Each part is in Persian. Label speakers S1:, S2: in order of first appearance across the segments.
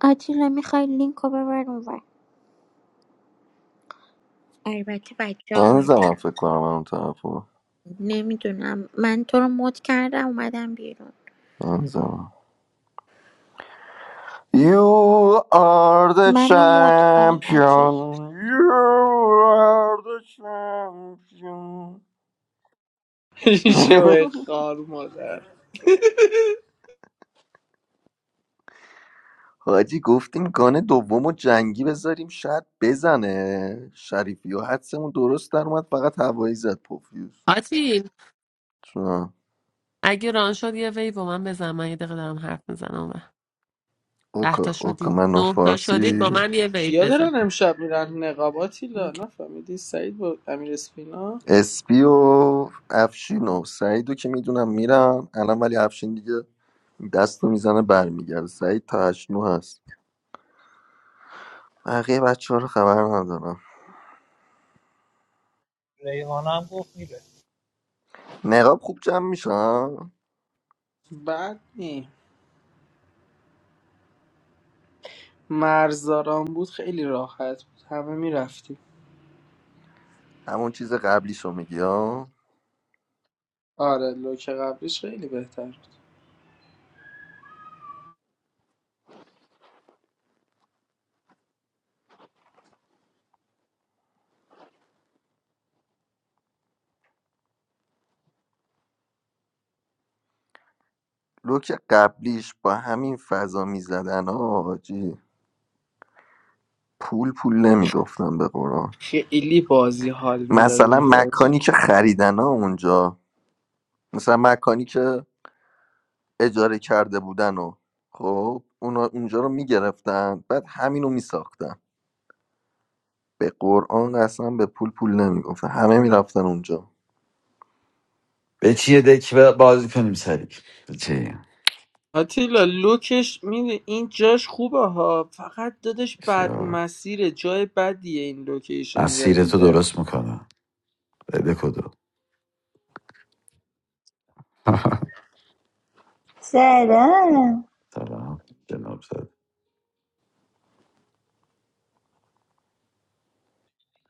S1: آتیلا میخوای لینک رو ببر اونور البته بچه ها
S2: هنوزم
S1: آمدن
S2: فکر کنم من اون طرفو
S1: نمیدونم من تو رو مد کردم اومدم بیرون
S2: هنوزم You are the
S1: منو مد کن آتی
S2: champion You are the champion
S3: شوه خار مادر
S2: حاجی گفتیم گانه دوم و جنگی بذاریم شاید بزنه شریفی و حدسمون درست در اومد فقط هوایی زد پوفیوز
S4: Atiin,
S2: چون
S4: if you want a wife, I will take you. I love every woman. You are
S2: اوکا اوکا
S4: right.
S2: من و
S4: Nine. You
S2: فارسی
S4: are right. I will take a
S3: کیا
S4: wife.
S3: دارن امشب میرن نقاباتی لا
S4: Okay.
S3: نفهمیدی سعید با امیر اسپینا
S2: اسپی و افشین و سعیدو که میدونم میرم الان ولی افشین دیگه دست رو میزنه برمیگرده سعید تا هشت نو هست بقیه بچه ها رو خبر ندارم
S5: ریحانه هم گفت میره
S2: نقاب خوب جمع میشن
S3: بد نی مرزاران بود خیلی راحت بود همه میرفتیم
S2: همون چیز قبلیش رو میگی ها
S3: آره لوک قبلیش خیلی بهتر بود
S2: لوک قبلیش با همین فضا میزدن ها حاجی. پول پول نمیگفتن به قرآن
S3: خیلی بازی حال میداد
S2: مثلا
S3: اونجا حاجی.
S2: مکانی که خریدن ها اونجا مثلا مکانی که اجاره کرده بودن و خب اونا اونجا رو میگرفتن بعد همینو میساختن به قرآن قسم به پول پول نمیگفتن همه میرفتن اونجا
S6: به چیه دک ب- بازی کنیم سریع به چی
S3: آتیلا لوکش میده این جاش خوبه ها فقط دادش بد
S6: خیار.
S3: مسیره جای بدیه این لوکیشن
S6: مسیر تو
S3: جدیده
S6: درست میکنم بده کدو
S7: سلام
S6: سلام جناب زد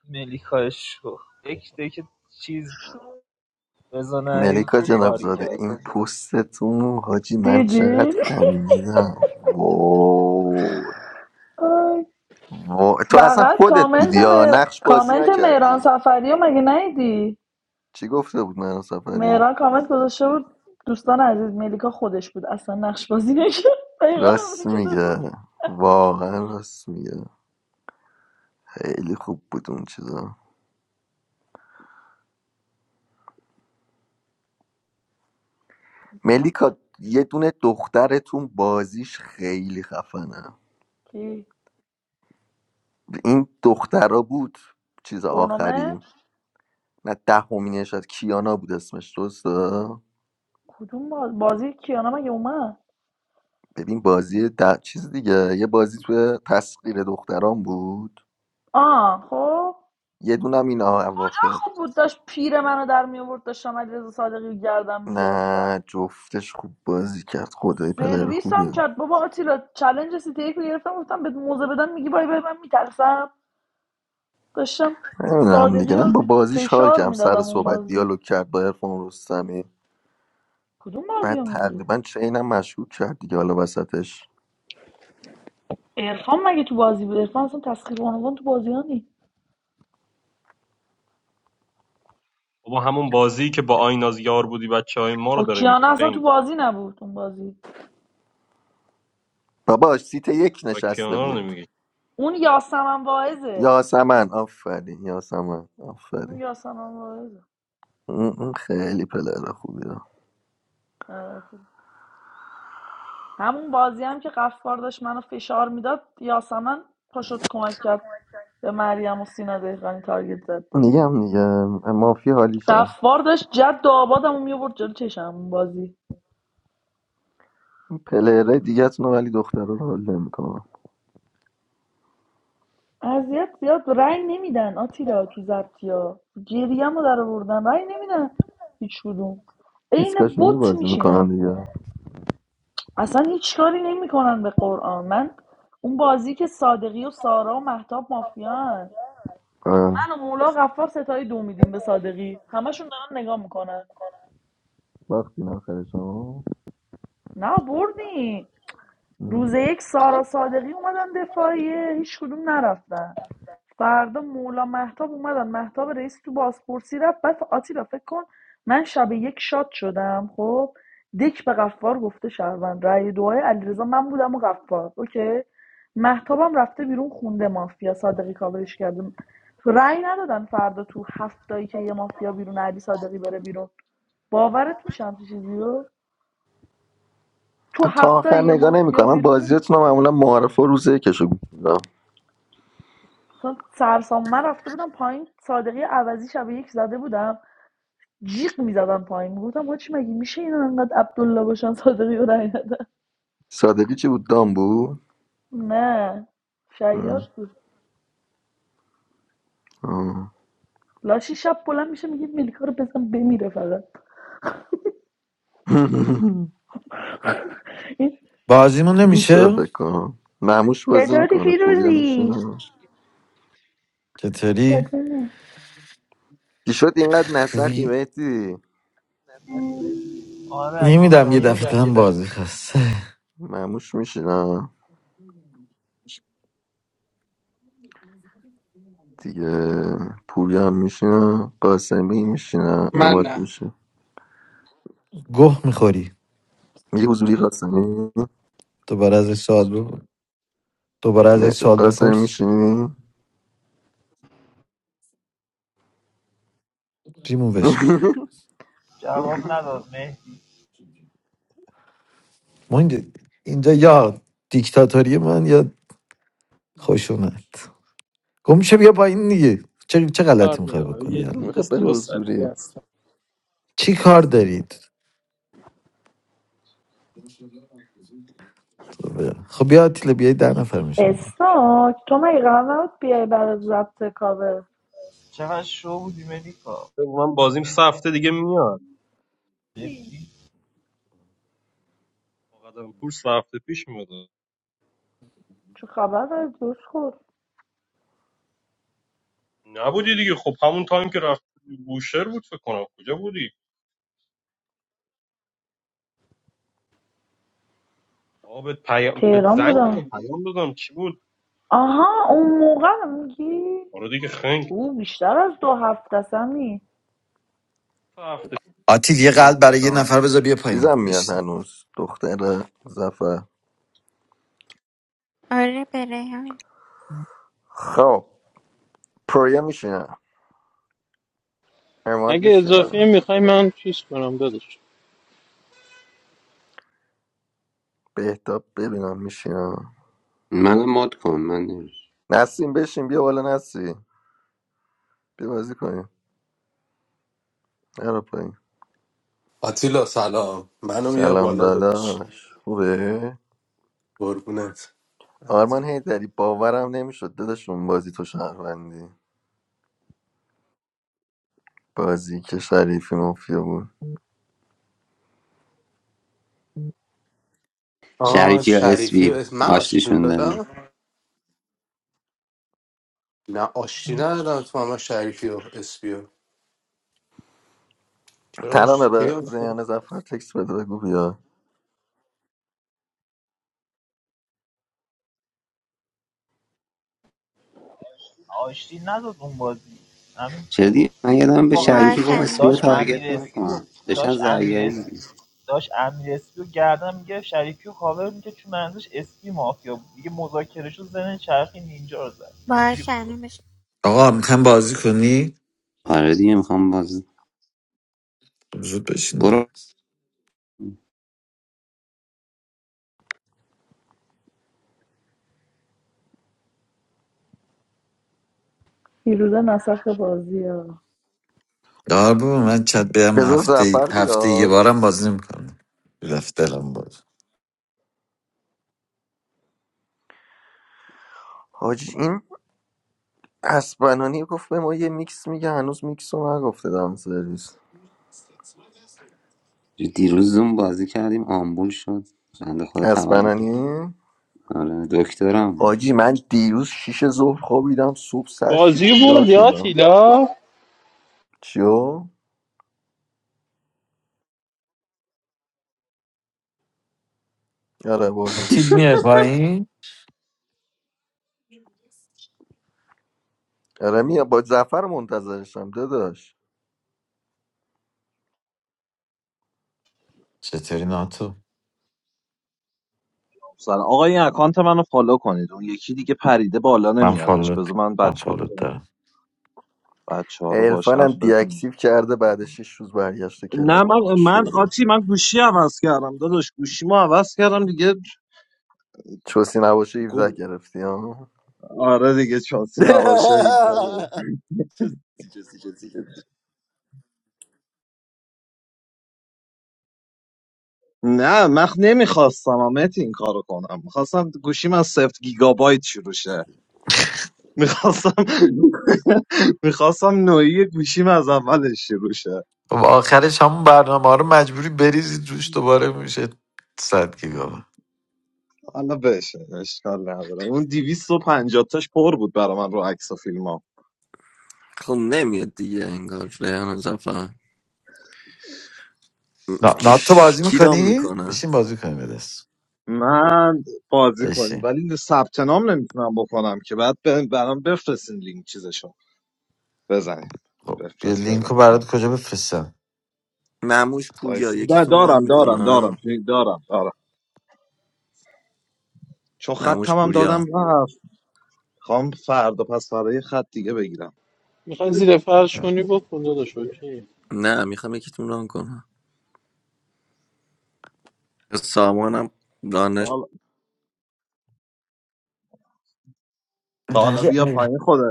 S5: ملیکاش یک دیگه چیز بزنه
S2: ملیکا
S5: پور کاری
S2: جنابزاده،
S5: کرد
S2: این پستتون رو حاجی من
S7: دیدی
S2: چقدر خندیدم وای
S7: آی.
S2: وای تو اصلا
S7: فقط
S2: خودت
S7: کامنت
S2: بودی یا
S7: مهر...
S2: نقش بازی
S7: کامنت مهران
S2: نکردی
S7: سفری رو مگه نیدی
S2: چی گفته بود من سفری
S7: مهران کامنت گذاشته بود دوستان عزیز ملیکا خودش بود اصلا نقش بازی نکرد دقیقا
S2: راست
S7: همونی که تو گفت.
S2: میگه واقعا راست میگه خیلی خوب بود اون چیزا ملیکا یه دونه دخترتون بازیش خیلی خفنه
S7: کی
S2: این دخترا بود چیز آخری
S7: تورنمنت
S2: نه دهمینش از کیانا بود اسمش درسته
S7: کدوم باز... بازی کیانا مگه اومد
S2: ببین بازی د... چیز دیگه یه بازی توی تسخیر دختران بود
S7: آه خب
S2: یه دونم این اواخر
S7: خوب بود داشت پیر منو در می آورد داشتم علیرضا صادقی رو گردم میگرفتم
S2: نه جفتش خوب بازی کرد خدای پلر
S7: سرویس هم
S2: خوبیه
S7: کرد بابا آتیلا چلنج سیتی یک رو گرفتم گفتم بهت موزه بدن میگی بای بای من میترسم داشتم
S2: نمیدونم
S7: صادقی
S2: دیگه من
S7: رو
S2: با بازیش حال
S7: فشار
S2: کردم سر
S7: میدادم اون
S2: صحبت
S7: بازی
S2: دیالوگ کرد با ارفان رستمی
S7: کدوم بازی
S2: بعد
S7: رو میگی
S2: تقریبا چینم مشکوک کرد دیگه حالا وسطش
S7: عرفان مگه تو بازی بود عرفان اصلا تسخیر بانوان تو بازی ها نی
S8: بابا همون بازی که با آین از یار بودی بچه های ما رو
S7: خب
S8: داره میگه
S7: کیانه اصلا تو
S8: خنگ
S7: بازی نبود اون بازی
S2: باباش سیت یک
S8: و
S2: نشسته
S8: کیانا رو
S2: بود
S8: نمیگه
S7: اون یاسمن واعظه
S2: یاسمن آفرین یاسمن
S7: اون
S2: آفرین
S7: یاسمن واعظه
S2: اون اون خیلی پلر خوبیه
S7: آره، خوب. همون بازی هم که قفار داشت منو فشار میداد یاسمن پاشد کمک کرد به مریم و سینا دهقانی تارگت زد دیگه
S2: میگم دیگه مافی حالیش
S7: قفار داشت جد و آبادم میورد جلو چشم اون بازی
S2: پلیرهای دیگه رو ولی دخترها رو حال میکنم.
S7: اذیت زیاد رأی نمیدن آتیلا تو زبطی ها گریم رو در آوردن رأی نمیدن هیچ کدوم عین
S2: دیسکاشنی
S7: بت
S2: بازی میکنن
S7: میشینه
S2: دیگه
S7: اصلا هیچ کاری نمیکنن به قرآن من اون بازی که صادقی و سارا و محتاب مافیان
S2: آه.
S7: من و مولا غفار ستای دو میدیم به صادقی همشون دارن نگاه میکنن
S2: وقتی آخر شما
S7: نه بردیم
S2: ام.
S7: روز یک سارا صادقی اومدن دفاعیه هیچ کدوم نرفتن فردا مولا مهتاب اومدن مهتاب رئیس تو بازپرسی رفت بعد آتیلا فکر کن من شب یک شاد شدم خب دک به غفار گفته شهروند رأی دعای علیرضا من بودم و غفار اوکی مهتابم رفته بیرون خونده مافیا صادقی کاورش کرده رأی ندادن فردا تو هفتایی که یه مافیا بیرون علی صادقی بره بیرون باورت میشم همچین چیزی رو تو
S2: تا
S7: هفته
S2: آخر
S7: یه
S2: نگاه
S7: مافیا
S2: نمیکنم من
S7: بیرونه
S2: بازیاتون معمولا معارف و روزه کشو میکنم
S7: مثلا سرسام من رفته بودم پایین صادقی عوضی شب یک زده بودم جیغ میزدم پایین میگفتم حاجی مگه میشه اینا انقدر عبدالله باشن صادقی رو رای ندن
S2: صادقی چی بود دام بود
S7: نه شیاد بود
S2: آه.
S7: لاشی شب بلند میشه میگید ملیکا رو بزن بمیره فقط این
S6: بازیمون
S2: میشه
S6: نمیشه
S2: فکر کنم معموش بازی
S7: چطوری
S2: میکنه پوریا
S7: فیروزی
S2: میشینه
S6: چطوری
S7: قربونه.
S2: چی شد اینقدر نسخی
S6: خوبی
S2: مهدی
S5: آره اگه جا
S6: نمیدم یه
S5: داشت
S6: دفعه
S5: نمیدم یه
S6: تن
S5: دم
S6: بازی خسته
S2: معموش میشینه دیگه پوریا هم میشینه قاسمی میشینه
S3: من
S2: اماد
S3: نه
S2: میشه
S6: گه میخوری
S2: یه حضوری قاسمی
S6: دوباره ازش سوال بپرس دوباره ازش سوال
S2: قاسم
S6: بپرس
S2: میشینی؟
S6: ریمووش کن
S5: جواب نداد مهدی
S6: ما اینجا, اینجا یا دیکتاتوری من یا خشونت گم میشه بیا با این دیگه چه, چه
S3: کار
S6: غلطی میخوای
S3: دارم
S6: بکنی
S3: یه
S6: حالا
S3: یه
S2: میخواد بره
S3: دو ساعت دیگه
S2: حضوری
S3: است.
S6: چی کار دارید خب بیا آتیل بیای ده نفر میشیم دیگه
S7: اسناک تو مگه قرار نبود بیای برای ضبط کاوه
S5: چقدر شو بودی ملیکا
S8: من بازیم سه هفته دیگه میاد
S5: مهدی
S8: با قدم پور سه هفته پیش میاد
S7: چه خبر داره دوش خود
S8: نبودی دیگه خب همون تایم که رفت بوشهر بود فکر کنم کجا بودی آقا بهت پیام بهت
S7: تهران
S8: زنگ
S7: بودم
S8: دادم پیام دادم چی بود
S7: آها اون موقع رو میگی
S8: آره دیگه خنگ
S7: او بیشتر از دو هفته سمی
S8: سه هفته
S6: آتیل یه
S8: سه
S6: قلب
S8: هفته،
S6: برای
S8: سه
S6: یه
S8: هفته.
S6: نفر بذار بیا پایین
S2: چیزم میاد
S6: بشین
S2: هنوز دختر زفر
S1: آره به ریحان
S2: خب پرویا میشینم اماد
S9: اگه اضافی
S2: میشینم
S9: میخوای من چیز کنم داداش
S2: بهتاب ببینم میشینم
S10: منم مد کن من نمی‌شم.
S2: نسیم بشین بیا بالا نسی بیا بازی کنیم نرو پایین
S11: Actual salary. I don't know
S2: سلام
S11: what I got.
S2: داداش خوبه؟
S11: What is
S2: آرمان
S11: it?
S2: هیدری باورم نمیشد داداش اون بازی تو شهروندی بازی که شریفی مافیا بود
S11: Oh,
S10: شریفی یا
S11: salary. I
S10: اسبی
S11: want to ask you
S10: آشتیشون
S11: something.
S10: دادی
S11: Do you want to ask me something? You want to ask me
S2: ترانه
S11: something? Because
S2: به
S11: there are many
S2: ریان زفر تکس بده بگو بیا
S5: آشتی نداد اون بازی همین کار.
S10: چدی من
S5: داش
S10: یادم به
S5: منم به
S10: شریفی
S1: باش
S10: با
S5: شریفی
S10: اسبی رو
S5: داشت
S1: الانش
S5: گفتم امیر
S1: پیام
S10: تارگت
S5: تارگت اسپی و
S10: نکن داشتن
S5: داشت امیر
S10: زرگری
S5: اسپی
S10: می‌زدن.
S5: داشت و گردن میگه شریفی و کاور میگه چون منظورش اسپی مافیا بود دیگه مذاکرهشو زن چرخی نینجا رو زد اینجوری
S1: باش
S5: بود
S1: الانش
S6: آقا میخوام بازی کنی
S10: آره دیگه میخوام بازی
S6: خب زود بشین
S10: برو
S7: فیروزه نسخ بازی ها
S6: دار بابا من چت بیام
S2: بذار
S6: هفته
S2: زفر
S6: هفته یه
S2: بیاد
S6: بارم بازی میکنم رفت دلم باز
S2: حاجی این اسپنانی گفت به ما یه میکس میگه هنوز میکس رو نگفته دام سرویس
S10: دیروز زوم بازی کردیم آمبول شد بنده خدا تولد
S2: اسپنانی
S10: آره دکترم بود
S2: حاجی من دیروز شیش ظهر خوابیدم صبح سر شیش
S9: بازی برد
S2: بیدار
S9: یا
S2: شدم
S9: تیلا
S2: چیو؟ آره بردیم
S6: آتیل میای پایین
S2: آره میا با زفر منتظرشم داداش
S6: چطوری ناتو
S12: سلام آقا این اکانت منو فالو کنید اون یکی دیگه پریده بالا
S6: من
S12: نمیادش
S6: فالوت
S12: بذار من
S6: من
S12: بچه ها
S6: فالوت
S12: رو
S6: دارم
S12: بچه ها رو باشد
S2: عرفانم
S12: بزن
S2: دیاکتیو کرده بعد شیش روز برگشته
S12: نه
S2: کلاب
S12: من
S2: آقا
S12: من
S2: شروع
S12: آتی من گوشی عوض کردم داداش گوشیمو عوض کردم دیگه
S2: چوسی نباشه 17
S12: گو-
S2: گرفتی ها
S12: آره دیگه چاسی نباشه 17 بود.
S2: چوسی چوسی چوسی چوسی.
S12: نه من نمیخواستم آمت این کارو کنم میخواستم گوشیم از سفت گیگابایت شروع شه میخواستم میخواستم نوعی گوشیم از اولش شروع شه
S6: خب آخرش همون برنامه ها رو مجبوری بریزی روش دوباره میشه صد گیگا
S12: حالا بشه اشکال نداره اون 250 تاش پر بود برا من رو عکس و فیلم ها
S2: خب نمیاد دیگه انگار ریحان زفر
S6: نا- ناتو بازی
S2: کیرام
S6: میکنی؟
S2: میکنه
S6: بشین بازی کنیم به دست
S12: من بازی کنیم
S6: بشین
S12: ولی ثبت نام نمیتونم بکنم که بعد ب- برام بفرستین لینک چیزشو بزنین
S6: خب یه
S12: بفرست
S6: لینک رو
S12: بزنین
S6: برات کجا بفرستم
S2: معموش پوریا
S12: وایس نه،
S2: یکیتون رام
S12: دارم دارم دارم
S2: میکنه
S12: چی- دارم دارم چون
S2: معموش
S12: خطم هم دادم
S2: پوریا
S12: رفت خوام فردا پس فردا یه خط دیگه بگیرم
S9: میخوای زیر فرش کنی بکن داداش اوکی
S2: نه میخوام یکیتون رام کنم سامانم
S12: تا
S2: دانش
S12: حالا تا حالا
S6: ولی
S12: بیا
S6: اه،
S12: پایین خودت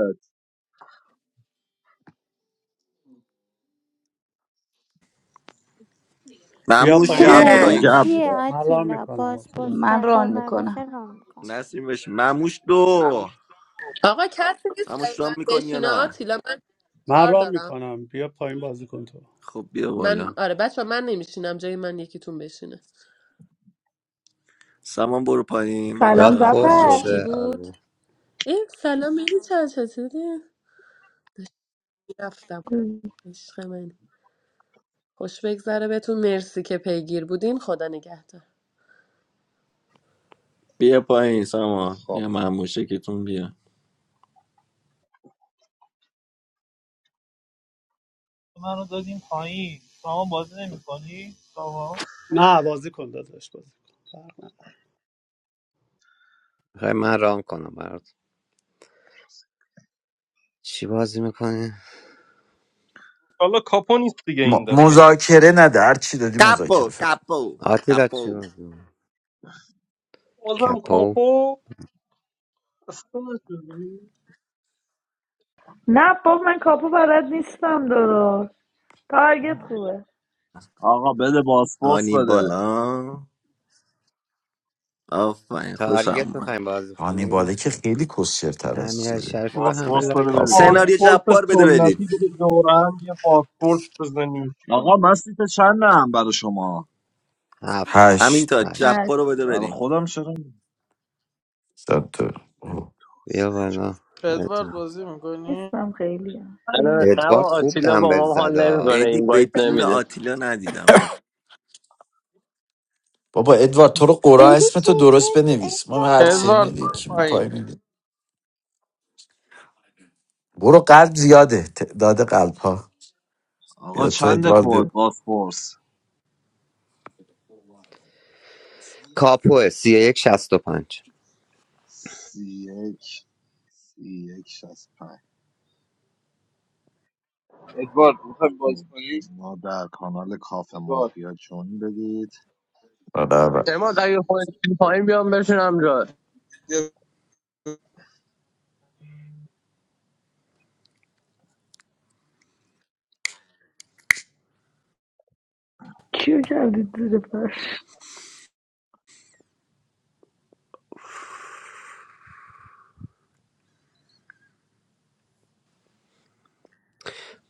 S13: بیا
S2: معموش
S14: من
S13: پایین
S14: ران
S13: آتیلا
S12: گبورا
S1: سناریو
S14: کنم
S2: یک
S1: چیه
S12: گبورا
S13: من رام
S1: آتیلا
S13: میکنم
S1: باز
S13: آتیلا
S1: باز
S14: من ران
S1: تکاور
S14: میکنم
S1: بشه ران میکن
S2: نسیم بشی معموش دو
S4: Sir, who is
S2: معموش رام میکنی
S4: this? I
S2: یا
S4: will
S2: نه
S4: come. I have
S13: من
S4: four.
S13: رام میکنم بیا پایین بازی کن تو
S2: خب بیا
S4: I, that is, I am
S2: بالا
S4: not a bachelor. I will come. Who was it?
S2: سامان برو پایین منم
S7: سلام
S10: یاد
S2: برم
S10: پر
S2: پایین
S7: زفر
S10: شده
S2: بشین
S10: آره
S4: I, hello, how are you? I am fine. I love you. I am happy. You will come to me. You were a fool. God bless you.
S2: بیا پایین سامان
S12: خب
S2: یا معموش یکیتون بیا
S5: منو دادیم پایین سامان بازی نمیکنی سامان
S13: نه بازی کن داداش بازی کن
S10: میخوای من رام کنم برات چی بازی میکنی؟
S8: حالا کاپو نیست دیگه این
S6: م-
S8: دفعه
S6: مذاکره نده هر چی دادی
S2: کپو
S6: مذاکره فرد
S2: کپو
S10: آتیلا چی
S2: کپو
S10: بازی می‌کنی؟
S8: بازم
S10: کپو
S8: کاپو اصلا نشدی.
S7: نه بابا من کاپو بلد نیستم درست تارگت خوبه
S12: آقا بده باسپورس
S2: هانی
S12: بده
S2: بالا آفرین خوشم
S10: تاریت
S2: اومد
S10: میخوایم بازی کنیم.
S6: هانیباله که خیلی کسشرتر از
S10: امیر
S6: چیزه
S10: شریفی با همه
S12: باسپورس بده
S10: لایک
S12: بریم
S6: کاپو
S12: آقا
S2: سناریو
S8: پاسپورت
S2: جبار بده بریم
S8: سنتی بده دوران یه پاسپورت بزنیش
S12: آقا من سیت چندم برا شما
S10: هفت
S2: همین
S6: هشت
S2: تا
S10: هشت
S7: هشت
S2: جبار رو بده
S12: برای
S2: بریم
S12: خودم چرا
S6: داد تو.
S12: می‌پرسی؟
S10: بیا بالا
S3: ادوارد
S10: ادوارد
S3: بازی میکنی؟
S7: نیستم خیلی هم.
S15: الان
S7: بگم
S15: نه با
S10: ادوارد خوب
S15: آتیلا با
S10: دنبل
S15: ما حال
S10: زده
S15: نمیکنه
S2: ایدی
S15: این
S2: به
S15: وایت
S2: جون
S15: نمیده
S2: آتیلا ندیدمت
S6: بابا ادوارد تو رو قرآن
S1: ایدی
S6: اسم تو درست
S1: چطوری
S6: بنویس ما هر سری
S1: ادوارد
S3: ادوارد
S6: میاد
S3: برو
S6: یکی پای
S3: پایین
S6: میدیم برو قلب زیاده تعداد قلب ها
S12: آقا
S6: بیا تو
S12: چند
S6: ادوارد
S12: کد
S6: بیا.
S12: بازپرس
S10: کاپو سی یک شست و پنج
S12: سی یک سی یک شست پنج
S16: It's good. We have balls
S12: خب،
S16: for you.
S12: ما در کانال کاف
S16: It's
S12: مافیا جون بدید
S6: آره، آره.
S15: اما اگه خودت بری پایین بیام بشینم جا
S16: good.
S7: کیو کردید زیر فرش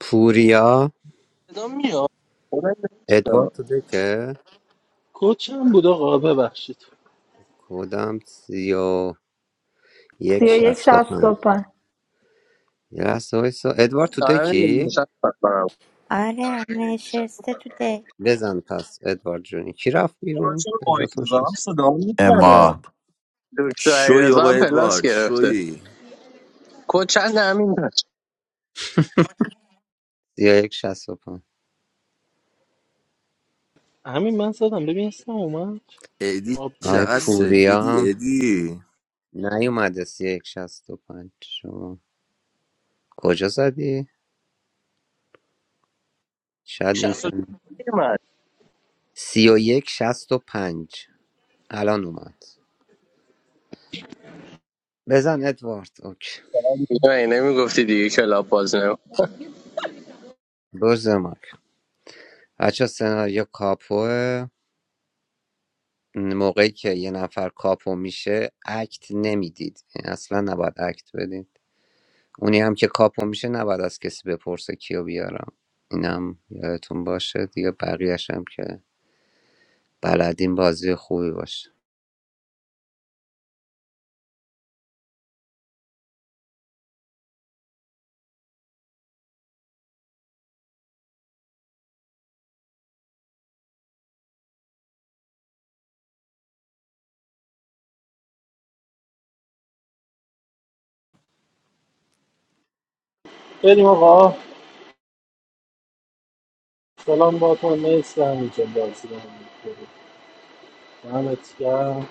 S10: پوریا
S15: صدا میاد صدا نمیاد.
S10: ادوارد تو دکه
S9: کوچم بود آقا ببخشید
S10: کدام سی و یک
S7: سی و یک
S10: شست و
S7: شصت
S10: پنج
S7: و پنج
S10: یه لحظه وایسا. ادوارد تو
S15: آره
S10: دکی
S15: نشست کنم
S1: آره نشسته تو ده
S10: بزن پس ادوارد جونی کی رفت
S12: آقا من
S10: بیرون
S12: چرا
S10: به
S12: مایک
S10: جاتون شد
S12: میزنم صدا میپره
S6: اما
S15: دکتر
S2: شوی
S15: علیرضا
S2: بابا
S15: هم پلاس
S2: ادوارد
S15: گرفته
S2: شوی
S15: کد چند همین داشت
S10: سی و یک شست و پنج
S9: همین من زدم ببین اسم اومد
S2: ایدی
S10: آی
S2: چقدر
S9: آپدیتینگ
S10: پوریا
S2: سفیدی
S10: هم
S2: ایدی
S10: نیومده سی و یک شست و پنج شما کجا زدی؟ شاید اینترنت
S15: 62 من
S10: سی و یک شست و پنج الان اومد بزن ادوارد اوکی
S15: نمیگفتی دیگه کلاب باز نمی
S10: دوز مایک بچه سناریو کاپوه موقعی که یه نفر کاپو میشه اکت نمیدید یعنی اصلا نباید اکت بدید اونی هم که کاپو میشه نباید از کسی بپرسه کیو بیارم اینم یادتون باشه دیگه بقیهش هم که بلدین بازی خوبی باشه
S9: بریم آقا سلام با تو مرسی همینجا بازی رو هم می‌کنی. دمت گرم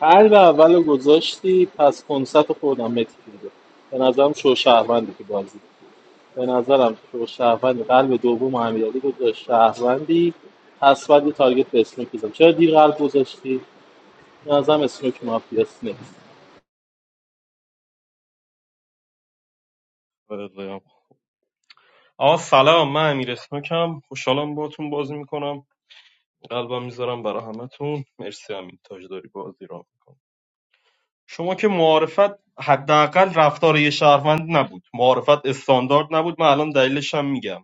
S9: قلب اول رو گذاشتی پس کنسرت خودم متی کرده به نظرم شو شهروندی که بازی به نظرم تو شهروند قلب دوم امیرعلی گذاشت شهروندی پس باید یه تارگت به اسنوک بزنم چرا دیر قلب گذاشتی به نظرم اسنوک مافیاس نیست
S8: آقا سلام من امیر اسنوکم خوشحالم باهاتون بازی میکنم قلبم میذارم برای همتون مرسی همین تاج داری بازی را شما که معارفت حداقل رفتار یه شهروند نبود معارفت استاندارد نبود من الان دلیلش هم میگم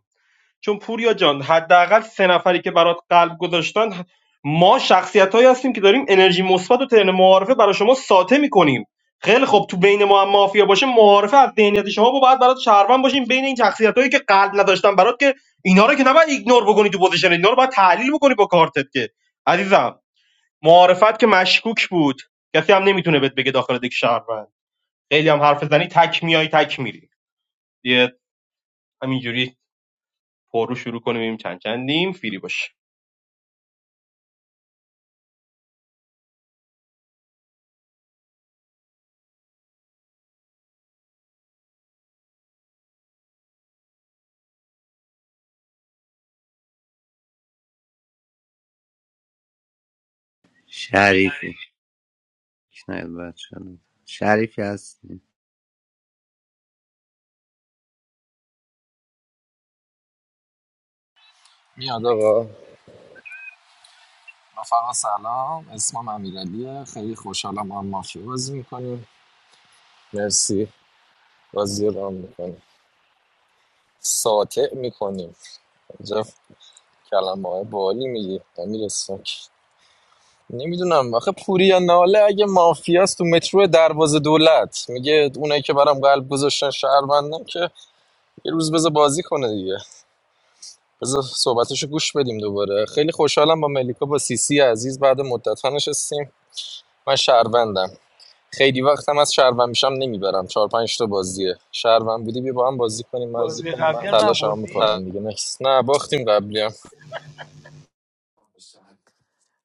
S8: چون پوریا جان حداقل سه نفری که برات قلب گذاشتن ما شخصیتایی هستیم که داریم انرژی مثبت و ترن معارفه برای شما ساطع میکنیم خیلی خوب تو بین ما هم مافیا باشه معارفه از ذهنیت شما با باید برات شهروند باشیم بین این شخصیتایی که قلب نداشتن برات که اینا رو که نباید ایگنور بکنی تو پوزیشن اینا رو باید تحلیل بکنی با کارتت که عزیزم معارفت که مشکوک بود کسی هم نمیتونه بهت بگه داخل دک شهروند خیلی هم حرف زنی تک میای تک میری یه همینجوری پرو شروع کنیم چند چندیم فیری باشه
S10: شریفی شاید باید شده. شریفی هستی
S17: میاد آقا رفقا سلام اسمم امیرعلیه خیلی خوشحالم ما هم مافیا بازی میکنیم مرسی بازی رو هم میکنیم ساطع میکنیم اینجا کلمه های بالی میگی امیر ساک نمیدونم آخه پوریا ناله اگه مافیاست تو مترو دروازه دولت میگه اونایی که برام قلب گذاشتن شهروندن که یه روز بذار بازی کنه دیگه بذار صحبتشو گوش بدیم دوباره خیلی خوشحالم با ملیکا با سیسی عزیز بعد مدت نشستیم من شهروندم خیلی وقتم از شهروند میشم نمیبرم چهار پنج تا بازیه شهروند بودی بیا با هم بازی کنیم من
S5: بازی بازی کن قبلی هم
S17: تلاش هم
S5: نبردی
S17: میکنم دیگه نکس نه باختیم قبلی هم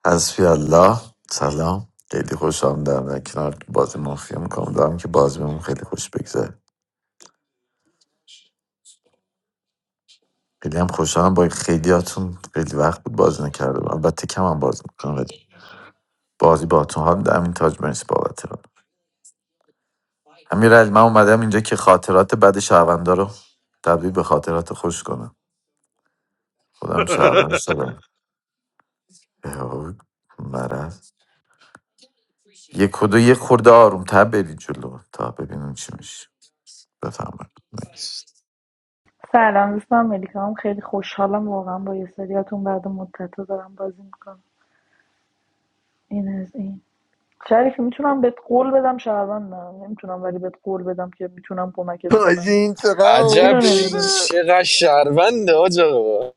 S6: حسبی الله سلام خیلی خوش آمدم در کنار بازی مافیا میکنم دارم که بازی بهمون خیلی خوش بگذره خیلی هم خوشحالم با خیلیاتون خیلی وقت بود بازی نکرده بودم البته کم هم بازی میکنم ولی بازی باهاتون حال میده همین تاج مرسی بابت ران امیر علی من اومدم اینجا که خاطرات بد شهروندا رو تبدیل به خاطرات خوش کنم خودم شهروند شدم اهو، مرض یه کدو یه خورده آروم تر برید جلو تا ببینیم چی میشه بفهمم
S7: سلام دوستم ملیکا هم خیلی خوشحالم واقعا با یه سریاتون بعد مدت دارم بازی میکنم این از این شریفی میتونم بهت قول بدم شهروندم نمیتونم ولی بهت قول بدم که میتونم کمکت
S2: حاجی
S7: کنم
S2: این چقدر
S17: عجب
S7: اینو
S17: ش-
S7: نمیدونم
S2: اوپیره
S17: چقدر شهرونده آج آقا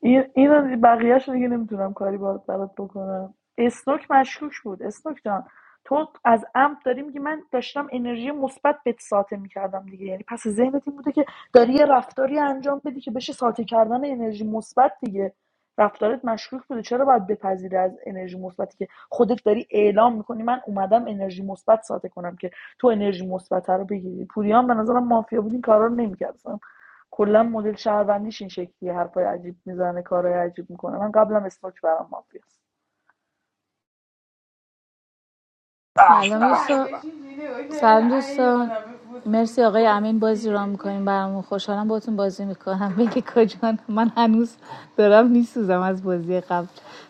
S7: این اینو بقیهش دیگه نمیتونم کاری با- برات بکنم اسنوک مشکوک بود اسنوک جان تو از عمد داری میگی من داشتم انرژی مثبت بهت ساطع میکردم دیگه یعنی پس ذهنت این بوده که داری یه رفتاری انجام بدی که بشه ساطع کردن انرژی مثبت دیگه رفتارت مشکوک بوده چرا باید بپذیری از انرژی مثبتی که خودت داری اعلام میکنی من اومدم انرژی مثبت ساطع کنم که تو انرژی مثبت رو بگیری پوریان به نظرم مافیا بود این کارا رو نمی‌کرد. کلا مدل شهروندیش این شکلیه حرفای عجیب میزنه کارهای عجیب میکنه من قبلم اسنوک برام مافیاست
S8: اه،
S14: سلام
S8: به.
S14: یوسف سلام دوستان مرسی آقای امین بازی را میکنیم برامون خوشحالم باتون بازی میکنم بگی کجان من هنوز دارم میسوزم از بازی قبل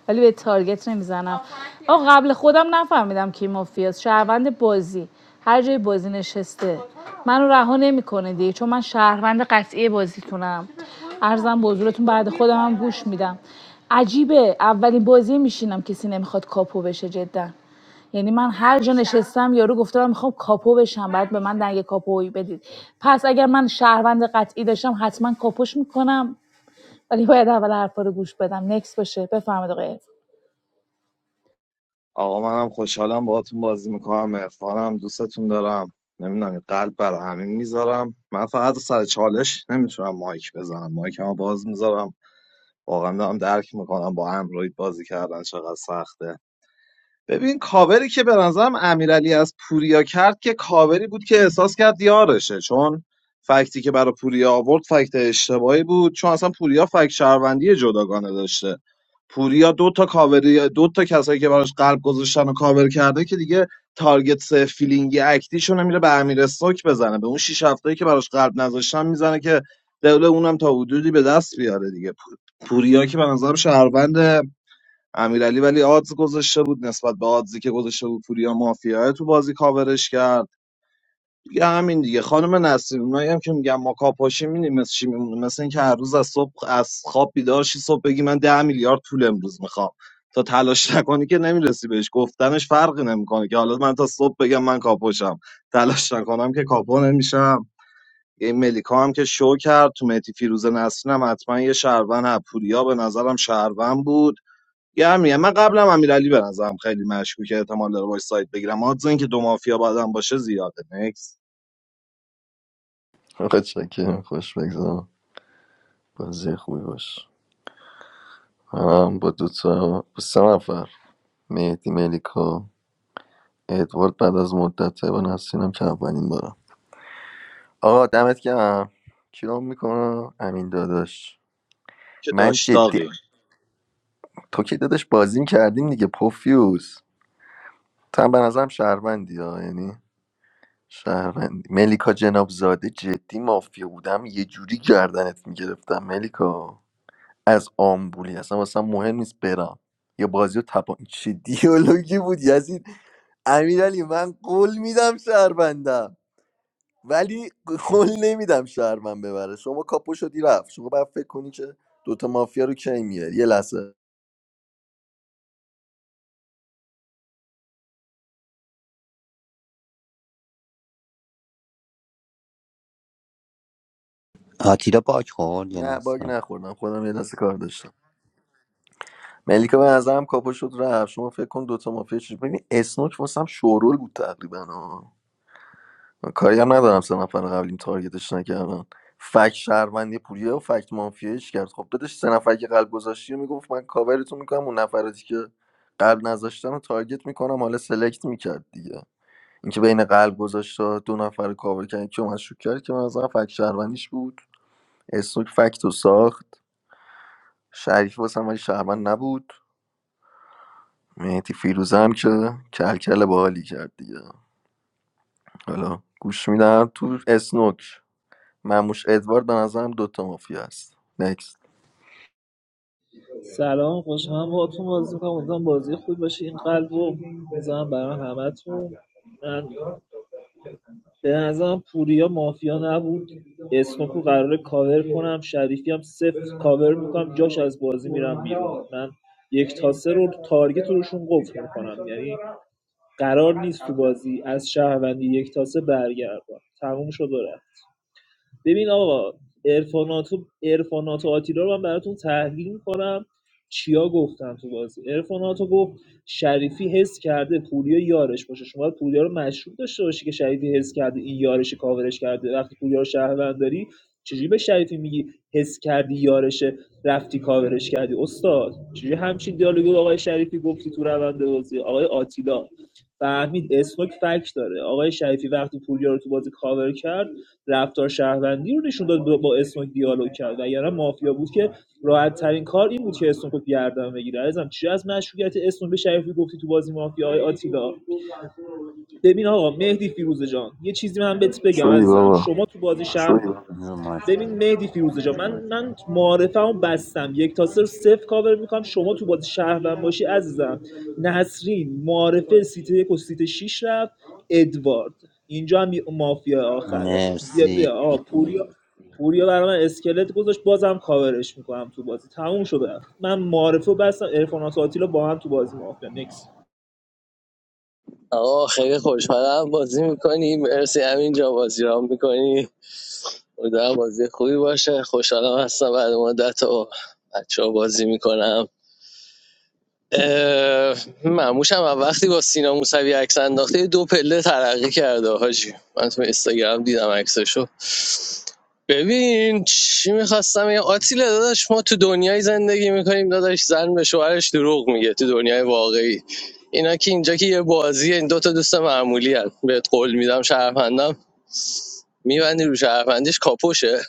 S14: ولی به تارگت نمیزنم آقا قبل خودم نفهمیدم کی مافیاست شهروند بازی هر جای بازی نشسته منو رها نمیکنه دیگه چون من شهروند قطعی بازیتونم ارزم به حضورتون بعد خودم هم گوش میدم عجیبه اولین بازی میشینم کسی نمیخواد کاپو بشه جدا یعنی من هر جا نشستم یارو گفته من میخوام کاپو بشم باید به من دنگ کاپویی بدید پس اگر من شهروند قطعی داشتم حتما کاپوش میکنم ولی باید اول حرفا رو گوش بدم نکس باشه بفرمایید آقای عرفان.
S12: آقا منم خوشحالم باهاتون بازی میکنم عرفانم دوستتون دارم نمیدونم قلب برای همین میذارم من فقط سر چالش نمیتونم مایک بزنم مایکمو باز میذارم واقعا دارم درک میکنم با اندروید بازی کردن چقدر سخته ببین کاوری که به نظرم امیرعلی از پوریا کرد که کاوری بود که احساس کرد یارشه چون فکتی که برای پوریا آورد فکت اشتباهی بود چون اصلا پوریا فکت شهروندی جداگانه داشته پوریا دو تا کاوری دو تا کسایی که براش قلب گذاشتن و کاور کرده که دیگه تارگت سه فیلینگی اکتیشون میره به امیر استوک بزنه به اون شیش هفتایی که براش قلب نذاشتن میزنه که دل اونم تا حدودی به دست بیاره دیگه پوریا که به نظرم شهروند امیرعلی ولی آدز گذاشته بود نسبت به آدزی که گذاشته بود پوریا مافیا تو بازی کاورش کرد دیگه همین دیگه خانم نسیم اونایی هم که میگم ما کاپاشیم می‌بینی مثل چی میمونه مثل اینکه هر روز از صبح از خواب بیدار شی صبح بگی من 10 میلیارد پول امروز میخوام تا تلاش نکنی که نمیرسی بهش گفتنش فرقی نمیکنه که حالا من تا صبح بگم من کاپوشم تلاش نکنم که کاپو نمیشم این ملیکا هم که شو کرد تو مهدی فیروز نسرین هم حتما یه شهروند هست. پوریا به نظرم شهروند بود یه هم میگم من قبلا هم امیرعلی به نظرم خیلی مشکوکه احتمال داره باش سایت بگیرم آدز اینکه دو مافیا بعدم باشه زیاده نکس
S2: آقا چکرم خوش بگذارم بازی خوبی باش هم با دو تا با سه نفر مهدی ملیکا ادوارد بعد از مدت با نسینم که اولین بارم آقا دمت گرم کیام میکنم امین داداش
S12: که
S2: من جدی
S12: داشتاقیم
S2: تو که داداش بازی کردیم دیگه پوفیوز تا به نظرم شهروندی ها یعنی شهروندی ملیکا جناب زاده جدی مافیا بودم یه جوری گردنت میگرفتم ملیکا از آمبولی اصلا واسه مهم نیست برم یا بازی رو تپان چه دیالوگی بود یزید امیرعلی من قول میدم شهروندم ولی قول نمیدم شهروند ببره شما کاپو شدی رفت شما باید فکر کنی که دوتا مافیا رو کی میاری یه لحظه
S10: آتیلا باک خورد یه
S2: نه باگ
S10: لحظه
S2: نخوردم خودم یه لحظه کار داشتم ملیکا به نظرم کاپو شد رفت شما فکر کن دوتا مافیا چیز ببین اسنوک واسم شورول بود تقریبا ها. من کاری هم ندارم سه نفر قبلیم تارگتش نکردن فکت شهروندی پوریا و فکت مافیایش کرد خب دادش سه نفر که قلب گذاشتی و میگفت من کاورتون میکنم اون نفراتی که قلب نذاشتن رو تارگت میکنم حالا سلکت میکرد دیگه اینکه بین قلب گذاشت و دو نفر کاور کرد که مشکوک کرد که من نظرم فکت شهروندیش بود اسنوک فکت رو ساخت شریف واسم ولی شهروند نبود مهدی فیروزه هم که کلکل باحالی کرد دیگه حالا گوش میدم تو اسنوک مموش ادوارد به نظرم دوتا مافیا هست نکست
S5: سلام خوشحالم با تو بازی میکنم امیدوارم بازی خوبی باشه این قلب رو میزنم برای همتون من به نظرم پوریا مافیا نبود اسمکو قراره کاور کنم شریفی هم صفر کاور میکنم جاش از بازی میرم بیرون من یک تا سه رو تارگت روشون قفل میکنم یعنی قرار نیست تو بازی از شهروندی یک تا سه برگردم تموم شد و ببین آقا ارفاناتو ارفاناتو آتیلا رو من براتون تحلیل میکنم چیا گفتم تو بازی ارفاناتو گفت شریفی حس کرده پوریا یارش باشه شما باید پوریا رو مشروب داشته باشی که شریفی حس کرده این یارش کاورش کرده وقتی پوریا رو شهروند داری چجوری به شریفی میگی حس کردی یارشه رفتی کاورش کردی استاد چجوری همچین دیالوگو آقای شریفی گفتی تو روند بازی آقای آتیلا فهمید اسنوک فک داره آقای شریفی وقتی پوریا رو تو بازی کاور کرد رفتار شهروندی رو نشون داد با با اسنوک دیالوگ کرد اگر مافیا بود که راحت ترین کار این بود که اسنوک رو گردن بگیره عزیزم چی از مشروعیت اسنوک به شریفی گفتی تو بازی مافیا آتیلا ببین آقا مهدی فیروزه جان یه چیزی من بهت بگم
S2: شوی
S5: عزیزم
S2: بابا
S5: شما تو بازی شهر
S10: رو مایک.
S5: ببین مهدی فیروزه جا من من معارفه‌مو بستم یک تا صفر صفر کاور میکنم شما تو بازی شهروند باشی عزیزم نسرین معارفه سیت یک و سیت 6 رفت ادوارد اینجا هم یه مافیا آخره بیا بیا
S10: مرسی
S5: آ پوریا پوریا برای من اسکلت گذاشت بازم کاورش میکنم تو بازی تموم شده من معارفه بستم ارفانات آتیلا با هم تو بازی مافیا نکس
S15: آقا خیلی خوشحالم بازی میکنی مرسی همینجا بازی را میکنی امیدوارم بازی خوبی باشه خوشحالم هستم بعد مدت و بچه ها بازی میکنم اه، مموشم هم وقتی با سینا موسوی عکس انداخته دو پله ترقی کرده حاجی من تو اینستاگرام دیدم عکسشو ببین چی میخواستم یه آتیله داداش ما تو دنیای زندگی میکنیم داداش زن به شوهرش دروغ میگه تو دنیای واقعی اینا که اینجا که یه بازیه این دوتا دوست معمولی هن. بهت قول میدم شهروندم میبندی رو شهروندیش کاپوشه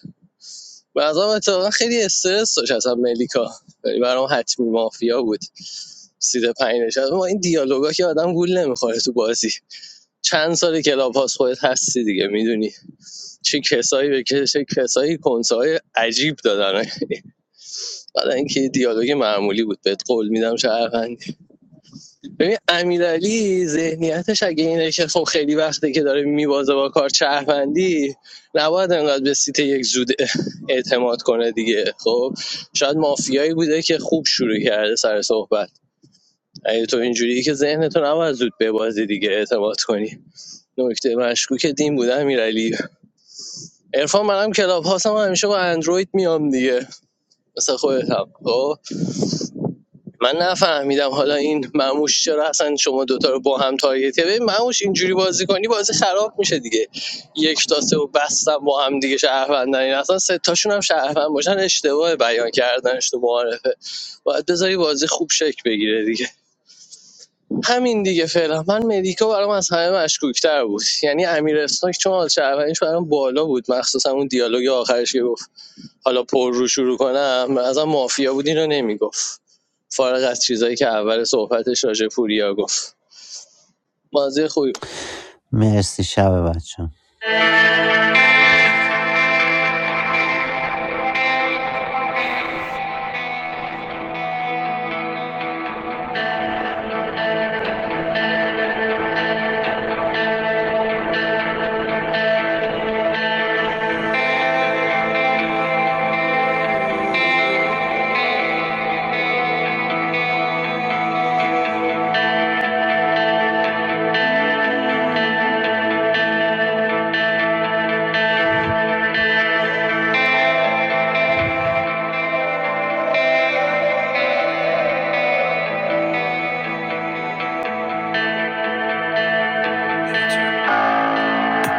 S15: بعضا اتفاقا خیلی استرس داشت اصلا ملیکا ولی برام حتمی مافیا بود سیت پنج نشست ما این دیالوگا که آدم گول نمیخوره تو بازی چند سال کلاب هاست خودت هستی دیگه میدونی چه کسایی به که- چه کسایی کنسه های عجیب دادن بعد اینکه دیالوگ معمولی بود بهت قول میدم شهروند ببین امیرعلی ذهنیتش اگه اینه که خب خیلی وقته که داره میبازه با کار شهروندی نباید انقدر به سیت یک زود اعتماد کنه دیگه خب شاید مافیایی بوده که خوب شروع کرده سر صحبت اگه تو اینجوری که ذهنتو نباید زود ببازی دیگه اعتماد کنی نکته مشکوک دین بوده امیرعلی عرفان منم کلاب هاستم و همیشه با اندروید میام دیگه مثل خودتم خب من نفهمیدم حالا این مموش چرا اصلا شما دوتا رو با هم تارگت کردی ببین مموش اینجوری بازی کنی بازی خراب میشه دیگه یک تا سه و بستم با هم دیگه شهروندن این اصلا سه تاشون هم شهروند باشن اشتباه بیان کردنش تو معارفه باید بذاری بازی خوب شکل بگیره دیگه همین دیگه فعلا من مدیکا برام از همه مشکوک‌تر بود یعنی امیر اسناک چون حال شهروندیش برام بالا بود مخصوصا اون دیالوگ آخرش که گفت حالا پر رو شروع کنم ازم مافیا بود اینو نمیگفت فارغ از چیزایی که اول صحبتش راجع به پوریا گفت بازی خوبی بود.
S10: مرسی شب بچه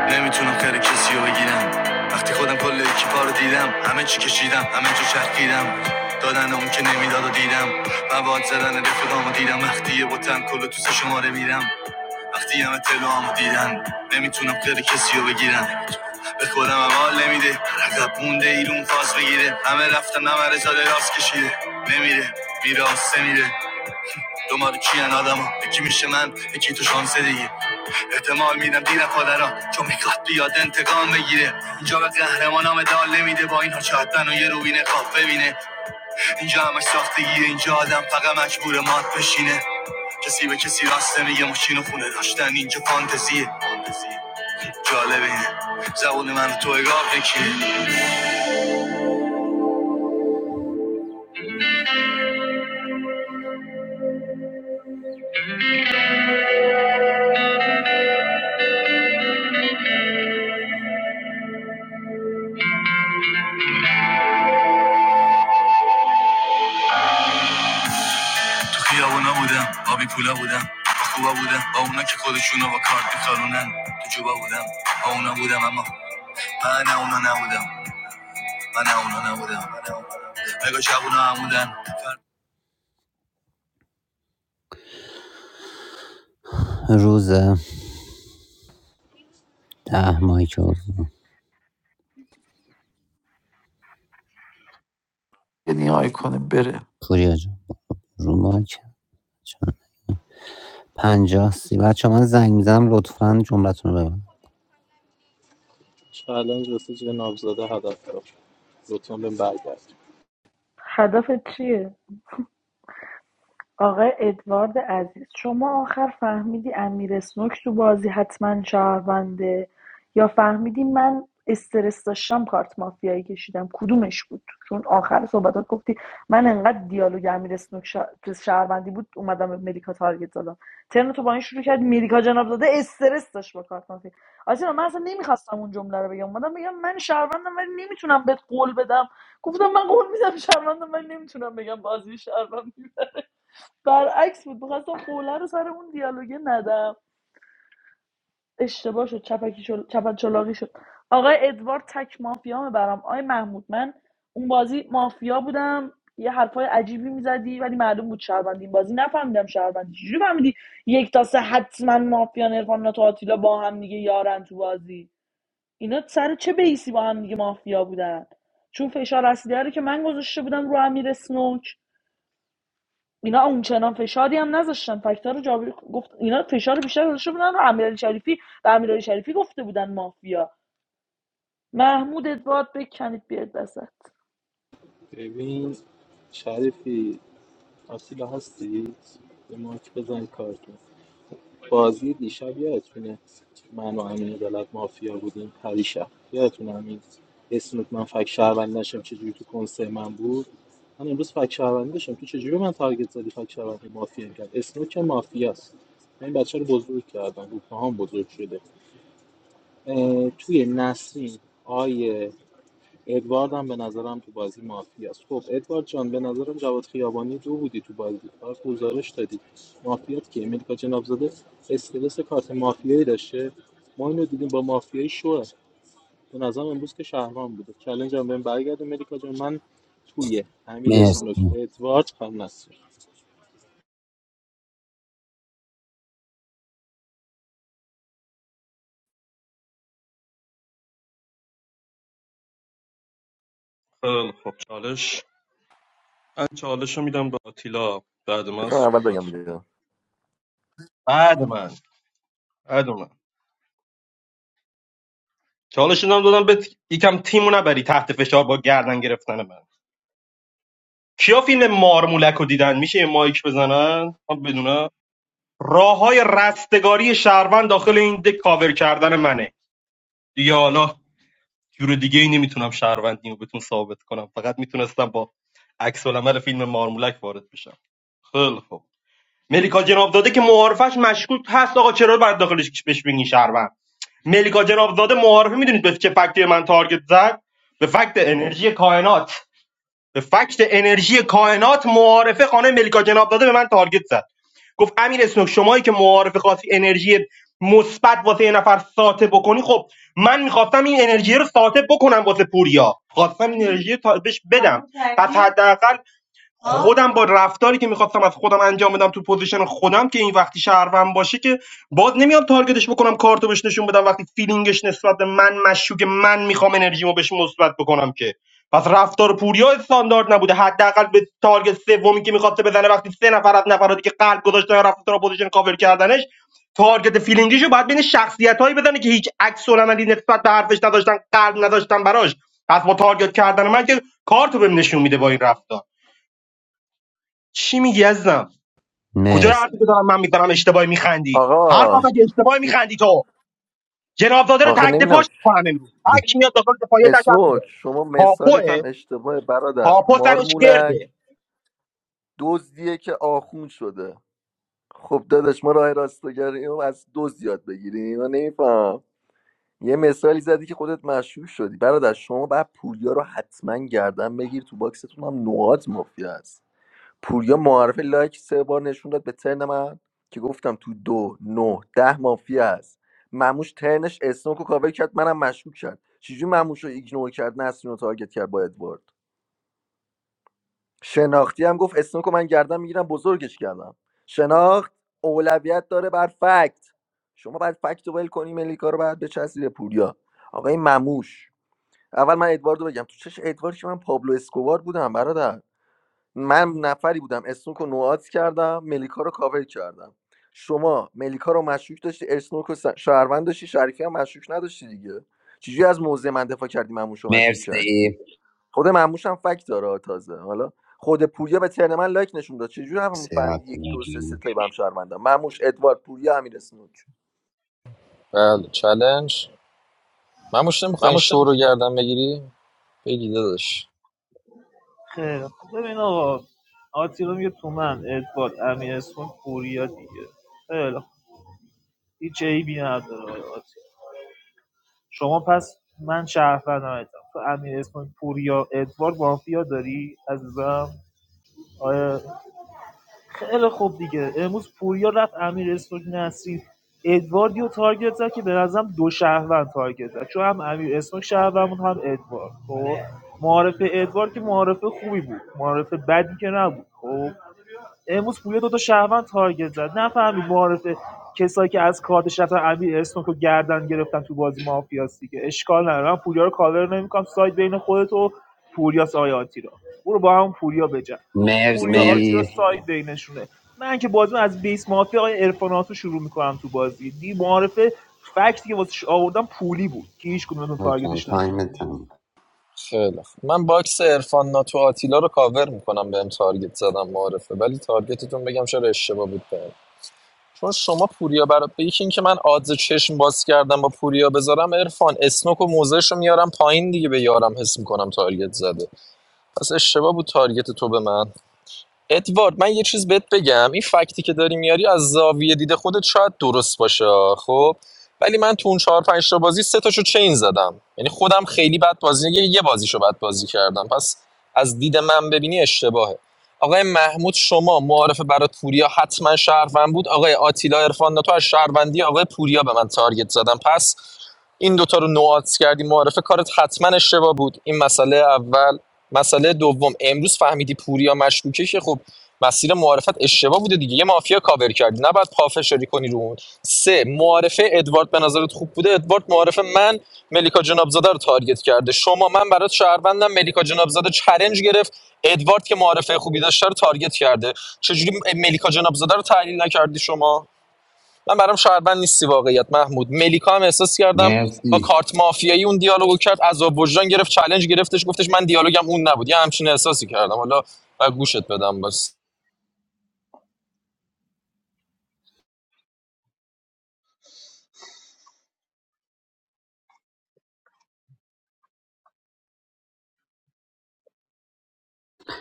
S10: نمیتونم خیر کسی رو بگیرم وقتی خودم کل اکیپا رو دیدم همه چی کشیدم همه جا چرخیدم دادن اون که نمیداد و دیدم مواد زدن رفیقام رو دیدم وقتی یه بوتم کل تو سه شماره میرم وقتی همه تلوام رو دیدن نمیتونم خیر کسی رو بگیرم به خودم امال نمیده عقب مونده ایرون فاز بگیره همه رفتن همه رزاده راست کشیده نمیره میره آسه میره دنبال چین آدما یکی میشه من یکی تو شانس دیگه احتمال میدم دیر پادرا چون میخواد بیاد انتقام بگیره اینجا به قهرمانام دال نمیده با اینها چهتن و یه روبین خواب ببینه اینجا همش ساختگیه اینجا آدم فقط مجبور مات بشینه کسی به کسی راسته میگه ماشین و خونه داشتن اینجا فانتزیه جالبه. زبون من تو اگاه نکیه تو خیابونا بودم آبی بیپولا بودم با خوبا بودم با اونا که خودشونو با کارت میخارونن تو جوبا بودم با اونا بودم اما روز ده ماهی که حضور.
S6: یعنی آیکونه بره
S10: پوریا جان رو مایک پنجاه سی بچه من زنگ میزنم لطفا جملتون رو ببند
S9: چالنج واسه جیغ نابزاده هدف دار لطفا بهم برگرد
S7: هدفت چیه آقای ادوارد عزیز شما آخر فهمیدی امیر اسنوک تو بازی حتما شهرونده یا فهمیدی من استرس داشتم کارت مافیایی کشیدم کدومش بود چون آخر صحبتات گفتی من انقدر دیالوگ امیر اسنوک شه- شهروندی بود اومدم به ملیکا تارگت زدم ترن تو با این شروع کرد ملیکا جناب داده استرس داشت با کارت مافیا آسینا من اصلا نمیخواستم اون جمله رو بگم اومدم بگم من شهروندم ولی نمیتونم بهت قول بدم گفتم من قول میدم شهروندم ولی نمیتونم بگم بازی شهروند برعکس بود میخواستم قوله رو سر اون دیالوگه ندم اشتباه شد چپکی شد چپت چلاقی شد آقای ادوارد تک مافیا برام آقای محمود من اون بازی مافیا بودم یه حرفای عجیبی میزدی ولی معلوم بود شهروندی این بازی نفهمیدم شهروندی چجوری فهمیدی یک تا سه حتما مافیا نرفان تو آتیلا با هم دیگه یارن تو بازی اینا سر چه بیسی با هم دیگه مافیا بودن چون فشار اصلی رو که من گذاشته بودم رو امیر اسنوک اینا اونچنان فشاری هم نذاشتن فکتور رو جابر گفت اینا فشار بیشتر گذاشته بودن رو امیرعلی شریفی و امیرعلی شریفی گفته بودن مافیا محمود ادوارد بکنید بیاد وسط
S9: ببین شریفی آسیلا هستی یه ماک بزن کارتون بازی دیشب یادتونه من و امین عدالت مافیا بودیم پریشب یادتونه امین اسنوک من فک شهروند نشم چجوری تو کنسه من بود من امروز فک شهروند داشتم تو چجوری به من تارگت زدی فک شهروندی مافیا کرد اسنوک که مافیاست من این بچه رو بزرگ کردم رو پاهام بزرگ شده اه، توی نسرین آیه ادوارد هم به نظرم تو بازی مافیاست خب ادوارد جان به نظرم جواد خیابانی دو بودی تو بازی فقط گزارش دادی مافیات که امریکا جناب زاده استرس کارت مافیایی داشته ما اینو دیدیم با مافیایی شوه به نظرم امروز که شهرمان بوده چالش هم بهم برگرد امریکا جان من توی امیر
S10: مرسی
S9: اسنوک ادوارد هم نصر
S8: خب چالش من چالش رو میدم به آتیلا بعد من
S2: بذار اول
S8: صحبت
S2: بگم
S8: کن.
S2: دیگه
S8: بعد من بعد من چالش رو دادم به یکم تیمو نبری تحت فشار با گردن گرفتن من کیا فیلم مارمولک رو دیدن میشه یه مایک بزنن من بدونم راه های رستگاری شهروند داخل این دک کاور کردن منه دیگه حالا جور دیگه ای نمیتونم شهروندیمو بهتون ثابت کنم فقط میتونستم با عکس العمل فیلم مارمولک وارد بشم خیلی خب ملیکا جنابزاده که معارفش مشکوک هست آقا چرا باید داخلش بهش بگین شهروند ملیکا جنابزاده معارفه میدونید به چه فکتی من تارگت زد به فکت انرژی کائنات به فکت انرژی کائنات معارفه خانه ملیکا جنابزاده به من تارگت زد گفت امیر اسنوک شمایی که معارفه خواستی انرژی مثبت واسه یه نفر ساطع بکنی خب من میخواستم این انرژی رو ساطع بکنم واسه پوریا خواستم این انرژی رو تا- بهش بدم پس حداقل خودم با رفتاری که میخواستم از خودم انجام بدم تو پوزیشن خودم که این وقتی شهروند باشه که باز نمیام تارگتش بکنم کارتو بهش نشون بدم وقتی فیلینگش نسبت به من مشکوکه من میخوام انرژیمو بهش مثبت بکنم که پس رفتار پوریا استاندارد نبوده حداقل به تارگت سومی که میخواسته بزنه وقتی سه نفر از نفراتی که قلب گذاشتن رفتن تو پوزیشن کاور کردنش تارگت فیلینگیشو باید بین شخصیتایی بزنه که هیچ عکس العملی نسبت به حرفش نداشتن قلب نداشتن براش پس با تارگت کردن من که کارتو بهم نشون میده با این رفتار چی میگی عزیزم کجا
S10: مرسی
S8: حرفی که دارم من میزنم اشتباهی میخندی
S2: آقا
S8: حرفم مگه اشتباهی میخندی تو جنابزاده رو
S2: آخه
S8: تک
S2: نمیدونم
S8: دفاعش میکنم امروز تک میاد داخل دفاعیه تک هم
S2: اسنوک
S8: میره
S2: شما مثالت
S8: کاپوه
S2: هم اشتباه برادر
S8: کاپو سرش
S2: مارمولک
S8: گرده
S2: دزدیه که آخون شده خب داداش ما راه راستگریم از دزد یاد بگیریم من نمیفهم یه مثالی زدی که خودت مشهور شدی برادر شما بعد پوریا رو حتما گردن بگیر تو باکستون هم نواد مافیا است پوریا معرف لایک سه بار نشون داد به ترن من که گفتم تو دو نه ده مافیا است مموش ترنش اسنوک رو کاور کرد منم مشکوک کرد چجوری مموش رو ایگنور کرد نسرین رو تارگت کرد با ادوارد شناختی هم گفت اسنوک رو من گردن میگیرم بزرگش کردم شناخت اولویت داره بر فکت شما باید فکت رو ول کنی ملیکا رو باید بچسبی به پوریا آقای مموش اول من ادواردو بگم تو چش ادوارد که من پابلو اسکوبار بودم برادر من نفری بودم اسنوک رو نوعات کردم ملیکا رو کاور کردم شما ملیکا رو مشکوک داشتی اسنوک رو س- شهروند داشتی شریفی هم مشکوک نداشتی دیگه چجوری از موضع من دفاع کردی مموش رو مشکوک کردی
S10: مرسی
S2: خود مموش هم فکت داره تازه حالا خود پوریا به ترن من لایک نشون داد چجوری هم
S10: مرسی
S2: فهمیدی یک دو سه سه تایی به هم شهروندم مموش ادوارد پوریا امیر اسنوک
S17: بله چلنج من مش نمیخوای
S5: من
S17: شو رو گردن بگیری بگی داداش
S5: خیلی خب ببین آقا آتیلا میگه تو من ادوارد امیر اسمون پوریا دیگه خیلی خب. هیچ عیبی نداره شما پس من شهروندم هستم. تو امیر اسماعیل پوریا ادوارد مافیا داری عزیزم آیا خیلی خوب دیگه امروز پوریا رفت امیر اسماعیل نصری ادواردیو تارگت زد که به نظرم دو شهروند تارگت زد چون هم امیر اسماعیل شهروند بود هم ادوارد خب معارف ادوارد که معارف خوبی بود معارف بدی که نبود خب امروز پویا دو تا شهروند تارگت زد نفهمید معارفه کسایی که از کارتش رفتن امیر اسنوک رو گردن گرفتن تو بازی مافیاس دیگه اشکال نداره من پوریا رو کاور نمیکنم ساید بین خودت و پوریاس آقای آتیلا برو با همون پوریا بجن تو پوریا آتیلا
S10: مرسی
S5: ساید بینشونه من که بازی از بیس مافیا آقای عرفاناتو شروع میکنم تو بازی دی معارفه فکتی که واسش آوردم پولی بود که هیچ کدومتون
S10: محمود جان
S5: تارگتش نه
S10: تایم تموم
S17: خیلی خوب. من باکس ارفان ناتو آتیلا رو کاور میکنم بهم تارگت زدم معارفه ولی تارگتتون بگم چرا اشتباه بود بهم. چون شما پوریا برای به یکی اینکه من آدز چشم باز کردم با پوریا بذارم عرفان اسنوک و موزهش میارم پایین دیگه به یارم حس میکنم تارگت زده پس اشتباه بود تارگت تو به من ادوارد من یه چیز بهت بگم این فکتی که داری میاری از زاویه دید خودت شاید درست باشه خب ولی من تو اون چهار پنج تا بازی سه تاشو چین زدم یعنی خودم خیلی بد بازی یه یه بازیشو بد بازی کردم پس از دید من ببینی اشتباهه آقای محمود شما معارف برای پوریا حتما شهروند بود آقای آتیلا عرفان تو از شهروندی آقای پوریا به من تارگت زدم پس این دوتا رو نوعات کردی معارف کارت حتما اشتباه بود این مسئله اول مسئله دوم امروز فهمیدی پوریا مشکوکه که خب مسیر معارفت اشتباه بوده دیگه یه مافیا کاور کردی نباید پافشاری کنی رو اون سه معارفه ادوارد به نظرت خوب بوده ادوارد معارفه من ملیکا جنابزاده رو تارگت کرده شما من برات شهروندم ملیکا جنابزاده چلنج گرفت ادوارد که معارفه خوبی داشته رو تارگت کرده چجوری ملیکا جنابزاده رو تحلیل نکردی شما من برام شهروند نیستی واقعیت محمود ملیکا هم احساس کردم با
S10: مرسی
S17: کارت مافیایی اون دیالوگو کرد عذاب وجدان گرفت چالش گرفتش گفتش من دیالوگم اون نبود یه همچین احساسی کردم حالا و گوشت بدم بس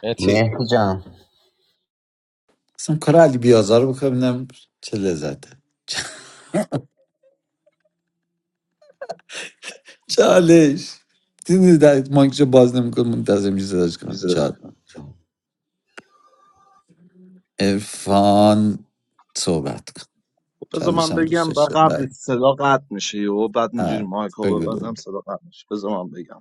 S17: متی
S10: مهدی جان
S6: اصلا کار علی بیازار رو بکنم ببینم چه لذته چالش دیدی در مایکشو باز نمیکنه منتظر میشه صداش
S5: میز
S6: کنم
S5: کنم جان
S6: ارفان صحبت کن
S12: خب بذار
S6: چالش
S12: من
S6: هم دوست
S12: بگم و
S6: داشته
S12: قبل
S6: بله
S12: صدا قطع میشه و بعد اینجوری
S6: آه،
S12: مایکو
S6: بگو دوره
S12: ببندم صدا قطع میشه بذار من بگم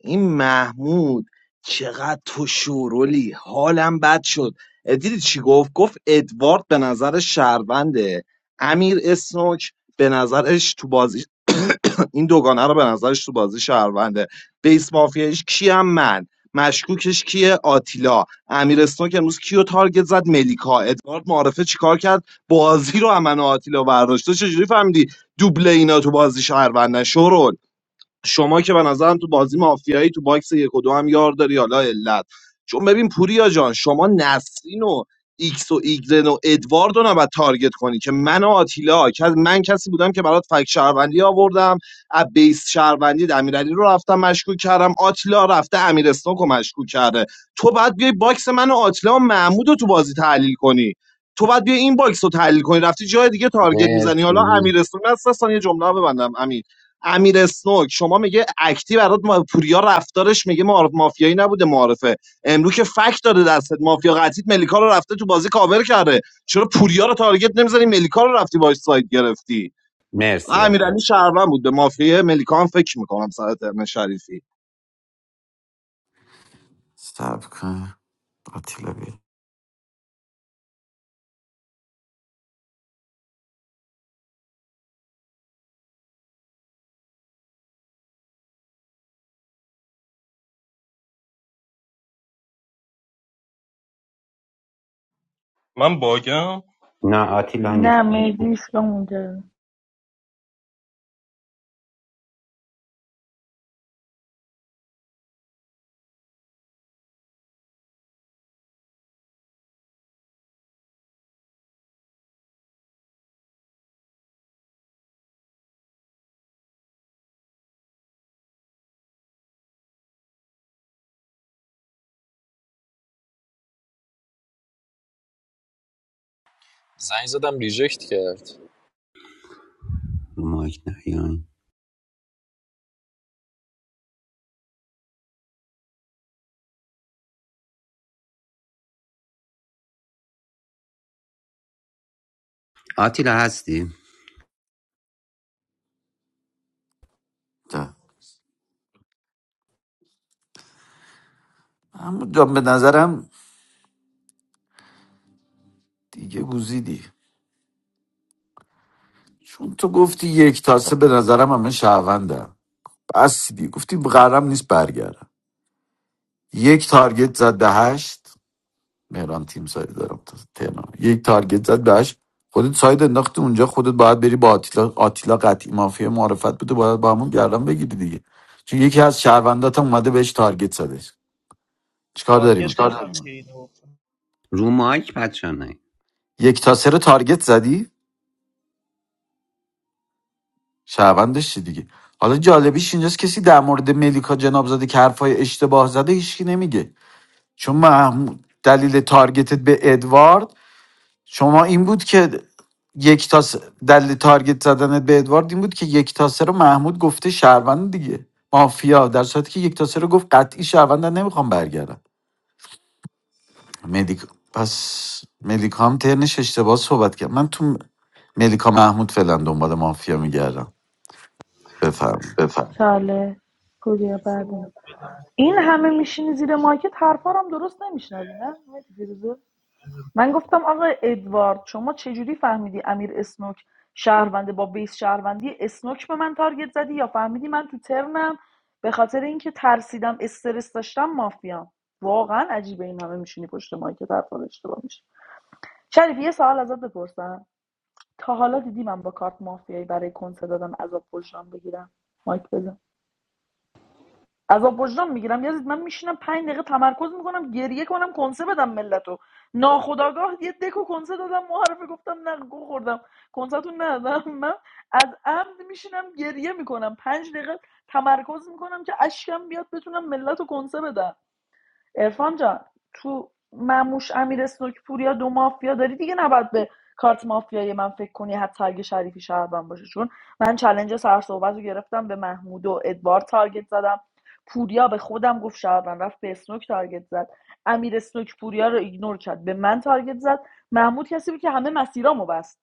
S12: این محمود چقدر تو شورولی حالم بد شد اه، دیدی چی گفت گفت ادوارد به نظر شهرونده امیر اسنوک به نظرش تو بازی این دوگانه رو به نظرش تو بازی شهرونده بیس مافیاش کیم من مشکوکش کیه آتیلا امیر اسنوک امروز کیو تارگت زد ملیکا ادوارد معارفه چیکار کرد بازی رو امن و آتیلا برداشت چجوری فهمیدی دوبل اینا تو بازی شهروندن شورول شما که به نظرم تو بازی مافیایی تو باکس یک و دو هم یار داری حالا علت چون ببین پوریا جان شما نسرین و ایکس و ایگرن و ادوارد رو نباید تارگت کنی که من و آتیلا که من کسی بودم که برات فک شهروندی آوردم از بیس شهروندی امیرعلی رو رفتم مشکوک کردم آتیلا رفته امیر اسنوک رو مشکوک کرده تو باید بیای باکس من و آتیلا و محمود رو تو بازی تحلیل کنی تو باید بیا این باکس رو تحلیل کنی رفتی جای دیگه تارگت میزنی حالا امیر
S10: مرسی
S12: اسنوک هست اصلا یه جمله رو ببندم امیر امیر اسنوک شما میگه اکتی برات ما پوریا رفتارش میگه معارف مافیایی نبوده معارفه امرو که فک داره دستت مافیا قطیت ملیکا رو رفته تو بازی کاور کرده چرا پوریا رو تارگت نمیزنی ملیکا رو رفتی باش سایت گرفتی
S10: مرسی
S12: امیرعلی شهروند بود به مافیا ملیکا هم فکر میکنم سر ترن شریفی
S6: سب کن آتیلا بی
S8: من باگم
S10: نه آتیلا نیست
S7: نه مهدیش که اونجا
S17: زنگ زدم ریجکت کرد
S10: رو مایک نه یعنی آتیلا هستی
S6: ده. اما جان به نظرم دیگه گوزیدی چون تو گفتی یک تاسه به نظرم همه شهروندم بس دیگه گفتی قرارم نیست برگردم یک تارگت زد به هشت مهران تیم سایت دارم تا تهران یک تارگت زد بهش خودت ساید انداختی اونجا خودت باید بری با آتیلا آتیلا قطعی مافیا معرفت بده باید با همون گردن بگیری دیگه چون یکی از شهروندات هم اومده بهش تارگت زده چیکار داری
S5: تارگت چیکار
S6: میکنی
S5: نزن داریم که اینو
S10: رو مایک بچه نه
S6: یک تا سه رو تارگت زدی شهروندش چی دیگه حالا جالبیش اینجاست کسی در مورد ملیکا جناب زاده که حرفای اشتباه زده هیچکی نمیگه چون محمود دلیل تارگتت به ادوارد شما این بود که یک تا س- دلیل تارگت زدنت به ادوارد این بود که یک تا سه رو محمود گفته شهروند دیگه مافیا در صورتی که یک تا سه رو گفت قطعی شهروند نمیخوام برگردم مدیکا پس ملیکا هم ترنش اشتباه صحبت کرد من تو ملیکا محمود فعلا دنبال مافیا میگردم بفرم
S5: بفهم
S7: چاله پوریا بعدم این همه میشینی زیر مایکت حرفا رو هم درست نمیشنوی نه مهدی فیروزه من گفتم آقا ادوارد شما چجوری فهمیدی امیر اسنوک شهرونده با بیس شهروندی اسنوک به من تارگت زدی یا فهمیدی من تو ترنم به خاطر اینکه ترسیدم استرس داشتم مافیام واقعا عجیبه این همه میشینی پشت ما که طرفدار اشتباه میشه شریف یه سوال ازت بپرسم تا حالا دیدی من با کارت مافیایی برای کنسرت دادن عذاب وجدان بگیرم مایک بزن عذاب وجدان میگیرم یزید من میشینم پنج دقیقه تمرکز میکنم گریه کنم کنسه بدم ملتو ناخداگاه یه دکو کنسه دادم معرفه گفتم نه گو خوردم کنسهتون ندادم من از عمد میشینم گریه میکنم پنج دقیقه تمرکز میکنم که اشکم بیاد بتونم ملت رو کنسه بدم ارفان جان تو مموش امیر سنوک پوریا دو مافیا داری دیگه نباید به کارت مافیایی من فکر کنی حتی اگه شریفی شهروند باشه چون من چلنج سر صحبت رو گرفتم به محمود و ادوار تارگت زدم پوریا به خودم گفت شهروند رفت به اسنوک تارگت زد امیر اسنوک پوریا رو ایگنور کرد به من تارگت زد محمود کسی بود که همه مسیرامو بست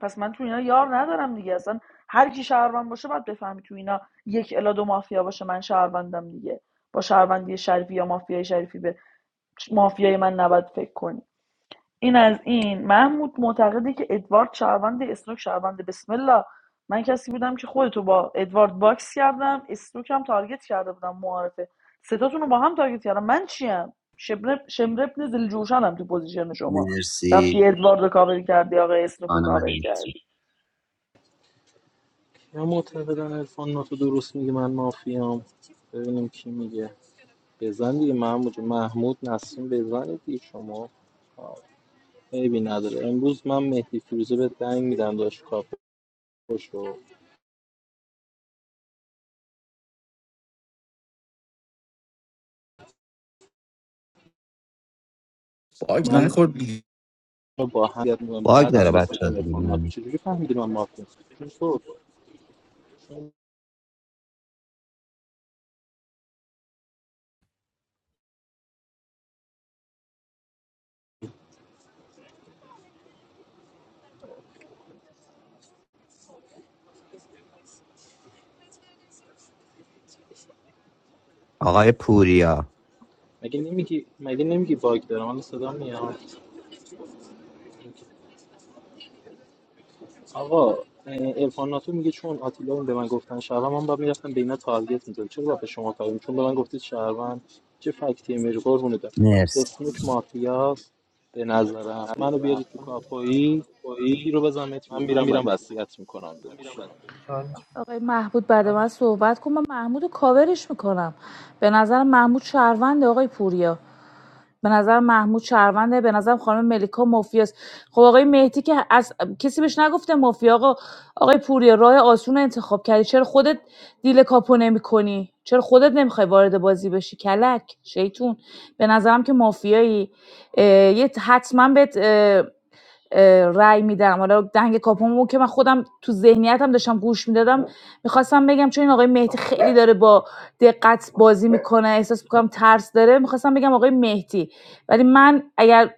S7: پس من تو اینا یار ندارم دیگه اصلا هر کی شهروند باشه باید بفهمی تو اینا یک الا دو مافیا باشه من شهروندم دیگه با شهروندی شریفی یا مافیای شریفی به مافیای من نباید فکر کنی این از این محمود معتقده که ادوارد شهروند اسنوک شهروند بسم الله من کسی بودم که خودتو با ادوارد باکس کردم اسنوک هم تارگت کرده بودم معارفه ستاتون رو با هم تارگت کردم من چیم شمرب شمرب زل جوشنم تو پوزیشن شما رفتی
S10: مرسی
S7: ادوارد رو کاور کردی آقای اسنوک رو
S10: خانم
S7: کاور
S10: مرسی
S7: کردی
S9: یا معتقدن عرفان ناتو درست میگه من مافیام ببینیم کی میگه بزن دیگه محمود جون. محمود نسیم بزنید دیگه شما عیبی نداره امروز من مهدی فیروزه به دنگ میدم داشت کاپوش رو
S6: باگ
S9: من
S6: نخورد دیگه.
S9: رو با هم یاد میدم
S10: باگ
S9: بعد هم
S10: داره
S9: دیسکو که
S10: بچه دیگه
S9: میفهم چجوری فهمیدی من مافیا چجوری تو
S10: آقای پوریا
S9: مگه نمیگی مگه نمیگی باگ دارم الان صدا میاد آقا ارفان ناتو میگه چون آتیلا اون به من گفتن شهروند من باید میرفتم به اینا تارگت میزدم چرا باید به شما تارگت چون به من گفتید شهروند چه فکتی میری قربونه دارم
S10: مرسی
S9: اسمیک مافیاست به نظرم
S5: نظر
S9: منو بیارید تو کاپایی تیرو
S5: تویی
S9: بزن
S5: من
S9: متریز من
S5: میرم
S9: میرم
S5: بسته
S9: وصیت میکنم داداش
S5: چون
S14: آقای محمود بعد من صحبت کن من محمود رو کاورش میکنم به نظر محمود شهروند آقای پوریا به نظر محمود شهرونده به نظر خانم ملیکا مافیاست خب آقای مهدی که از کسی بهش نگفته مافیا آقا آقای پوریا راه آسون رو انتخاب کردی چرا خودت دیل کاپو نمی چرا خودت نمیخوای وارد بازی بشی کلک شیطون به نظرم که مافیایی یه حتما بهت رأی میدم حالا دنگ کاپومو که من خودم تو ذهنیتم داشتم گوش میدادم میخواستم بگم چون این آقای مهدی خیلی داره با دقت بازی میکنه احساس میکنم ترس داره میخواستم بگم آقای مهدی ولی من اگر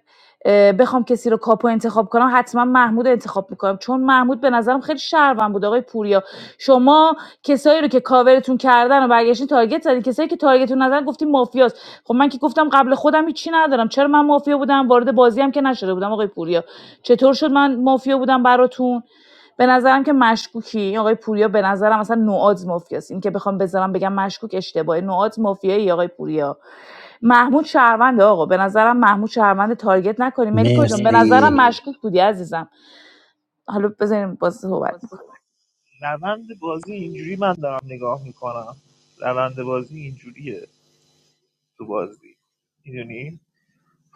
S14: بخوام کسی رو کاپو انتخاب کنم حتما محمود انتخاب میکنم چون محمود به نظرم خیلی شهروند بود آقای پوریا شما کسایی رو که کاورتون کردن و برگشتین تارگت زدین کسایی که تارگتتون نزدن گفتین مافیاست خب من که گفتم قبل خودم هیچی ندارم چرا من مافیا بودم وارد بازی هم که نشده بودم آقای پوریا چطور شد من مافیا بودم براتون به نظرم که مشکوکی آقای پوریا به نظرم اصلا نوآز مافیاست این که بخوام بذارم بگم مشکوک اشتباهه نوآز مافیایی آقای پوریا محمود شهرونده آقا به نظرم محمود شهرونده تارگت نکنیم ملیکا جان به
S10: مرسی
S14: نظرم مشکوک بودی عزیزم حالا بزنیم باز صحبت میکنم
S5: روند بازی اینجوری من دارم نگاه میکنم روند بازی اینجوریه تو بازی میدونی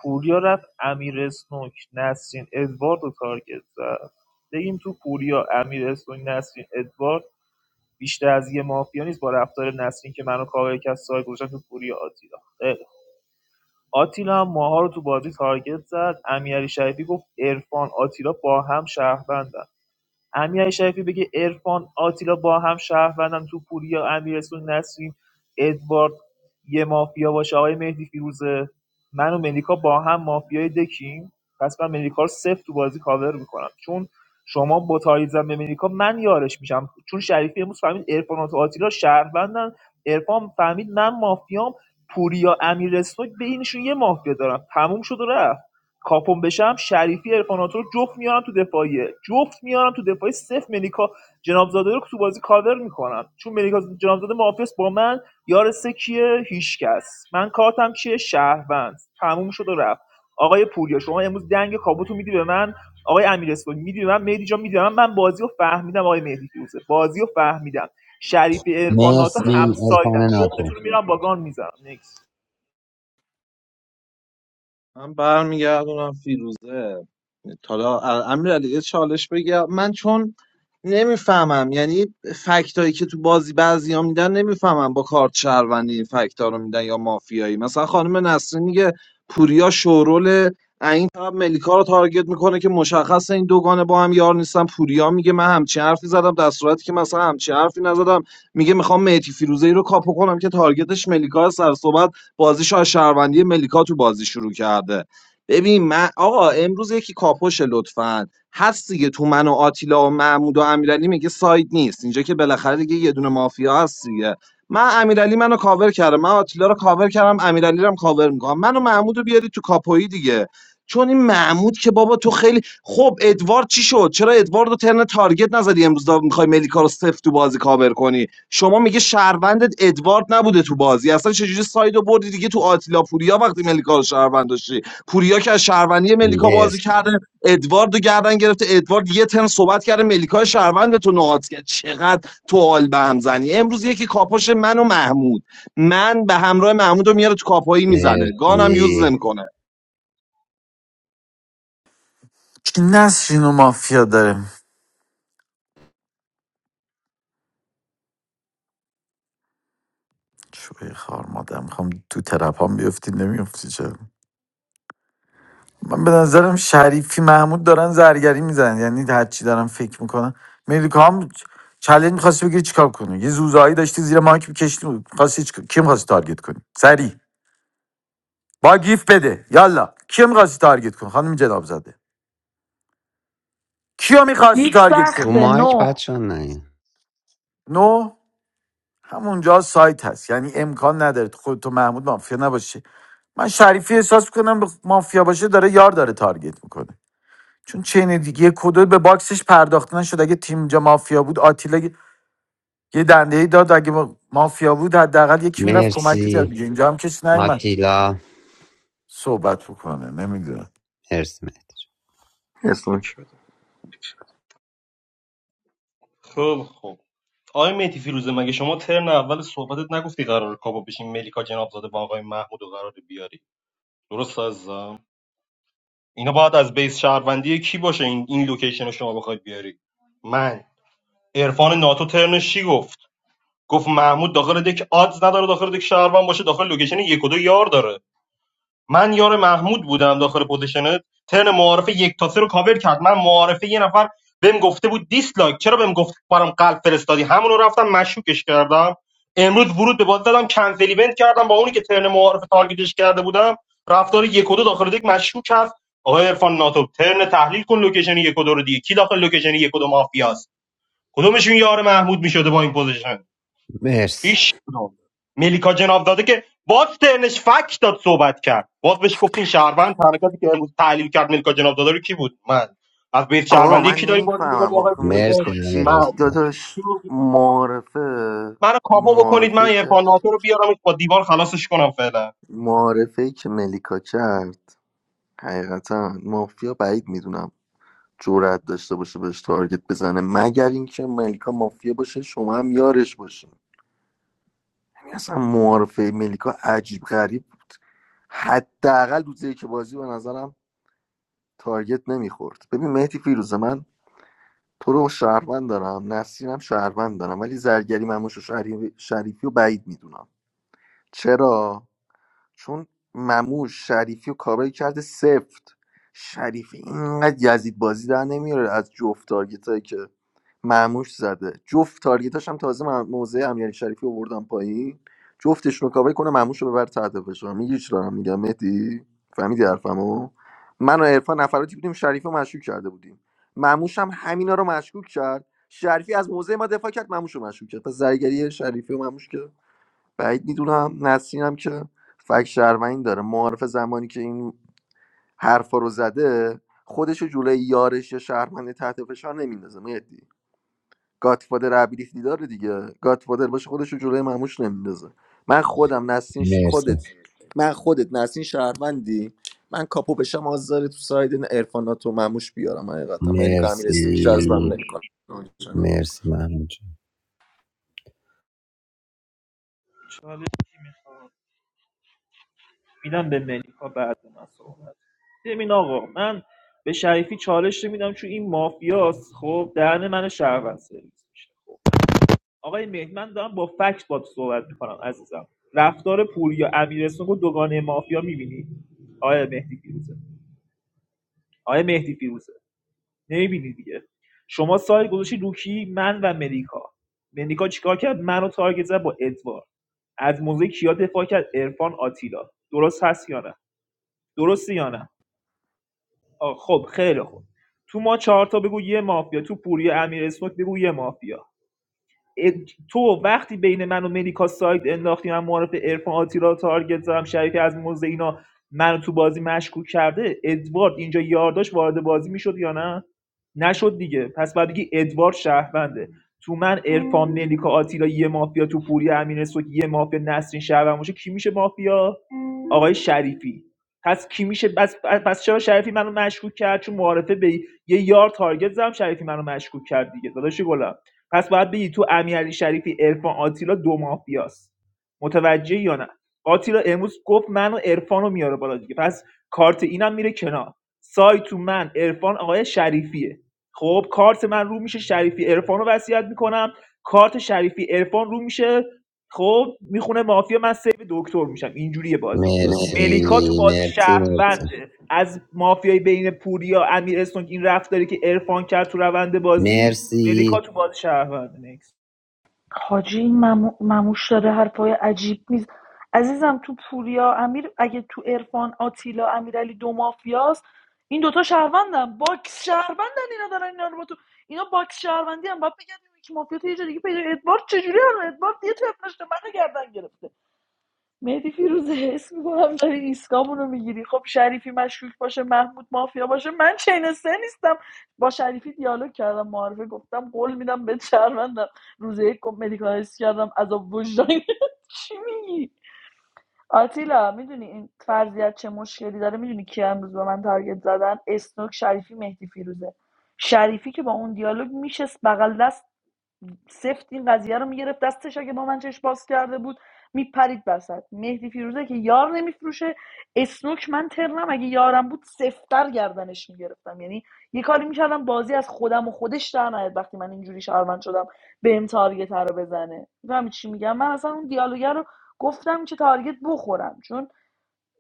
S5: پوریا رفت امیر اسنوک نسرین ادوارد رو تارگت زد بگیم تو پوریا امیر اسنوک نسرین ادوارد بیشتر از یه مافیا نیست با رفتار نسرین که منو کاور کرد سایه گذاشتن تو پوریا آتیلا خیلی خوب. آتیلا هم ماها رو تو بازی تارگت زد امیرعلی شریفی گفت عرفان آتیلا با هم شهروندن امیر شریفی بگه عرفان آتیلا با هم شهروندن تو پوریا امیرسون نسیم ادوارد یه مافیا باشه آقای مهدی فیروزه من و ملیکا با هم مافیای دکیم پس من ملیکا رو صفر تو بازی کاور میکنم چون شما با تایید زن به ملیکا من یارش میشم چون شریفی امروز فهمید ارفان و آتیلا شهروندن ارفان فهمید من مافیام پوریا امیرسون بینشون یه مافیا دارم تموم شد و رفت کاپون بشم شریفی ارفاناتو رو جفت میارن تو دفاعیه جفت میارن تو دفاعی صفر ملیکا جنابزاده رو تو بازی کاور میکنن چون ملیکا جنابزاده محافظ با من یار سه کیه هیچکس من کارتم کیه شهروند تموم شد و رفت آقای پوریا شما امروز دنگ کابوتو میدی به من آقای امیر اسپانی میدی به من مهدی جان میدی به من من بازی رو فهمیدم آقای مهدی فیروزه بازی رو فهمیدم شریفی ارفاناتو من
S10: مرسی
S5: همسایدن
S10: ارفان ناتو
S5: جفتتون رو میرم با گان میزنم نکس
S12: من برمیگردونم فیروزه حالا امیرعلی یه چالش بگم من چون نمیفهمم یعنی فکتایی که تو بازی بعضیا میدن نمیفهمم با کارت شهروندی این فکتا رو میدن یا مافیایی مثلا خانم نسرین میگه پوریا شورول این طرف ملیکا رو تارگت میکنه که مشخص این دوگانه با هم یار نیستن پوریا میگه من همچین حرفی زدم در صورتی که مثلا همچین حرفی نزدم میگه میخوام مهدی فیروزه ای رو کاپو کنم که تارگتش ملیکا سر صبح بازیش از شهروندی ملیکا تو بازی شروع کرده ببین من آقا امروز یکی کاپوشه لطفا هست دیگه تو من و آتیلا و محمود و امیرعلی میگه ساید نیست اینجا که بالاخره دیگه یه دونه مافیا هست دیگه من امیرعلی منو کاور کردم من آتیلا رو کاور کردم امیرعلی رو هم کاور میکنم منو محمود رو بیاری تو کاپویی دیگه چون این محمود که بابا تو خیلی خب ادوارد چی شد چرا ادوارد رو ترن تارگت نزدی امروز دا میخوای ملیکا رو سفت تو بازی کاور کنی شما میگه شهروندت ادوارد نبوده تو بازی اصلا چجوری سایدو بردی دیگه تو آتیلا پوریا وقتی ملیکا رو شهروند داشتی پوریا که از شهروندی ملیکا بازی
S10: مرسی
S12: کرده ادوارد رو گردن گرفته ادوارد یه تن صحبت کرده ملیکا شهروند به تو نهاد کرد چقدر تو حال به هم زنی امروز یکی کاپوش من و محمود من به همراه محمود رو میاره تو کاپایی میزنه گانم یوز
S10: مرسی
S12: نمیکنه
S6: چی نسرین و مافیا داره شوی خار مادر میخوام تو ترپ هم بیفتی نمیفتی چرا من به نظرم شریفی محمود دارن زرگری میزنن یعنی هرچی دارم فکر میکنن ملیکا هم چلنج میخواستی بگیری چیکار کنی یه زوزایی داشتی زیر مایک میکشتی خواستی چیکار- کی میخواستی تارگت کنی سری با گیف بده یالا کی میخواستی تارگت کنی خانم جناب زاده کیو میخواستی
S7: دیک
S6: تارگت
S10: رو
S6: کنی
S7: سخته
S10: مایک
S7: نه
S10: بچه نه
S6: نو همونجا سایت هست یعنی امکان نداره خود تو خودت و محمود مافیا نباشه من شریفی احساس کنم مافیا باشه داره یار داره تارگت میکنه چون چین دیگه کدو به باکسش پرداخته نشد اگه تیم اینجا مافیا بود آتیلا یه دنده ای داد اگه ما- مافیا بود حداقل یکی میرفت کمک میکرد
S10: مرسی
S6: دیگه اینجا هم کسی نیومد
S10: آتیلا
S6: صحبت بکنه نمیدونم
S10: مرسی مهدی
S8: یک بده. خب خب آقای مهدی فیروزه مگه شما ترن اول صحبتت نگفتی قرار کاپو بشین ملیکا جنابزاده با آقای محمود و قرار بیاری درست عزیزم اینا باید از بیس شهروندی کی باشه این این لوکیشن رو شما بخواید بیاری من عرفان ناتو ترنش چی گفت گفت محمود داخل دک آدز نداره داخل دک شهروند باشه داخل لوکیشن یک و دو یار داره من یار محمود بودم داخل پوزیشن ترن معارفه یک تا سه رو کاور کرد من معارفه یه نفر بهم گفته بود دیسلایک چرا بهم گفت برام قلب فرستادی همون رو رفتم مشکوکش کردم امروز ورود به بازی دادم کنسل ایونت کردم با اونی که ترن معارفه تارگتش کرده بودم رفتار یک و دو داخل دک مشکوک هست آقای عرفان ناتو ترن تحلیل کن لوکیشن یک و دو رو دیگه کی داخل لوکیشن یک و دو مافیاست کدومشون یار محمود میشده با این پوزیشن
S10: جان. مرسی
S8: ایش کدوم ملیکا جناب داده که باز ترنش فک داد صحبت کرد باز بهش گفتین شهروند حرکتی که امروز تحلیل کرد ملیکا جنابزاده رو کی بود من از بیت
S2: آقا
S8: شهروندی
S2: من
S8: کی داری بازی
S2: نمیفهمم
S8: می‌کنی آقای
S2: آخه
S10: مرسی
S8: فیروزه
S2: ملیکا
S10: امیر
S8: من
S2: جدی داداش
S8: چی می‌گی؟
S2: معارفه
S8: منو کاپو بکنید من
S2: معارفه که
S8: عرفان ناتو رو بیارم با دیوار خلاصش کنم فعلا
S2: معارفه که ملیکا کرد حقیقتا مافیا بعید میدونم جرأت داشته باشه بهش تارگت بزنه مگر اینکه ملیکا مافیا باشه شما هم یارش باشه یعنی اصلا معارفه ملیکا عجیب غریب حداقل روزی که بازی به نظرم تارگت نمیخورد ببین مهدی فیروزه من تو رو شهروند دارم نسیم هم شهروند دارم ولی زرگری مموش و شریف- شریفی رو بعید میدونم چرا چون مموش شریفی و کابل کرده سفت شریفی اینقدر یزید بازی در نمیاره از جفت تارگیت که مموش زده جفت تارگیتاش هم تازه مم- موزه امیرعلی شریفی آوردن پایین جفتشون رو کابل کنه مموش رو ببر تحت فشار میگی چی دارم میگم مهدی فهمیدی حرفمو من و عرفان نفراتی بودیم شریفی رو مشکوک کرده بودیم مموش هم همینا رو مشکوک کرد شریفی از موزه ما دفاع کرد مموش رو مشکوک کرد پس زرگری شریفی و مموش که بعید میدونم نسرینم که فک شهروندی داره معارف زمانی که این حرفا رو زده خودش رو جلوی یارش یا شهروند تحت فشار نمیندازه مهدی گاتفادر ابیلیتی داره دیگه گاتفادر باشه خودش رو جلوی مموش نمیندازه من خودم نسرین ش-
S10: مرسی
S2: خودت من خودت نسرین شهروندی من کاپو بشم آزاره تو ساید ارفانات و مموش بیارم حقیقتا ملیکا امیر اسمی جذبم
S10: مرسی
S2: نمیکنه
S10: مرسی محمود
S5: میدم به ملیکا بعد من صحبت ببین آقا من به شریفی چالش میدم چون این مافیاست خب دهن من شهروند سرویس میشه خب آقای مهدی من دارم با فکت باد صحبت میکنم عزیزم رفتار پوریا امیرسون رو دوگانه مافیا میبینی آقای مهدی فیروزه آقای مهدی فیروزه نمیبینی دیگه شما سایه گذاشتی روکی من و ملیکا ملیکا چیکار کرد منو تارگت زد با ادوار از موزه کیا دفاع کرد عرفان آتیلا درست هست یا نه درست یا نه آه، خب خیلی خوب تو ما چهار تا بگو یه مافیا تو پوری امیر اسنوک بگو یه مافیا تو وقتی بین من و ملیکا سایت انداختی من معرف ارفان آتیلا رو تارگت زدم شریفی از موزه اینا منو تو بازی مشکوک کرده ادوارد اینجا یارداش وارد بازی میشد یا نه نشد دیگه پس بعد بگی ادوارد شهرونده تو من ارفان ملیکا آتیلا یه مافیا تو پوری امین سوک یه مافیا نسرین شهروند باشه کی میشه مافیا آقای شریفی پس کی میشه پس, پس چرا شریفی منو مشکوک کرد چون معارفه به یه یار تارگت زدم شریفی منو مشکوک کرد دیگه داداش گلم پس باید بگی تو امیرعلی شریفی عرفان آتیلا دو مافیاست متوجه یا نه آتیلا امروز گفت من و عرفان رو میاره بالا دیگه پس کارت اینم میره کنار سایت تو من عرفان آقای شریفیه خب کارت من رو میشه شریفی عرفان رو وصیت میکنم کارت شریفی عرفان رو میشه خب میخونه مافیا من سیو دکتر میشم اینجوریه بازی مرسی
S10: مرسی
S5: ملیکا تو بازی
S10: مرسی مرسی
S5: شهرونده از مافیای بین پوریا امیر استونک این رفتاری که ارفان کرد تو روند بازی
S10: مرسی
S5: ملیکا تو بازی شهرونده نکس
S7: حاجی این ممو- مموش داره حرفای عجیب میز عزیزم تو پوریا امیر اگه تو عرفان آتیلا امیرعلی دو مافیاست این دوتا شهروندن باکس شهروندن اینا دارن اینا رو با تو اینا باکس شهروندی هم باید بگردیم که مافیا تو یه جا دیگه پیدا ادوارد چجوری هم ادوارد یه تپ داشته منو گردن گرفت. مهدی فیروزه حس میکنم داری ایسکامونو میگیری خب شریفی مشکوک باشه محمود مافیا باشه من چین سه نیستم با شریفی دیالوگ کردم معارفه گفتم قول میدم به چرمندم روز یک مدیکالیس کردم از وجدان چی میگی آتیلا میدونی این فرضیت چه مشکلی داره میدونی کی امروز به من تارگت زدن اسنوک شریفی مهدی فیروزه شریفی که با اون دیالوگ میشست بغل دست سفت این قضیه رو میگرفت دستش اگه با من چشم باز کرده بود میپرید وسط مهدی فیروزه که یار نمیفروشه اسنوک من ترنم اگه یارم بود سفتر گردنش میگرفتم یعنی یه کاری میکردم بازی از خودم و خودش در نیاد وقتی من اینجوری شهروند شدم به ام تارگت رو بزنه میفهمی چی میگم من اصلا اون دیالوگر رو گفتم که تارگت بخورم چون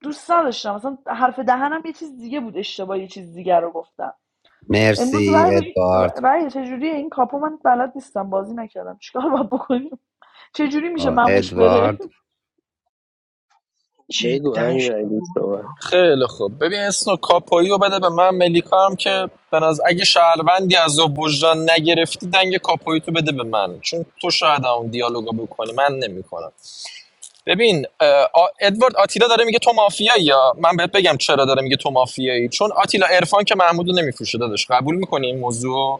S7: دوست نداشتم اصلا حرف دهنم یه چیز دیگه بود اشتباه یه چیز دیگه رو گفتم امروز
S10: مرسی
S7: رای بدید
S10: ادوارد
S7: رای چجوریه این کاپو من بلد نیستم بازی نکردم چیکار باید بکنیم چجوری میشه
S10: آه،
S7: مموش بره
S10: ادوارد
S15: بگو
S8: جدا
S15: امیرعلی
S8: شوم.
S15: صحبت
S17: خیلی خوب ببین اسنو کاپایی بده به من ملیکا هم که به نظر اگه شهروندی از وجدان نگرفتی دنگ کاپایی بده به من چون تو شاید اون دیالوگو بکنی من نمیکنم ببین ادوارد آتیلا داره میگه تو مافیایی یا من بهت بگم چرا داره میگه تو مافیایی چون آتیلا عرفان که محمودو نمیفروشه داداش قبول میکنی این موضوع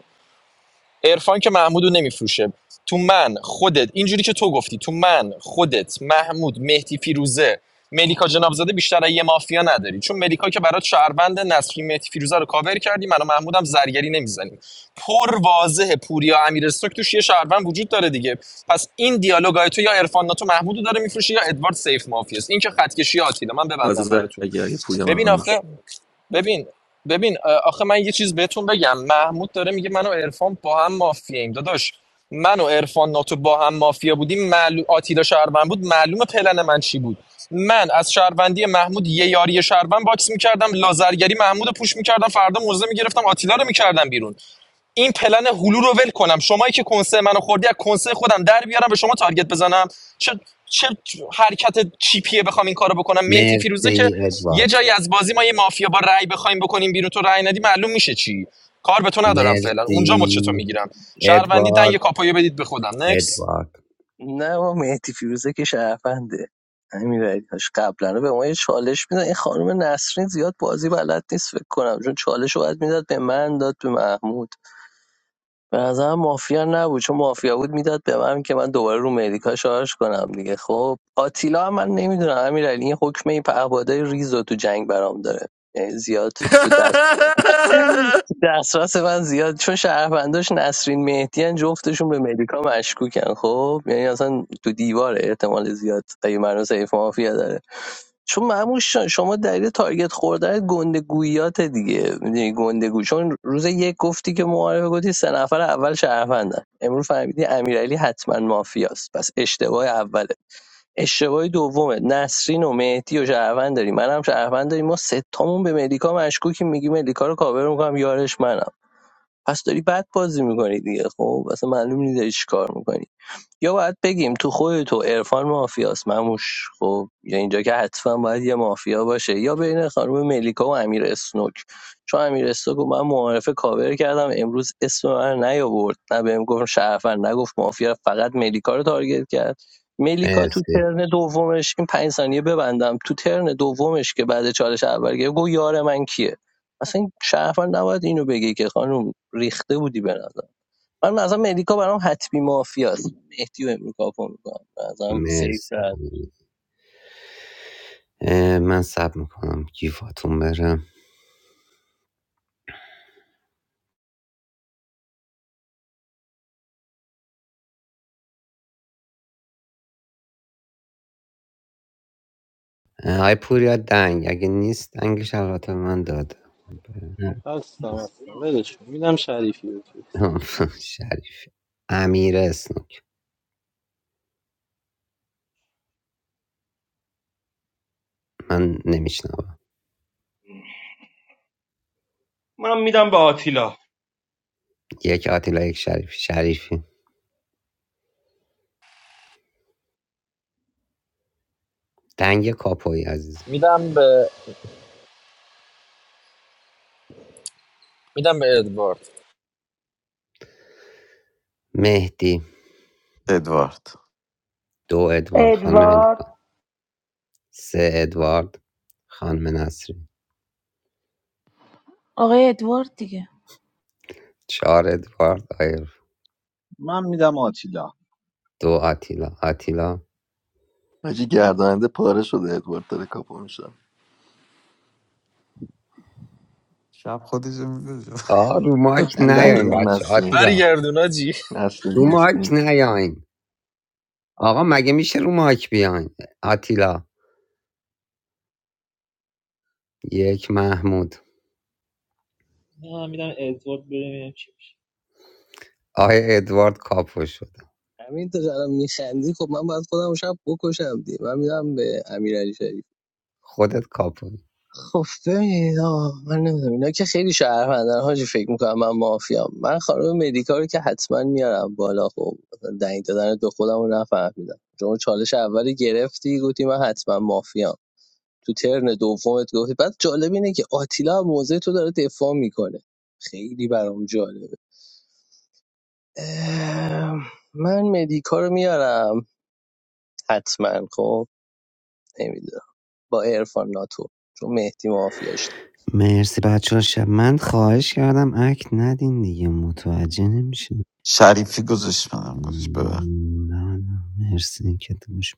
S17: عرفان که محمودو نمیفروشه تو من خودت اینجوری که تو گفتی تو من خودت محمود مهدی فیروزه ملیکا جنابزاده بیشتر از یه مافیا نداری چون ملیکا که برات شهروند نسلی مهدی فیروزه رو کاور کردی من و محمودم زرگری نمیزنیم پر واضحه پوریا امیر استوک توش یه شهروند وجود داره دیگه پس این دیالوگای تو یا عرفان ناتو محمودو داره میفروشه یا ادوارد سیف مافیاست این که خط کشی آتیلا من
S2: آز
S17: ببندم براتون
S2: زرگری پویا
S17: ببین آخه
S2: مموش
S17: ببین ببین آخه من یه چیز بهتون بگم محمود داره میگه من و عرفان با هم مافیاییم داداش من و عرفان ناتو با هم مافیا بودیم معلوم آتیلا شهروند بود معلوم پلن من چی بود من از شهروندی محمود یه یاری شهروند باکس میکردم لازرگری محمود رو پوش میکردم فردا موزه میگرفتم آتیلا رو میکردم بیرون این پلن هلو رو ول کنم شمایی که کنسه منو خوردی از کنسه خودم در بیارم به شما تارگت بزنم چه چه حرکت چیپیه بخوام این کارو بکنم مهدی فیروزه که
S10: مرسی
S17: یه
S10: ادوارد
S17: جایی از بازی ما یه مافیا با رأی بخوایم بکنیم بیرون تو رأی ندی معلوم میشه چی کار به تو ندارم فعلا اونجا مچ
S10: مرسی
S17: تو میگیرم شهروندی دنگ
S10: ادوارد
S17: کاپایو بدید به خودم نکس
S10: ادوارد
S15: نه ما مهدی فیروزه که شهرونده امیرعلی هاش قبلا رو به ما یه چالش میدن این خانم نسرین زیاد بازی بلد نیست فکر کنم چون چالش رو باید میداد به من داد به محمود به نظرم مافیا نبود چون مافیا بود میداد به من که من دوباره رو مدیکا شارژ کنم دیگه خب آتیلا هم من نمیدونم امیرعلی این حکمه پهبادای ریز تو جنگ برام داره یعنی زیاد تو دست تو دسترس من زیاد چون شهرونداش نسرین مهدیان جفتشون به مدیکا مشکوکن خب یعنی اصلا تو دیواره احتمال زیاد اگه منو سیف مافیا داره چون معموش شما دلیل تارگت خوردن گندگوییات دیگه میدونی گندگو چون روز یک گفتی که معارفه گفتی سه نفر اول شهروندن امروز فهمیدی امیرعلی حتما مافیاست پس اشتباه اوله اشتباه دومه نسرین و مهدی و شهروند داری منم شهروند داری ما ستامون به ملیکا مشکوکیم میگی ملیکا رو کاور میکنم یارش منم پس داری بد بازی میکنی دیگه خب اصلا معلوم نیست داری چی کار میکنی یا باید بگیم تو خود تو عرفان مافیاست مموش خب یا اینجا که حتما باید یه مافیا باشه یا بین خانم ملیکا و امیر اسنوک چون امیر اسنوک رو من معارفه کاور کردم امروز اسم من نیاورد نه بهم گفت شرفن نگفت مافیا فقط ملیکا رو تارگت کرد ملیکا تو
S10: مرسی
S15: ترن دومش این پنج ثانیه ببندم تو ترن دومش که بعد چالش اول گرفت گفت یار من کیه اصلا شرفن نباید اینو بگی که خانم ریخته بودی به نظر من مثلا امریکا برام حتمی مافیاست مهدی و امریکا کاپو میکنم مثلا سیف
S10: مرسی
S15: رد
S10: اه، من سب میکنم گیفاتون برم اه، آی پوریا دنگ اگه نیست دنگش البته به من داده
S9: هستم هستم ولش کن. میدم شریفی اوکی
S10: آه، شریفی امیر اسنوک من نمیشنوم
S8: من میدم به آتیلا
S10: یک آتیلا یک شریفی شریفی دنگ کاپوی عزیزم
S17: میدم به میدم به ادوارد
S10: مهدی
S6: ادوارد
S10: دو ادوارد خانم مهدی
S7: ادوارد
S10: ۳ ادوارد خانم نسرین
S14: آقای ادوارد دیگه
S10: ۴ ادوارد آقای
S12: من میدم آتیلا
S10: دو آتیلا آتیلا
S2: حاجی گردنده پاره شده ادوارد داره کاپو میشه.
S6: شب خودشو میگذاره
S10: آقا رو مایک
S2: من دنگ
S10: نیاین
S2: میدم
S10: بچه
S2: نسرین
S10: آتیلا
S17: برگردون آجی.
S10: رو
S2: نسرین
S10: مایک
S2: نسرین
S10: نیاین آقا مگه میشه رو مایک بیاین آتیلا یک محمود
S5: نه میدم ادوارد بریم چی
S10: آقای ادوارد کاپو شد
S15: همین تو الان میخندی خب من باید خودم رو شب بکشم دی من میدم به امیرعلی شریف
S10: خودت کاپو
S15: خب ببینید آه، من نمیدونم اینا که خیلی شهروندن حاجی فکر میکنم من مافیام من خانم مدیکا رو که حتما میارم بالا خب مثلا دنگ دادن دو خودم رو نفهمیدم شما چالش اول گرفتی گفتی من حتما مافیام تو ترن دومت گفتی بعد جالب اینه که آتیلا هم موضع تو داره دفاع میکنه خیلی برام جالبه اه، من مدیکا رو میارم حتما خب نمیدونم با عرفان ناتو چون مهدی مافیاش داره.
S10: مرسی بچه ها، شب من خواهش کردم اکت ندین دیگه متوجه نمیشه
S6: شریفی گذاشت منم گذاشت ببخش
S10: نه نه مرسی که دوش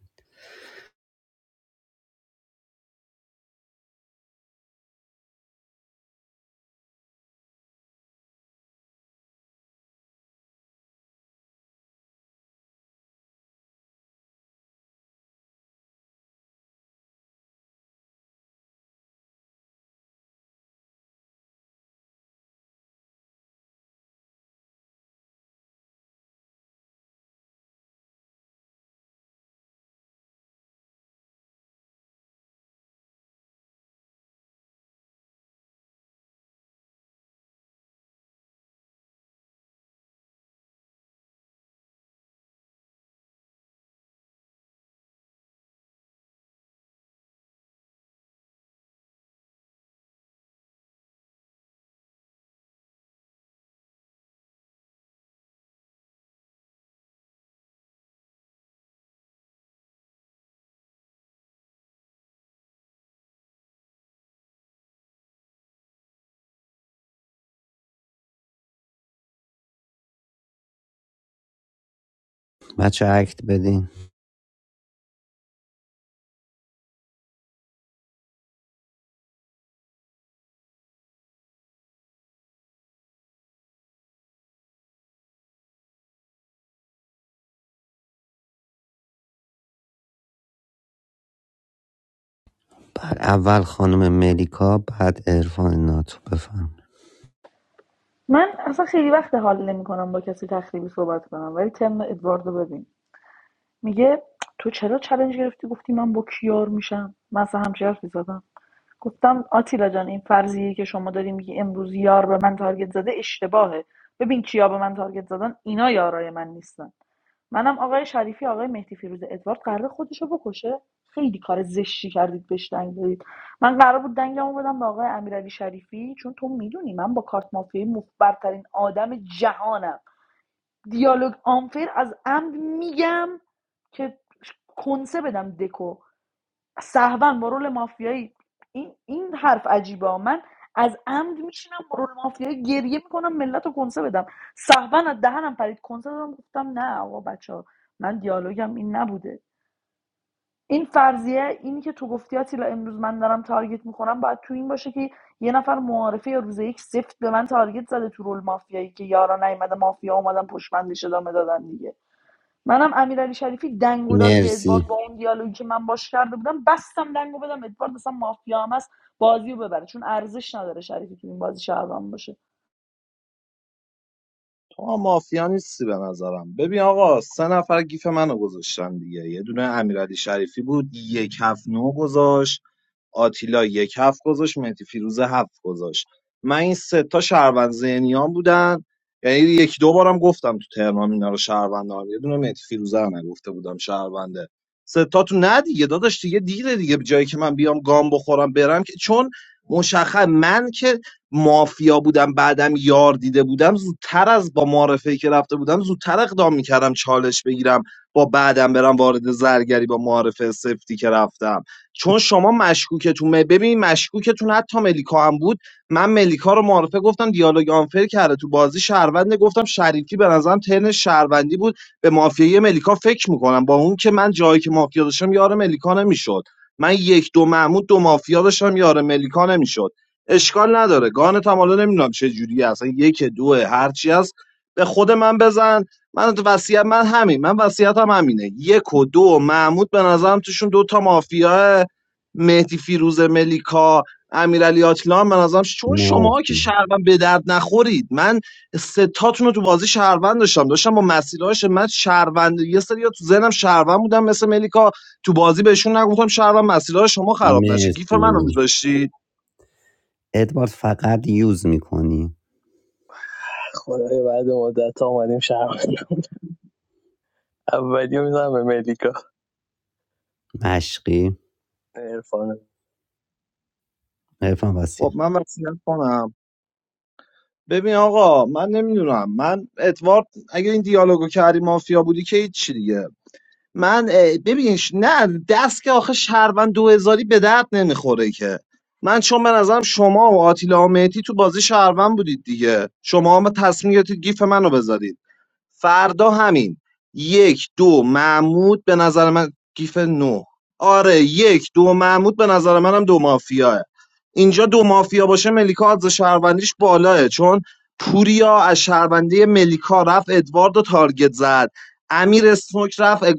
S10: بچه ها اکت بدین بعد اول خانم ملیکا بعد عرفان ناتو بفهم
S7: من اصلا خیلی وقت حال نمیکنم با کسی تخریبی صحبت کنم ولی ترم ادوارد ببین میگه تو چرا چالش گرفتی گفتی من با کیار میشم من اصلا همچین حرفی زدم گفتم آتیلا جان این فرضیه که شما داری میگی امروز یار به من تارگت زده اشتباهه ببین کیا به من تارگت زدن اینا یارای من نیستن منم آقای شریفی آقای مهدی فیروزه ادوارد قراره خودشو بکشه خیلی کار زشتی کردید بهش دنگ دادید من قرار بود دنگمو بدم به آقای امیرعلی شریفی چون تو میدونی من با کارت مافیایی مفبرترین آدم جهانم دیالوگ آنفر از عمد میگم که کنسه بدم دکو سهوا مرول مافیایی این این حرف عجیبه ها. من از عمد میشینم مرول مافیایی گریه میکنم ملت رو کنسه بدم سهوا از دهنم پرید کنسه دادم گفتم نه آقا بچه من دیالوگم این نبوده این فرضیه اینی که تو گفتی آتیلا امروز من دارم تارگت میخورم باید تو این باشه که یه نفر معارفه یا روز یک سفت به من تارگت زده تو رول مافیایی که یارا نیومده مافیا اومدن پشمندش ادامه دادن دیگه منم امیرعلی شریفی دنگو داد به ادوارد با
S10: مرسی
S7: اون دیالوگی که من باش کرده بودم بستم دنگو بدم ادوارد اصلا مافیا هم هست بازی ببره چون ارزش نداره شریفی تو این بازی شهروند باشه
S12: تو هم مافیا نیستی به نظرم ببین آقا سه نفر گیف منو گذاشتن دیگه یه دونه امیرعلی شریفی بود یک هفت نو گذاشت آتیلا یک هفت گذاشت مهدی فیروزه هفت گذاشت من این سه تا شهروند ذهنیان بودن یعنی یک دو بارم گفتم تو تهران اینا رو شهروند دارم یه دونه مهدی فیروزه رو نگفته بودم شهرونده سه تا تو نه دیگه داداش دیگه دیره دیگه به جایی که من بیام گام بخورم برم که چون مشخص من که مافیا بودم بعدم یار دیده بودم زودتر از با معارفه که رفته بودم زودتر اقدام میکردم چالش بگیرم با بعدم برم وارد زرگری با معارفه سفتی که رفتم چون شما مشکوکتون م- ببین مشکوکتون حتی ملیکا هم بود من ملیکا رو معارفه گفتم دیالوگ آنفر کرده تو بازی شهرونده گفتم شریفی به نظرم ترن شهروندی بود به مافیای ملیکا فکر میکنم با اون که من جایی که مافیا داشتم یار ملیکا نمیشد من یک دو محمود دو مافیا داشتم یار ملیکا نمیشد اشکال نداره گانتم حالا نمیدونم چه جوری اصلا یک دو هرچی هست به خود من بزن من وصیت من همین من وصیتم همینه یک و دو و محمود به نظرم توشون دو تا مافیا مهدی فیروز ملیکا امیرعلی آتلان به نظرم ش- چون شما که
S10: مرسی
S12: شهروند به درد نخورید من ستاتون رو تو بازی شهروند داشتم داشتم با مسیرهاش من شهروند یه سری تو ذهنم شهروند بودم مثل ملیکا تو بازی بهشون نگفتم شهروند مسیرها شما خراب نشه گیف منو
S10: مرسی
S12: میذاشتی
S10: ادوارد فقط یوز میکنی
S15: خدایا بعد مدت ها اومدیم شهر اولی رو میزنم به مدیکا
S10: مشقی
S15: عرفان
S10: عرفان
S12: خب
S10: واسیم
S12: من وصیت کنم ببین آقا من نمیدونم من ادوارد اگه این دیالوگو کردی مافیا بودی که هیچی دیگه من اه، ببین نه دست که آخه شهروند دو هزاری به درد نمیخوره که من چون به نظرم شما و آتیلا و مهدی تو بازی شهروند بودید دیگه شما هم تصمیم گرفتید گیف منو بذارید فردا همین یک دو محمود به نظر من گیف نو آره یک دو محمود به نظر منم دو مافیاه اینجا دو مافیا باشه ملیکا از شهروندیش بالاه چون پوریا از شهروندی ملیکا رفت ادوارد و تارگت زد امیر سنوک رفت اگ-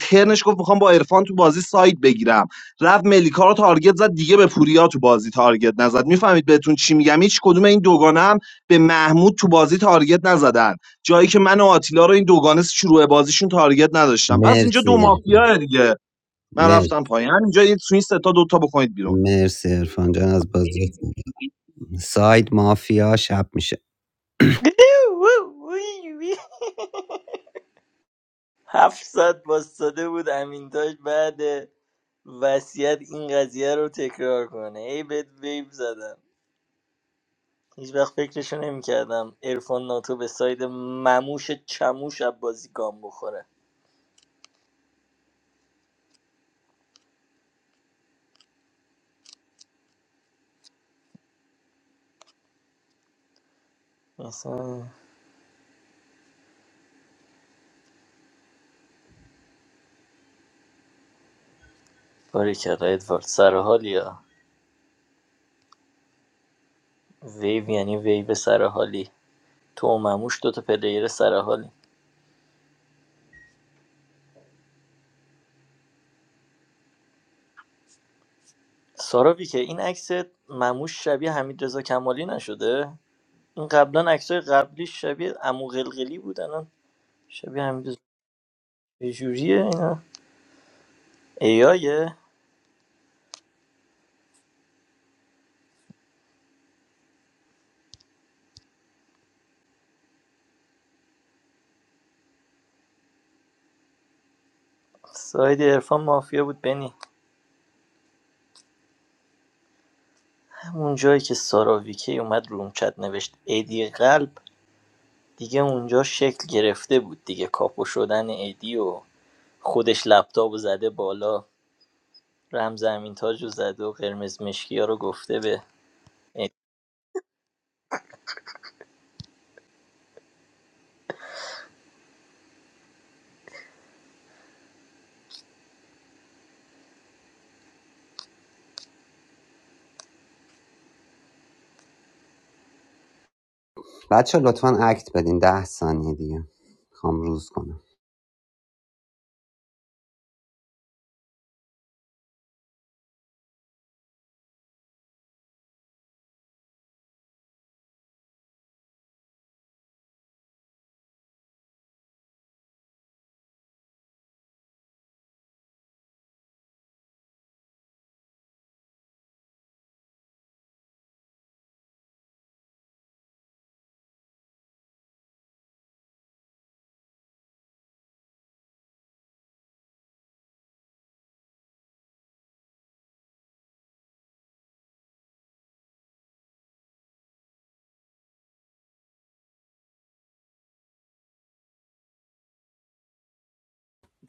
S12: ترنش گفت میخوام با عرفان تو بازی سایت بگیرم رفت ملیکا رو تارگت زد دیگه به پوریا تو بازی تارگت نزد میفهمید بهتون چی میگم هیچ کدوم این دوگانه هم به محمود تو بازی تارگت نزدن جایی که من و آتیلا رو این دوگانه شروع بازیشون تارگت نداشتم پس اینجا
S10: مرسی
S12: دو
S10: عرفان.
S12: مافیا دیگه من رفتم
S10: مرسی
S12: پایین اینجا یه تو این سه تا دو تا بکنید بیرون
S10: مرسی عرفان جان از بازی ساید مافیا شب میشه
S18: هفت ساعت باستاده بود امین تاج بعد وصیت این قضیه رو تکرار کنه ای بد ویب زدم هیچ وقت فکرشو نمیکردم ارفان ناتو به ساید مموش چموش از بازی گام بخوره اصلا باریکلا ادوارد سر حالی ها ویو یعنی ویو سر حالی تو و مموش دوتا پلیر سر حالی سارا که این عکس مموش شبیه حمید رضا کمالی نشده این قبلا عکسای قبلی شبیه عمو قلقلی بود الان شبیه همین جوریه اینا ایایه ساید عرفان مافیا بود بنی همون جایی که سارا ویکی اومد رومچت نوشت ایدی قلب دیگه اونجا شکل گرفته بود دیگه کاپو شدن ایدی و خودش لپتاپ رو زده بالا رمز امین تاج رو زده و قرمز مشکی ها رو گفته به ایدی.
S10: بچه لطفا اکت بدین ده ثانیه دیگه میخوام روز کنم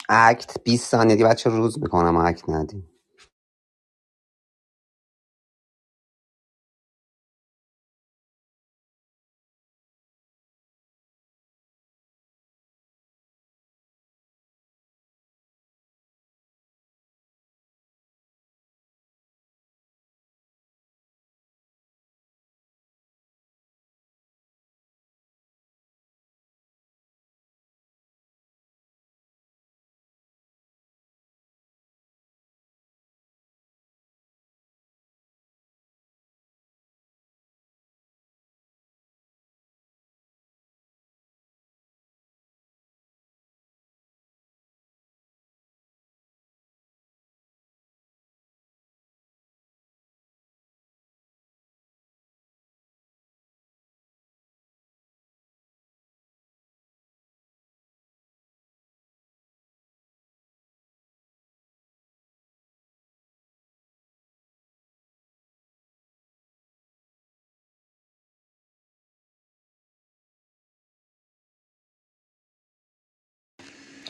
S10: اکت 20 ثانیه دیگه بچه روز میکنم اکت ندیم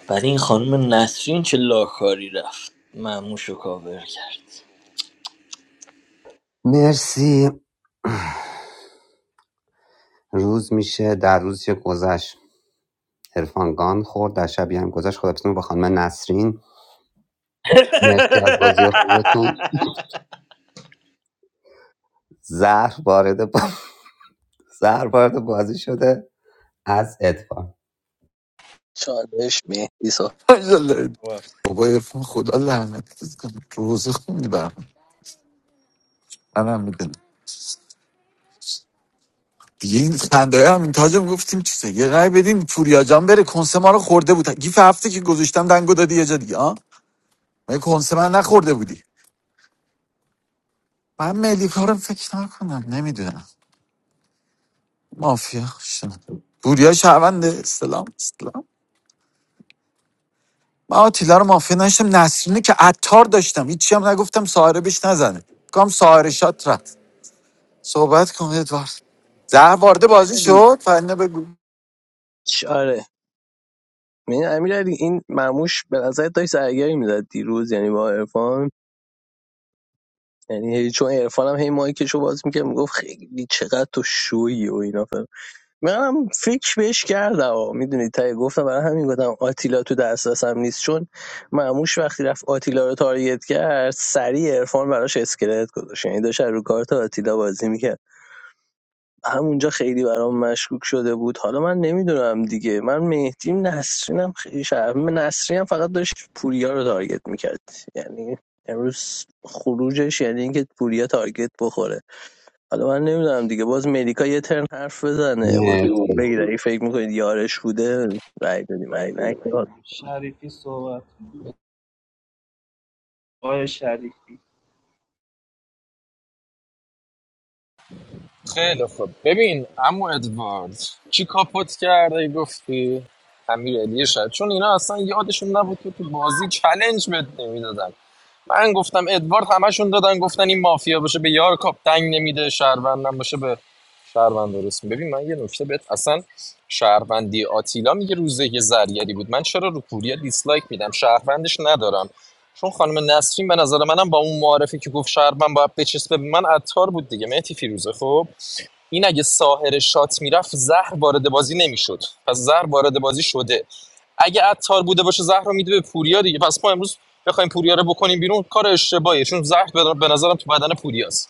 S18: بعد این خانم نسرین چه لاکاری رفت مموش رو کاور کرد
S10: مرسی روز میشه در روزی که گذشت تلفن گان خورد در شبیه هم گذشت خدافزتون با خانم نسرین مرسی از بازی خوبتون زهر وارد با... زهر وارد بازی شده از ادوار
S15: چالش مهدی سا
S8: بابا،
S6: بابا ارفان خدا لعنت کنه روزه خوندی برام منم میدونم دیگه این خنده هم این تاجم گفتیم چیزه یه رای بدین پوریا جان بره کنسه ما رو خورده بود گیف هفته که گذاشتم دنگو دادی یه جا دیگه من کنسه من نخورده بودی من ملیکا رو فکر نکنم نمیدونم مافیا شدم بوریا شهرونده اسلام اسلام من آتیلا رو مافیا نشتم نسرینه که عطار داشتم هیچی هم نگفتم ساهره بهش نزنه کام ساهره شات رفت صحبت کن ادوارد زهر وارد بازی
S15: علی
S6: شد فرنه بگو
S15: آره من امیر این مرموش به نظر داشت زرگری میزد دیروز یعنی با عرفان یعنی هی- چون عرفان هم هی مایکشو باز میکرد میگفت خیلی چقدر تو شویی و اینا منم فکر بهش کردم میدونی تایی گفتم برای همین گفتم آتیلا تو دسترسم نیست چون معموش وقتی رفت آتیلا رو تارگت کرد سریع عرفان براش اسکلت گذاشت یعنی داشت رو کارت آتیلا بازی میکرد همونجا خیلی برام مشکوک شده بود حالا من نمیدونم دیگه من مهدیم نسرینم خیلی شرم من نسرینم فقط داشت پوریا رو تارگت میکرد یعنی امروز خروجش یعنی اینکه پوریا تارگت بخوره حالا من نمیدونم دیگه باز مدیکا یه ترن حرف بزنه باز
S10: مرسی
S15: بگید اگه فکر میکنید یارش بوده رای دادی من
S5: رای
S15: این
S5: بدیم اگه
S15: نکرد
S5: شریفی صحبت آیا شریفی
S17: خیلی خوب ببین عمو ادوارد چی کاپوت کرده گفتی امیرعلی شاید چون اینا اصلا یادشون نبود که تو بازی چلنج بهت نمیدادن من گفتم ادوارد همشون دادن گفتن این مافیا باشه به یار کاپ دنگ نمیده شهروندم باشه به شهروند درست ببین من یه نکته بهت اصلا شهروندی آتیلا میگه روزه یه زرگری بود من چرا رو پوریا دیسلایک میدم شهروندش ندارم چون خانم نسرین به نظر منم با اون معارفی که گفت شهروند باید بچسبه به من عطار بود دیگه مهدی فیروزه خب این اگه ساهر شات میرفت زهر وارد بازی نمیشد پس زهر وارد بازی شده اگه عطار بوده باشه زهر رو میده به پوریا دیگه پس ما امروز بخوایم پوریا رو بکنیم بیرون کار اشتباهیه چون زهر به نظرم تو بدن پوریاست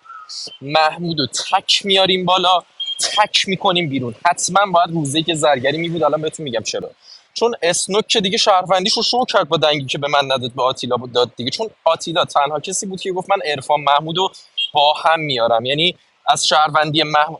S17: محمودو رو تک میاریم بالا تک میکنیم بیرون حتما باید روزی که زرگری میبود الان بهتون میگم چرا چون اسنوک که دیگه شهروندیش رو شو کرد با دنگی که به من نداد به آتیلا داد دیگه چون آتیلا تنها کسی بود که گفت من عرفان محمودو رو با هم میارم یعنی از شهروندی مح... اه،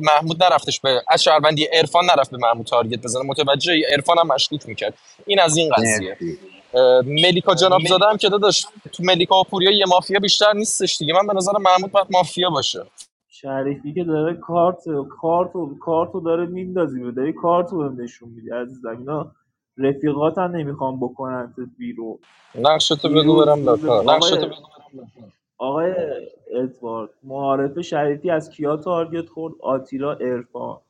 S17: محمود نرفتش به از شهروندی عرفان نرفت به محمود تارگت بزنه متوجه عرفان هم مشکوک میکرد این از این قضیه
S10: مرسی
S17: ملیکا جناب زاده
S5: ملیکا
S17: هم که
S5: جان
S17: داداش تو ملیکا و پوریا یه مافیا بیشتر نیستش دیگه من به نظر محمود باید مافیا باشه
S5: شریفی که داره کارت کارتو کارتو داره میندازی به داری کارتو بهم نشون میدی عزیزم اینا رفیقاتم نمیخوام بکنن بیرون
S17: نقشه بگو
S5: دیروز
S17: برم
S5: روز
S17: لاکار
S5: م- نقشه آقای تو بگو آقای ادوارد معارف شریفی از کیا تارگت خورد آتیلا ارفان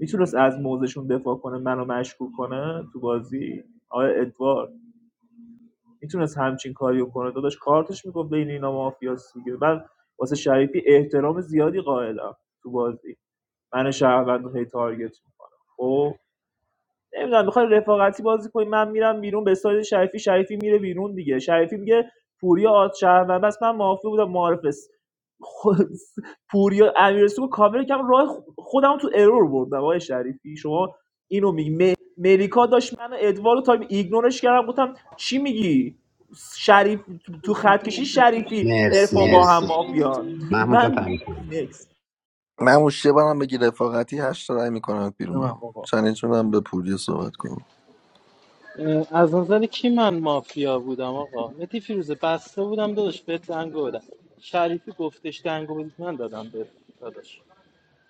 S5: میتونست از موزشون دفاع کنه منو مشکوک کنه تو بازی آقای ادوارد میتونست همچین کاریو کنه داداش کارتش میگفت بین اینا مافیاس دیگه من واسه شریفی احترام زیادی قائلم تو بازی من شهروند رو هی تارگت میکنم نمیدونم میخوای رفاقتی بازی کنی من میرم بیرون به سایز شریفی شریفی میره بیرون دیگه شریفی میگه پوریا آد شهروند بس من معافی بودم معارف است. خود- پوریا امیرسو کاور کم راه خ- خودم تو ارور بردم آقای شریفی شما اینو میگی م- مریکا داشت من ادوارو تا ایگنورش کردم گفتم چی میگی شریف تو تو خط کشی شریفی ارفان با
S10: مرسی
S5: هم مرسی مافیان
S10: محمود جان
S5: من
S10: تعریف کن.
S5: نکس
S2: من موشه برم بگی رفاقتی هشت تا رای میکنم بیرون
S8: بده من
S2: ها
S8: بابا
S2: چلنج میدم به پوری صحبت کنم
S9: اه، از نظر کی من مافیا بودم آقا متی فیروزه بسته بودم داداش بهت دنگو بدم شریفی گفتش دنگو بدید من دادم به داداش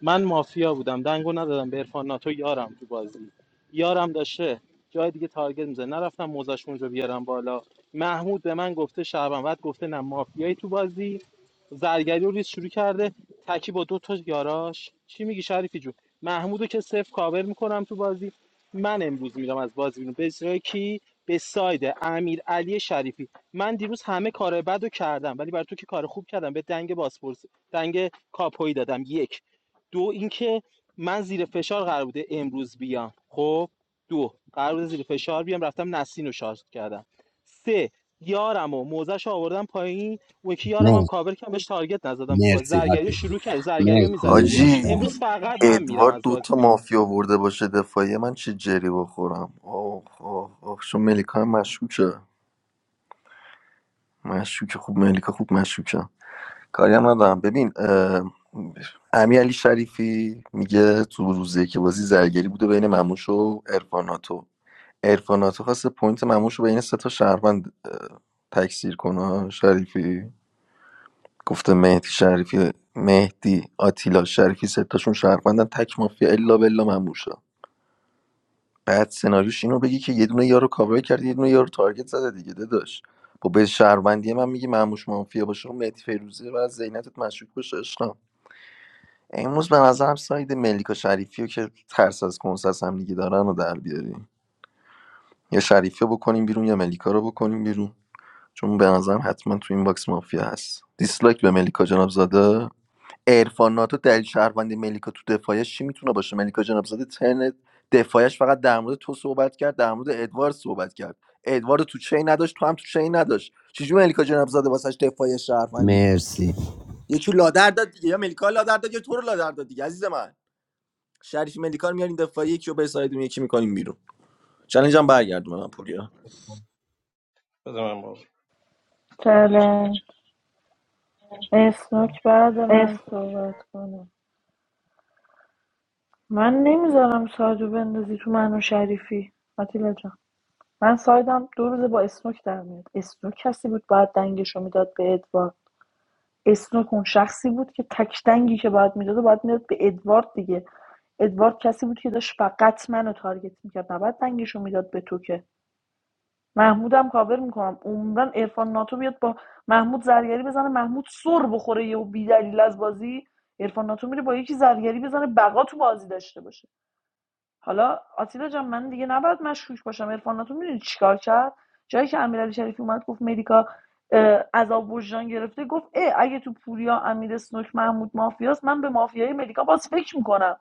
S9: من مافیا بودم دنگو ندادم به عرفان ناتو یارم تو بازی یارم داشته جای دیگه تارگت میزه نرفتم موزش اونجا بیارم بالا محمود به من گفته شعبان بعد گفته نه مافیایی تو بازی زرگری رو ریز شروع کرده تکی با دو تا یاراش چی میگی شریفی جون محمودو که صفر کاور میکنم تو بازی من امروز میرم از بازی بیرون به اجرای کی به ساید امیر علی شریفی من دیروز همه کار بد رو کردم ولی برای تو که کار خوب کردم به دنگ باسپورس دنگ کاپوی دادم یک دو اینکه من زیر فشار قرار بوده امروز بیام خب دو قرار بوده زیر فشار بیام رفتم نسین رو شارژ کردم سه یارم و موزش رو آوردم پایین اون یکی یارم هم
S10: مرسی
S9: کاور کردم بهش تارگت نزدم تو بازی
S10: مرسی
S9: زرگری رو
S10: آتیلا
S9: شروع کرد زرگری رو میزدیم
S10: مرسی
S9: دیگه
S2: حاجی
S10: بچه‌ها.
S9: امروز فقط من میرم
S2: ادوارد
S9: از بازی
S2: دوتا
S9: بیرون
S2: مافیا ورده باشه دفاعیه من چه جری بخورم آخ آخ آخ شو ملیکا هم مشکوکه مشکوکه خوب ملیکا خوب مشکوکه کاری هم ندارم ببین اه، امیر علی شریفی میگه تو روزی که بازی زرگری بوده بین مموش و ارفاناتو عرفان ناتو خواسته پوینت مموش رو بین سه تا شهروند اه، تکثیر کنه شریفی گفته مهدی شریفی مهدی آتیلا شریفی سه تاشون شهروندن تک مافیا الا بلا مموشا بعد سناریوش اینو بگی که یه دونه یارو کاور کردی یه دونه یارو تارگت زده دیگه داداش با به شهروندی من میگی مموش مافیا باشه و مهدی فیروزی و از ذهنیتت مشکوک باشه عشقم امروز به نظرم ساید ملیکا شریفی رو که ترس از کنسرت هم دیگه دارن و در بیاریم یا شریفی رو بکنیم بیرون یا ملیکا رو بکنیم بیرون چون به نظرم حتما تو این باکس مافیا هست دیسلایک به ملیکا جنابزاده. زاده عرفان ناتو دلیل شهروند ملیکا تو دفاعش چی میتونه باشه ملیکا جنابزاده زاده ترن دفاعش فقط در مورد تو صحبت کرد در مورد ادوارد صحبت کرد ادوارد تو چی نداشت تو هم تو چی نداشت چجوری ملیکا جنابزاده زاده واسش دفاع شهروندی بود
S10: مرسی
S2: یکی لادر داد دیگه یا ملیکا لادر داد یا تو رو لادر داد دیگه عزیز من شریف ملیکا رو میارین دفاع یکی رو به سایدون یکی میکنیم بیرون چالنجم برگردون به من پوریا
S8: بده من بابا.
S7: چلنج اسنوک بعد من
S5: مرسی
S7: صحبت کنه من نمیذارم سایدو بندازی تو منو شریفی آتیلا جان من سایدم دو روز با اسنوک در میاد اسنوک کسی بود باید دنگشو میداد به ادوارد اسنوک اون شخصی بود که تک دنگی که باید میداده باید میداد به ادوارد دیگه ادوارد کسی بود که داشت فقط منو تارگت میکرد نباید دنگشو میداد به تو که محمودم کاور میکنم عمرن عرفان ناتو بیاد با محمود زرگری بزنه محمود سر بخوره یهو بیدلیل از بازی عرفان ناتو میره با یکی زرگری بزنه بقا تو بازی داشته باشه حالا آتیلا جان من دیگه نباید مشکوک باشم عرفان تو میدونی چیکار کرد جایی که امیرعلی شریفی اومد گفت مدیکا اه، عذاب وجدان گرفته گفت اه اگه تو پوریا امیر اسنوک محمود مافیاست من به مافیای مدیکا باز فکر میکنم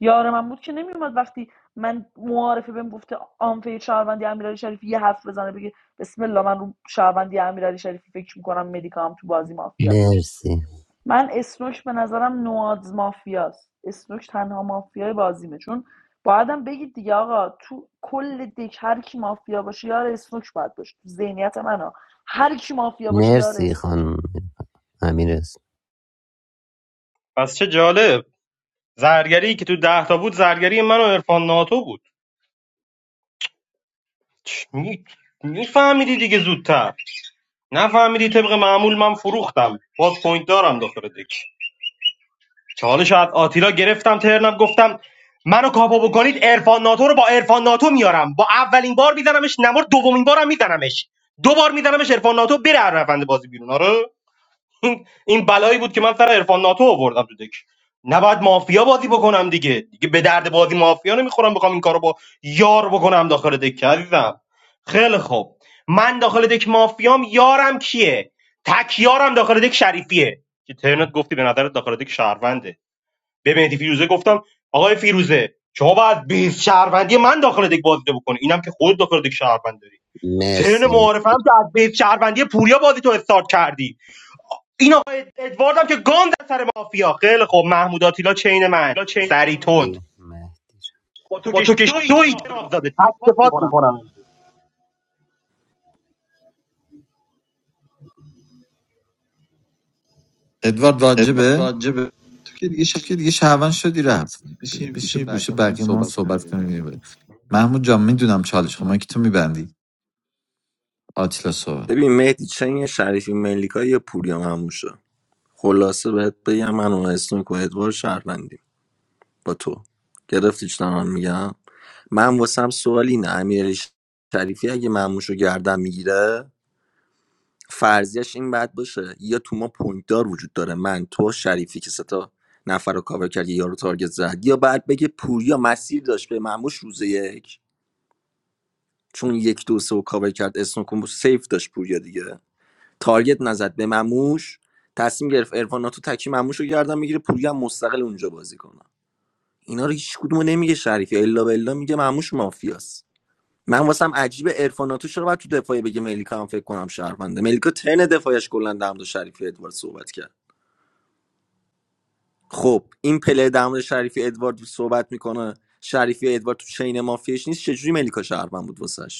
S7: یار من بود که نمیومد وقتی من معارفه بهم گفته آنفه شهروندی امیرعلی شریفی یه حرف بزنه بگه بسم الله من رو شهروندی امیرعلی شریفی فکر میکنم مدیکا هم تو بازی مافیاست
S10: مرسی
S7: من اسنوک به نظرم نواز مافیاست اسنوک تنها مافیای بازیمه چون بعدم بگید دیگه آقا تو کل دک هر کی مافیا باشه یار اسنوک باید باشه تو ذهنیت من هر کی مافیا باشه یار
S10: مرسی
S7: اسنوکه
S10: خانم امیر
S8: پس چه جالب زرگری که تو ده تا بود زرگری من و عرفان ناتو بود می- میفهمیدی دیگه زودتر نفهمیدی طبق معمول من فروختم باز پوینت دارم داخل دک چالش از آتیلا گرفتم ترنم گفتم منو کاپو بکنید ارفان ناتو رو با ارفان ناتو میارم با اولین بار میزنمش نمار دومین بارم میزنمش دو بار میزنمش ارفان ناتو بره هر روند بازی بیرون آره این این بلایی بود که من سر عرفان ناتو آوردم تو دک نباید مافیا بازی بکنم دیگه دیگه به درد بازی مافیا نمیخورم بخوام این کارو با یار بکنم داخل دک که عزیزم خیلی خوب من داخل دک مافیام یارم کیه تک یارم داخل دک شریفیه که ترنت گفتی به نظرت داخل دک شهرونده به مهدی فیروزه گفتم آقای فیروزه شما باید بیس شهروندی من داخل دک بازی رو بکنی اینم که خود داخل دک شهروند داری ترن
S10: مرسی
S8: معارفه هم که از بیس شهروندی پوریا بازی تو استارت کردی این آقای ادوارد هم که گان در سر مافیا خیلی خب محمود آتیلا چین من سری
S10: مرسی
S8: تند
S10: مهدی.
S5: خب
S8: با تو که شوی جناب زاده
S6: ادوارد واجبه
S5: راجبه تو که دیگه
S6: تو که
S5: شنید
S6: دیگه شهروند شدی رفت ب-
S5: میشی
S6: بشین
S5: میشه
S6: یه گوشه
S5: بقیه من
S6: بقیه ما هم
S5: صحبت
S6: صحبت
S5: کردیم
S6: کنیم محمود جان میدونم چالش
S5: تو
S6: خب ما
S5: من
S6: که
S5: که
S6: تو
S5: تو می-
S6: میبندی آتیلا صحبت
S2: ببین مهدی چین شریفی ملیکا یه پوریا هموشه خلاصه بهت بگم من و اسنوک و ادوار شهروندیم با تو گرفتی چی دارم میگم من واسم سوال اینه امیر شریفی اگه معموشو گردن میگیره فرضیش این بد باشه یا تو ما پوینت دار وجود داره من تو شریفی که سه نفر رو کاور کرد یه یارو تارگت زد یا بعد بگه پوریا مسیر داشت به معموش روز یک چون یک دو سه و کاور کرد اسنوک و سیف داشت پوریا دیگه تارگت نزد به مموش تصمیم گرفت عرفان ناتو تکی مموش رو گردن میگیره پوری هم مستقل اونجا بازی کنه اینا رو هیچ کدومو نمیگه شریفی الا بالله میگه مموش مافیاست من واسم عجیب عرفان ناتو چرا باید تو دفاعی بگه ملیکا هم فکر کنم شهرونده ملیکا تن دفاعش کلا در مورد شریفی ادوارد صحبت کرد خب این پله در مورد شریفی ادوارد صحبت میکنه شریفی ادوارد تو چین مافیاش نیست چجوری ملیکا شهروند بود واسش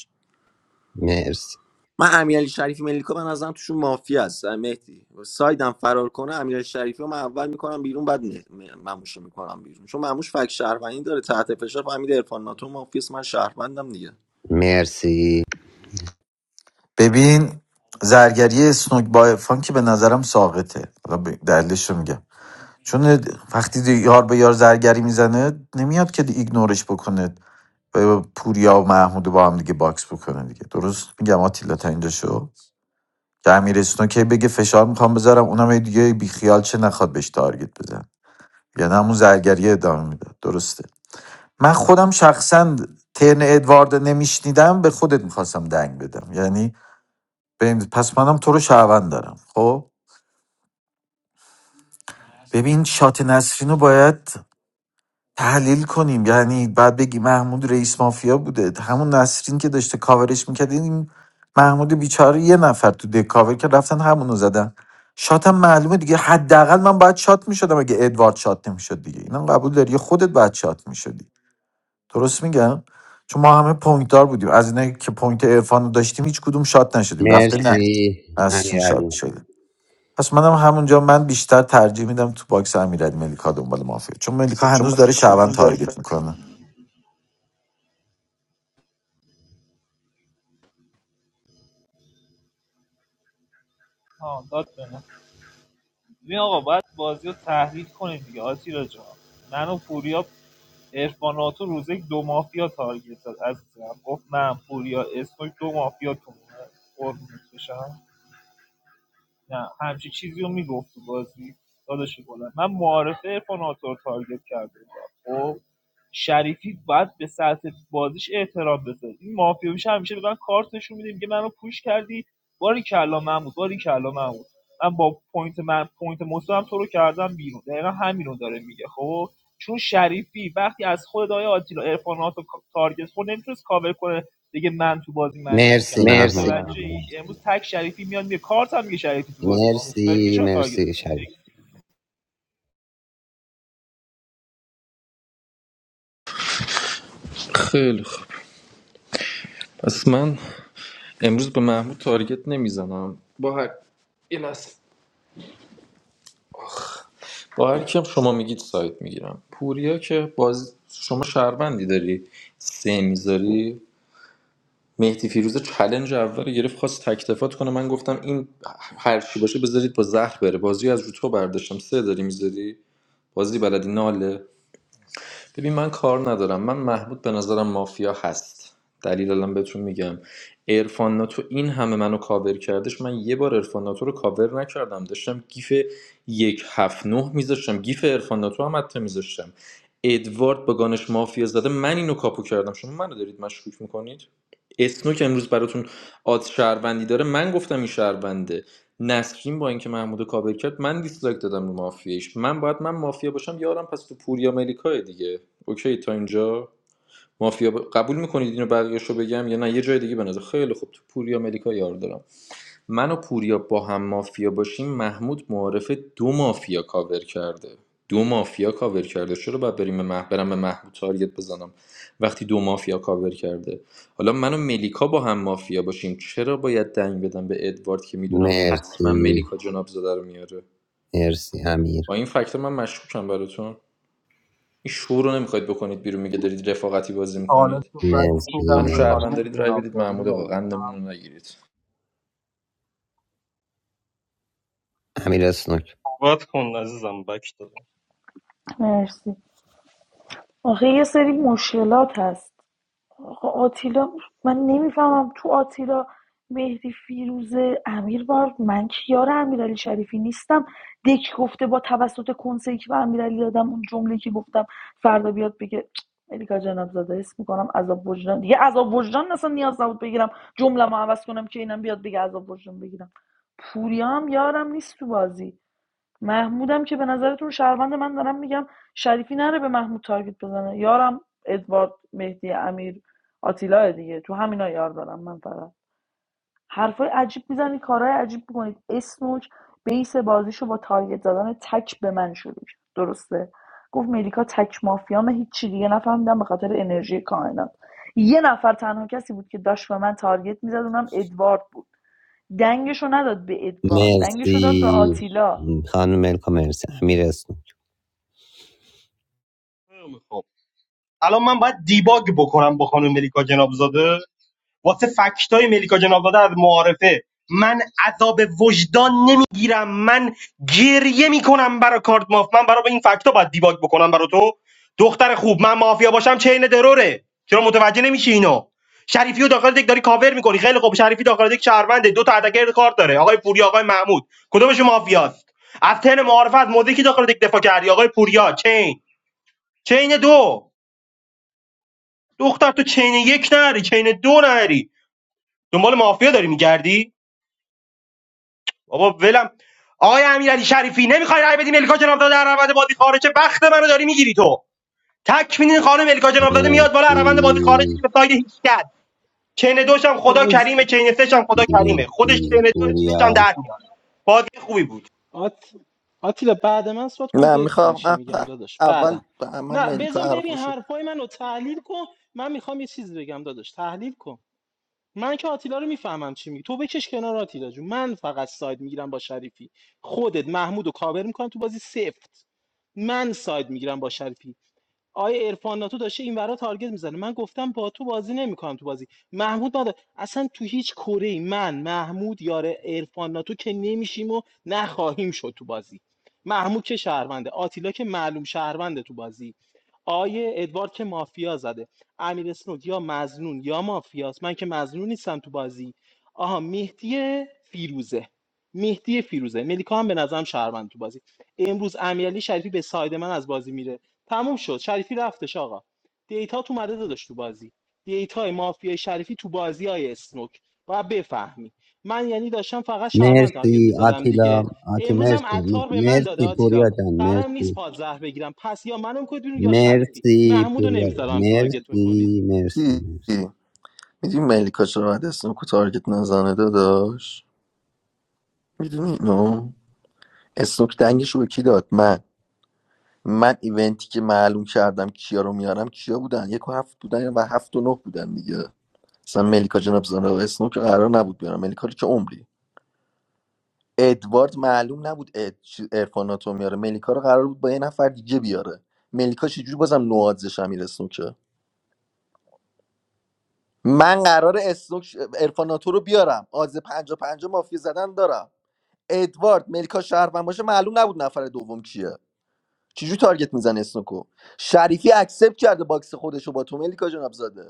S10: مرسی
S2: من امیرعلی شریفی ملیکا به نظرم توشون مافیا هست مهدی سایدم فرار کنه امیرعلی شریفی رو من اول میکنم بیرون بعد مه- م- مموش رو میکنم بیرون چون مموش فک شهروندی داره تحت فشار فهمید عرفان ناتو مافیاس من شهروندم دیگه
S10: مرسی
S6: ببین زرگری سنوک با فان به نظرم ساقطه حالا ب- دلیلش رو میگم چون وقتی دی- یار به یار زرگری میزنه نمیاد که دی- ایگنورش بکنه به پوریا و محمود رو با هم دیگه باکس بکنه دیگه درست میگم آتیلا تا اینجا شو که امیر اسنوک هی بگه فشار میخوام بذارم اونم هی دیگه بیخیال چه نخواد بهش تارگت بزن یعنی همون زرگری ادامه میداد درسته من خودم شخصا ترن ادوارد نمیشنیدم به خودت میخواستم دنگ بدم یعنی ببین پس منم تو رو شهروند دارم خب ببین شات نسرین رو باید تحلیل کنیم یعنی بعد بگی محمود رئیس مافیا بوده همون نسرین که داشته کاورش میکرد این محمود بیچاره یه نفر تو دک کاور که رفتن همونو زدن شاتم معلومه دیگه حداقل من باید شات میشدم اگه ادوارد شات نمیشد دیگه اینا قبول داری خودت باید شات میشدی درست میگم چون ما همه پوینت دار بودیم از اینایی که پوینت عرفان رو داشتیم هیچ کدوم شات نشدیم رفته نه
S10: مرسی
S6: نسرین شات
S10: امیر
S6: شده پس منم همونجا من بیشتر ترجیح میدم تو باکس امیرعلی ملیکا دنبال مافیا چون ملیکا هنوز داره شعبان تارگت میکنه
S5: ها داد به من ببین آقا باید بازی رو تحلیل کنیم دیگه آتیلا جان من و پوریا ارفان تو روز یک دو مافیا تارگت داد عزیزم گفت من پوریا اسموک دو مافیا تو نه همچی چیزی رو میگفت تو بازی داداش گلم من معارفه عرفان آتا رو تارگت کرده بودم خب شریفی باید به سطح بازیش احترام بذاره این مافیا میشه همیشه به من کارت نشون میده میگه منو پوش کردی باری کلا محمود باری کلا محمود من با پوینت من پوینت مصدوم تو رو کردم بیرون دقیقا همین رو داره میگه خب چون شریفی وقتی از خود دای آتیلا عرفان آتا تارگت خود نمیتونست کاور کنه دیگه من تو بازی مشکوکم
S10: Merci
S5: مرسی
S10: Mahmud,
S5: متوجه امروز تک شریفی میاد میگه کارت هم میگه شریفی تو بازی ما دیگه
S10: merci
S5: چرا تارگت
S10: merci Şadi,
S5: می‌زنی
S17: خیلی خوب پس من امروز به محمود تارگت نمیزنم با هر کیم شما میگید سایت میگیرم پوریا که باز شما شهروندی داری سه میذاری مهدی فیروزه چلنج اول رو گرفت خواست تکتفات کنه من گفتم این هر چی باشه بذارید با زهر بره بازی رو از رو تو برداشتم سه داری میذاری بازی بلدی ناله ببین من کار ندارم من محمود به نظرم مافیا هست دلیل الان بهتون میگم ارفان ناتو این همه منو کاور کردش من یه بار ارفان ناتو رو کاور نکردم داشتم گیف یک هفت نه میذاشتم گیف ارفان ناتو هم حتی میذاشتم ادوارد با گانش مافیا زده من اینو کاپو کردم شما منو دارید مشکوک میکنید اسنوک امروز براتون آد شهروندی داره من گفتم این شهرونده نسرین با اینکه محمود رو کاور کرد من دیسلایک دادم رو مافیاش من باید من مافیا باشم یارم پس تو پوریا ملیکا دیگه اوکی تا اینجا مافیا ب- قبول میکنید اینو بقیه‌شو بگم یا نه یه جای دیگه بنازه خیلی خوب تو پوریا ملیکا یار دارم من و پوریا با هم مافیا باشیم محمود معارفه دو مافیا کاور کرده دو مافیا کاور کرده چرا باید بریم به مح... برم به محمود تارگت بزنم وقتی دو مافیا کاور کرده حالا من و ملیکا با هم مافیا باشیم چرا باید دنگ بدم به ادوارد که میدونم
S10: merci
S17: حتما ملیکا جناب زاده رو میاره
S10: merci Amir,
S17: با این فکتور من مشکوکم براتون این شو رو نمیخواید بکنید بیرون میگه دارید رفاقتی بازی
S8: حالا
S17: میکنید
S8: تو بک
S10: merci
S17: منو
S8: میدم به
S17: شهروند
S8: خانم
S17: دارید رای بدید
S8: جنابداری
S17: محمود آقا قندمون رو
S8: عزیزم
S17: نگیرید
S10: Amir aslın,
S8: صحبت کن عزیزم بک دادم
S7: مرسی آخه یه سری مشکلات هست آقا آتیلا من نمیفهمم تو آتیلا مهدی فیروزه امیر بار من که یار امیرعلی شریفی نیستم دک گفته با توسط کنسه که به امیرعلی دادم اون جمله که گفتم فردا بیاد بگه الیکا جناب زاده حس میکنم عذاب وجدان دیگه عذاب وجدان اصلا نیاز نبود بگیرم جمله ما عوض کنم که اینم بیاد بگه عذاب وجدان بگیرم پوریا هم یارم نیست تو بازی محمودم که به نظرتون شهروند من دارم میگم شریفی نره به محمود تارگت بزنه یارم ادوارد مهدی امیر آتیلا دیگه تو همینا یار دارم من فقط حرفای عجیب میزنید کارهای عجیب میکنید اسنوک بیس بازیشو با تارگت زدن تک به من شروع کرد درسته گفت ملیکا تک مافیامه هیچی دیگه نفهمیدم به خاطر انرژی کائنات یه نفر تنها کسی بود که داشت به من تارگت میزد اونم ادوارد بود دنگشو نداد به ادوارد دنگشو
S10: merci
S7: داد به آتیلا
S10: Hanım Elham merci Amir aslın,
S8: خیلی خب الان من باید دیباگ بکنم با خانم ملیکا جناب زاده. واسه فکتای ملیکا جنابزاده از معارفه من عذاب وجدان نمیگیرم من گریه میکنم برای کارت ماف من برای این فکتا باید دیباگ بکنم برا تو دختر خوب من مافیا باشم چین دروره چرا متوجه نمیشی اینو شریفی و داخل دک داری کاور میکنی خیلی خوب شریفی داخل دک شهرونده دو تا اتکر کارت داره آقای پوریا آقای محمود کدومشون مافیاست از تن معارفه از موضعی که داخل دک دفاع کردی آقای پوریا چین چین دو دختر تو چین یک نری چین دو نری دنبال مافیا داری میگردی بابا ولم آقای امیرعلی شریفی نمیخوای رای بدیم الکا جنابزاده در روند بازی خارجه وقت منو داری میگیری تو تک میدین خانم الکا جنابزاده میاد بالا از
S10: merci
S8: روند بازی خارج میشه به ساید هیچ کرد چین دوش هم
S9: خب،
S8: خدا کریمه چین سش هم خدا کریمه
S10: merci
S8: خودش چین دوش
S10: Puriya,
S8: هم در میاد بازی خوبی بود
S9: آت... آتیلا بعد من صحبت کن
S2: نه
S9: ببین
S2: میخوام
S9: چی میگم داداش
S2: اول
S9: بعدم
S2: به من
S9: نه
S2: ملیکا
S9: بزن ببین
S2: حرفاشو
S9: حرفای منو تحلیل کن من میخوام یه چیزی بگم داداش تحلیل کن من که آتیلا رو میفهمم چی میگی تو بکش کنار آتیلا جون من فقط ساید میگیرم با شریفی خودت محمود و کاور میکنم تو بازی سفت من ساید میگیرم با شریفی آقای عرفان ناتو داشته این ورا تارگت میزنه من گفتم با تو بازی نمیکنم تو بازی محمود نداره اصلا تو هیچ کره من محمود یاره عرفان ناتو که نمیشیم و نخواهیم شد تو بازی محمود که شهرونده آتیلا که معلوم شهرونده تو بازی آیه ادوارد که مافیا زده امیر اسنود یا مزنون یا مافیاست من که مزنون نیستم تو بازی آها مهدی فیروزه مهدی فیروزه ملیکا هم به نظرم شهروند تو بازی امروز امیرعلی شریفی به ساید من از بازی میره تموم شد شریفی رفتش آقا دیتا تو مده داداش تو بازی دیتا مافیای شریفی تو بازیای های اسنوک باید بفهمی من یعنی داشتم فقط شهروند تارگت
S10: merci
S9: میزدم
S10: Atila,
S9: دیگه
S10: Ati
S9: امروز
S10: merci,
S9: هم عطار به من داده
S10: merci
S9: آتیلا
S10: Puriya can,
S9: قرار
S10: merci
S9: نیست پادزهر بگیرم پس یا منو میکنید بیرون یا شریفی
S10: merci
S9: محمودو
S10: Puriya,
S9: نمیذارم تارگت بکنید
S10: merci merci
S2: دی میدونی ملیکا چرا باید اسنوک و تارگت نزنه داداش میدونی اینو اسنوک دنگش رو به کی داد من من ایونتی که معلوم کردم کیا رو میارم کیا بودن یک و هفت بودن و هفت و نه بودن دیگه مثلا ملیکا جناب زاده و اسنوک قرار نبود بیارم ملیکا رو که عمری ادوارد معلوم نبود اد... چی- ارفاناتو میاره ملیکا رو قرار بود با یه نفر دیگه بیاره ملیکا چجوری بازم نوازش امیر اسنوکه من قرار اسنوک ارفاناتو رو بیارم آز پنجا پنجا مافیا زدن دارم ادوارد ملیکا شهروند باشه معلوم نبود نفر دوم کیه چجوری تارگت میزن اسنوکو شریفی اکسپت کرده باکس خودش رو با تو ملیکا جناب زاده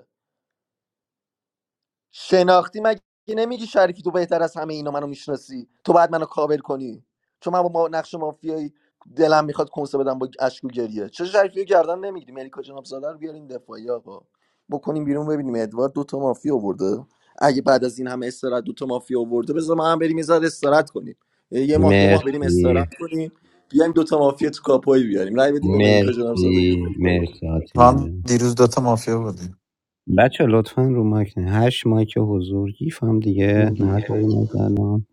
S2: شناختی مگه نمیگی شریفی تو بهتر از همه اینا منو میشناسی تو باید منو کابل کنی چون من با ما- نقش مافیایی دلم میخواد کنسه بدم با اشک و گریه چه شریفی رو گردن نمیگیری ملیکا جناب سالار رو بیارین دفاعی آقا بکنیم بیرون ببینیم ادوارد دو تا مافیا آورده اگه بعد از این همه استراحت دو تا مافیا آورده بذار ما هم بریم یه ذره استراحت کنیم یه ماه دو ماه
S10: merci
S2: بریم
S10: merci
S2: استراحت کنیم بیایم دو تا مافیا تو کاپوی بیاریم رای بدیم به ملیکا جناب سالار یه
S10: merci
S2: دفاعیه
S10: merci
S6: تو
S10: açınlar
S6: هم
S10: can.
S6: دیروز دوتا مافیا بودی
S10: بچه لطفا رو مایک نه 8 مایک حضور گیف هم دیگه نذاریم از الان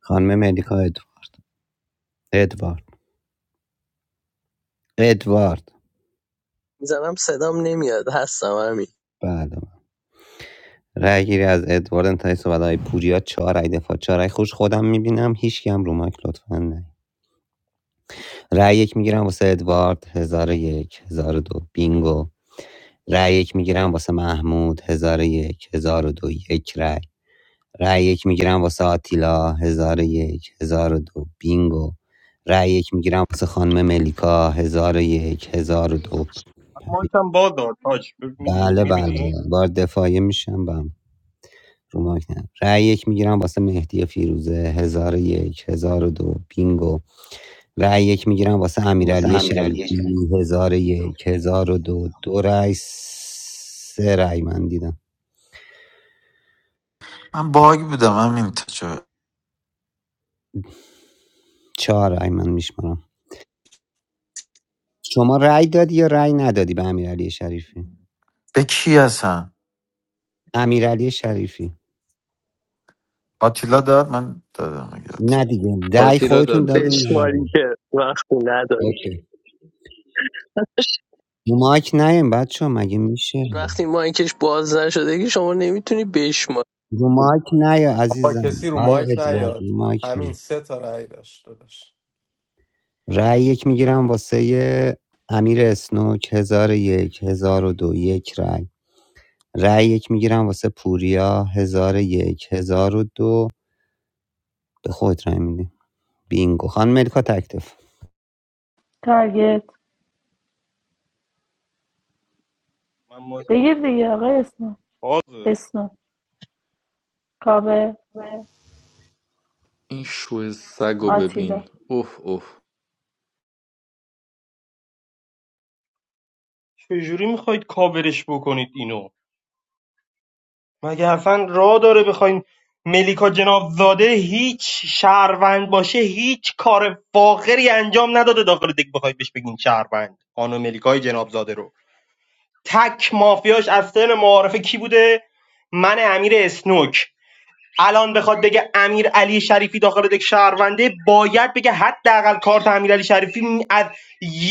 S10: خانم ملیکا ادوارد ادوارد ادوارد
S15: میزنم صدام نمیاد هستم همین
S10: بله رأی گیری از ادوارد انتهای صحبت های پوریا 4 رأی دفاع 4 رأی خوش خودم میبینم هیچ کی هم رو مایک لطفا نه رأی یک میگیرم واسه ادوارد 1001 دو بینگو رأی یک میگیرم واسه محمود هزار 1002 یک هزار و دو. یک رأی رای یک میگیرم واسه آتیلا هزار و یک هزار و دو بینگو رای یک میگیرم واسه خانم ملیکا هزار و یک هزار و دو
S8: مایکم باز داد تاج
S10: بله بله
S8: میبینی
S10: بار دفاعیه میشم بم رو مایک نه رای یک میگیرم واسه مهدی فیروزه هزار و یک هزار و دو بینگو رای یک میگیرم واسه
S5: واسه
S10: امیرعلی
S5: امیرعلی
S10: شریفی
S5: شریف
S10: هزار و یک هزار و دو دو رای سه رأی من دیدم
S6: من باگ بودم همین تجا
S10: چهار رای من میشمارم شما رای دادی یا رای ندادی به امیرعلی شریفی
S6: به کی هستم
S10: امیرعلی شریفی
S6: آتیلا داد من دادم اگه داد.
S10: نه دیگه دعی
S17: آتیلا
S10: خودتون
S17: داد
S10: دادین یا
S17: دادش
S15: بشماری
S10: ندادین؟
S15: که وقتی نداری
S10: اوکی رو مایک نیم بچه مگه میشه
S15: وقتی مایکش باز نشده که شما نمیتونی بشماری
S10: رو مایک نیا عزیزم
S11: people who
S10: آیا ادوارد
S11: don't
S10: رو
S11: have a
S10: مایک
S11: minimum
S10: نیا
S11: salary.
S10: رأی یک میگیرم واسه امیر اسنوک هزار و یک هزار و دو یک رأی رأی یک میگیرم واسه پوریا هزار و یک هزار و دو به خود رأی میده بینگو خانم ملکا تکتف
S7: تارگت
S8: من مایک
S7: بگیر دیگه آقای اسنو
S8: بازه
S7: اسنو کاوه
S17: این شو سگو ببین
S7: آتیلا
S17: اوه اوه
S8: چجوری میخواید کاورش بکنید اینو مگه اصلا راه داره بخواین ملیکا جنابزاده هیچ شهروند باشه هیچ کار فاخری انجام نداده داخل دک بخواید بهش بگین شهروند خانم ملیکای جنابزاده رو تک مافیاش از سن معارفه کی بوده من امیر اسنوک الان بخواد بگه امیر علی شریفی داخل دک شهرونده باید بگه حداقل کارت امیر علی شریفی از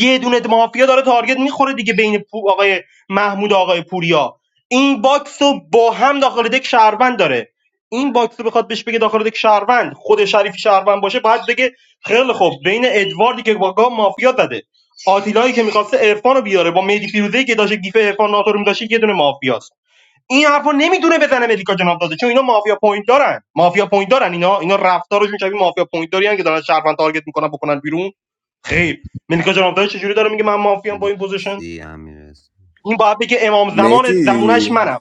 S8: یه دونه مافیا داره تارگت میخوره دیگه بین پو- آقای محمود و آقای پوریا این باکس رو با هم داخل دک شهروند داره این باکس رو بخواد بهش بگه داخل دک شهروند خود شریفی شهروند باشه باید بگه خیلی خوب بین ادواردی که واقعا مافیا زده آتیلایی که میخواسته عرفان رو بیاره با مهدی فیروزه‌ای که داشته گیف عرفان ناتو رو می‌داشته، یه دونه مافیاست این حرفو نمیدونه بزنه ملیکا جناب داده چون اینا مافیا پوینت دارن مافیا پوینت دارن اینا اینا رفتارشون شبیه مافیا پوینت دارن که دارن شهروند تارگت میکنن بکنن بیرون خیر ملیکا جناب داده چجوری داره میگه من مافیام با این پوزیشن
S10: مرسی امیر اسنوک.
S8: این باید بگه امام زمان زمونش
S2: مهدی
S8: منم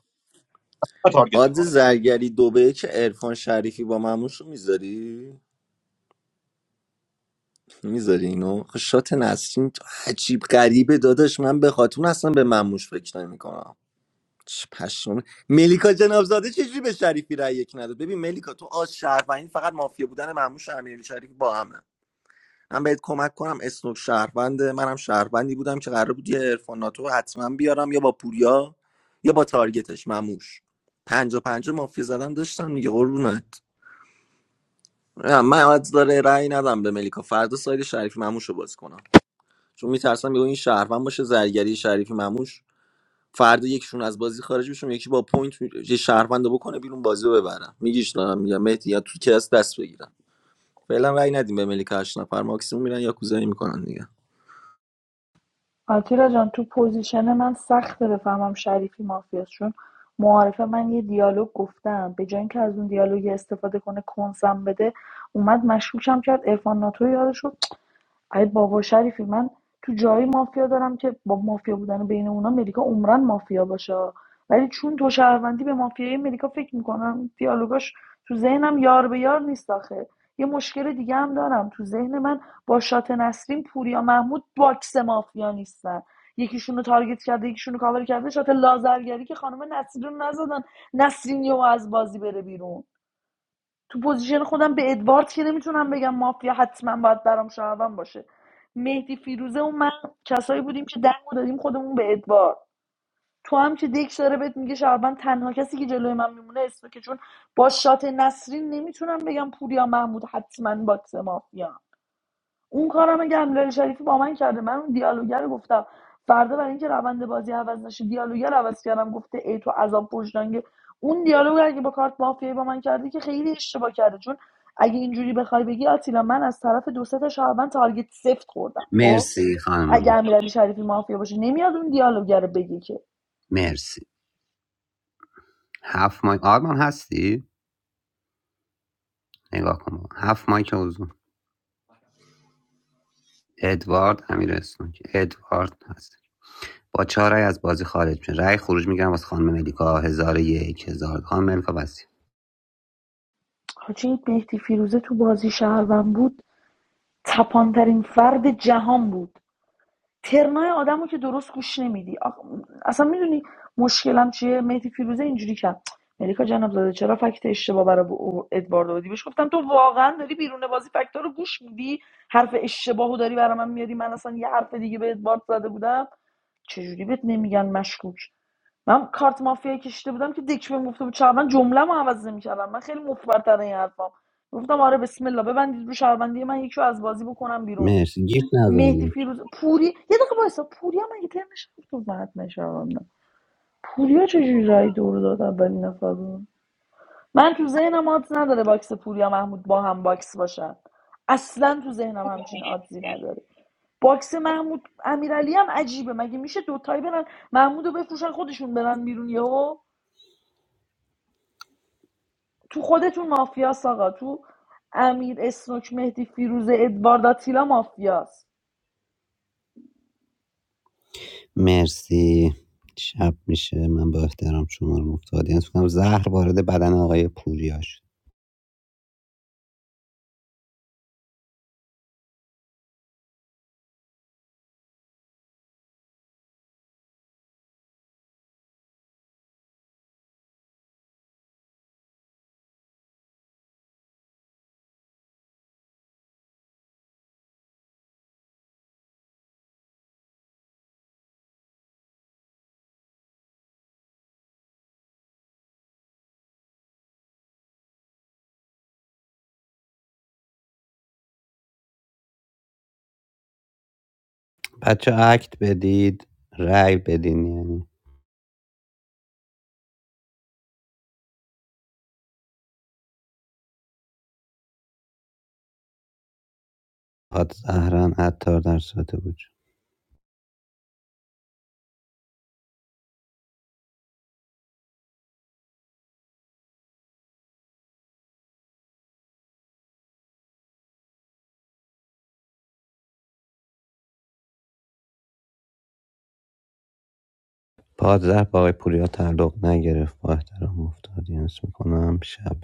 S8: و تارگت
S2: آدز
S8: میکنه
S2: زرگری دو به یک عرفان شریفی با مموش رو میذاری؟ میذاری اینو؟ آخه شات نسرین عجیب غریبه داداش من به خاتون اصلا به مموش فکر نمیکنم پشمام ملیکا جنابزاده چجوری به شریفی رأی یک نداد ببین ملیکا تو آز شهروندی فقط مافیا بودن مموش و امیرعلی شریفی با همه من بهت کمک کنم اسنوک شهرونده منم شهروندی بودم که قرار بود یه عرفان ناتو حتما بیارم یا با پوریا یا با تارگتش مموش پنجا پنجا مافیا زدن داشتم میگه قربونت نه، من از داره رأی ندم به ملیکا فردا ساید شریفی مموش رو باز کنم چون میترسم یهو این شهروند باشه زرگری شریفی مموش فردا یکیشون از بازی خارج بشون یکی با پوینت یه شهروند رو بکنه بیرون بازی رو ببرم میگیش دارم میگم مهدی یا تو کلاس دست بگیرم فعلا رأی ندیم به ملیکا هشت نفر ماکسیموم میرن یا کوزایی میکنن دیگه
S7: آتیلا جان تو پوزیشن من سخته بفهمم شریفی مافیاست چون معارفه من یه دیالوگ گفتم به جای اینکه از اون دیالوگ استفاده کنه کنسم بده اومد مشکوکم کرد عرفان ناتو یارشو ای بابا شریفی من تو جایی مافیا دارم که با مافیا بودن بین اونا ملیکا عمرن مافیا باشه ولی چون تو شهروندی به مافیای ملیکا فکر میکنم دیالوگاش تو ذهنم یار به یار نیست آخه یه مشکل دیگه هم دارم تو ذهن من با شات نسرین پوریا محمود باکس مافیا نیستن یکیشون رو تارگت کرده یکیشون رو کاور کرده شات لازرگری که خانم نسرین رو نزدن نسرین یهو از بازی بره بیرون تو پوزیشن خودم به ادوارد که نمیتونم بگم مافیا حتما باید برام شهروند باشه مهدی فیروزه و من کسایی بودیم که دنگو دادیم خودمون به ادوارد تو هم که دک داره بهت میگه شهروند تنها کسی که جلوی من میمونه اسمه که چون با شات نسرین نمیتونم بگم پوریا محمود حتما باکس مافیا اون کارم گملر شریفی با من کرده من اون دیالوگر رو گفتم فردا برای اینکه روند بازی عوض نشه دیالوگر عوض کردم گفته ای تو عذاب وجدانگه اون دیالوگ اگه با کارت مافیایی با من کرده که خیلی اشتباه کرده چون اگه اینجوری بخوای بگی آتیلا من از طرف دو سه تا شهروند تارگت سفت خوردم خب
S10: مرسی خانم
S7: اگه
S10: ملکا.
S7: امیرعلی شریفی مافیا باشه نمیاد اون دیالوگر رو بگی که
S10: مرسی هفت مایک آرمان هستی؟ نگاه کن هفت مایک حضور ادوارد امیر اسنوک ادوارد هست با چهار رأی از بازی خارج میشه رأی خروج میگیرم واسه خانم ملیکا هزار و یک هزار دو. خانم ملیکا بسی
S7: حاجی مهدی فیروزه تو بازی شهروند بود تپانترین فرد جهان بود ترنای آدمو که درست گوش نمیدی آخ- اصلا میدونی مشکلم چیه مهدی فیروزه اینجوری کرد ملیکا جناب زاده چرا فکت اشتباه برای ب- ادوارد آوردی بهش گفتم تو واقعا داری بیرون بازی فکتا رو گوش میدی حرف اشتباهو داری برای من میاری من اصلا یه حرف دیگه به ادوارد زده بودم چجوری بهت نمیگن مشکوک من کارت مافیا کشیده بودم که دکش بهم گفته بود شهروند جمله‌مو عوض نمی‌کردم من خیلی مفبرتر این حرفام گفتم آره بسم الله ببندید رو شهروندی من یکی رو از بازی بکنم بیرون
S10: مرسی گیت
S7: مهدی
S10: نزنید
S7: فیروز پوری یه دقیقه وایسا پوریا مگه ترمش تو فتمش پوریا چجوری رای دور داد اولین نفر رو؟ من تو ذهنم آدز نداره باکس پوریا محمود با هم باکس باشن اصلا تو ذهنم همچین آدزی نداره باکس محمود امیرعلی هم عجیبه مگه میشه دوتایی برن محمود رو بفروشن خودشون برن بیرون یهو تو خودتون مافیاس آقا تو امیر اسنوک مهدی فیروزه ادوارد آتیلا مافیاست
S10: مرسی شب میشه من با احترام شما رو مفتادی کنم زهر وارد بدن آقای پوریا شد بچه اکت بدید رای بدین یعنی پاد زهرن عطار در ساعت بود پانزده به آقای پوریا تعلق نگرفت با احترام افتادینس میکنم شب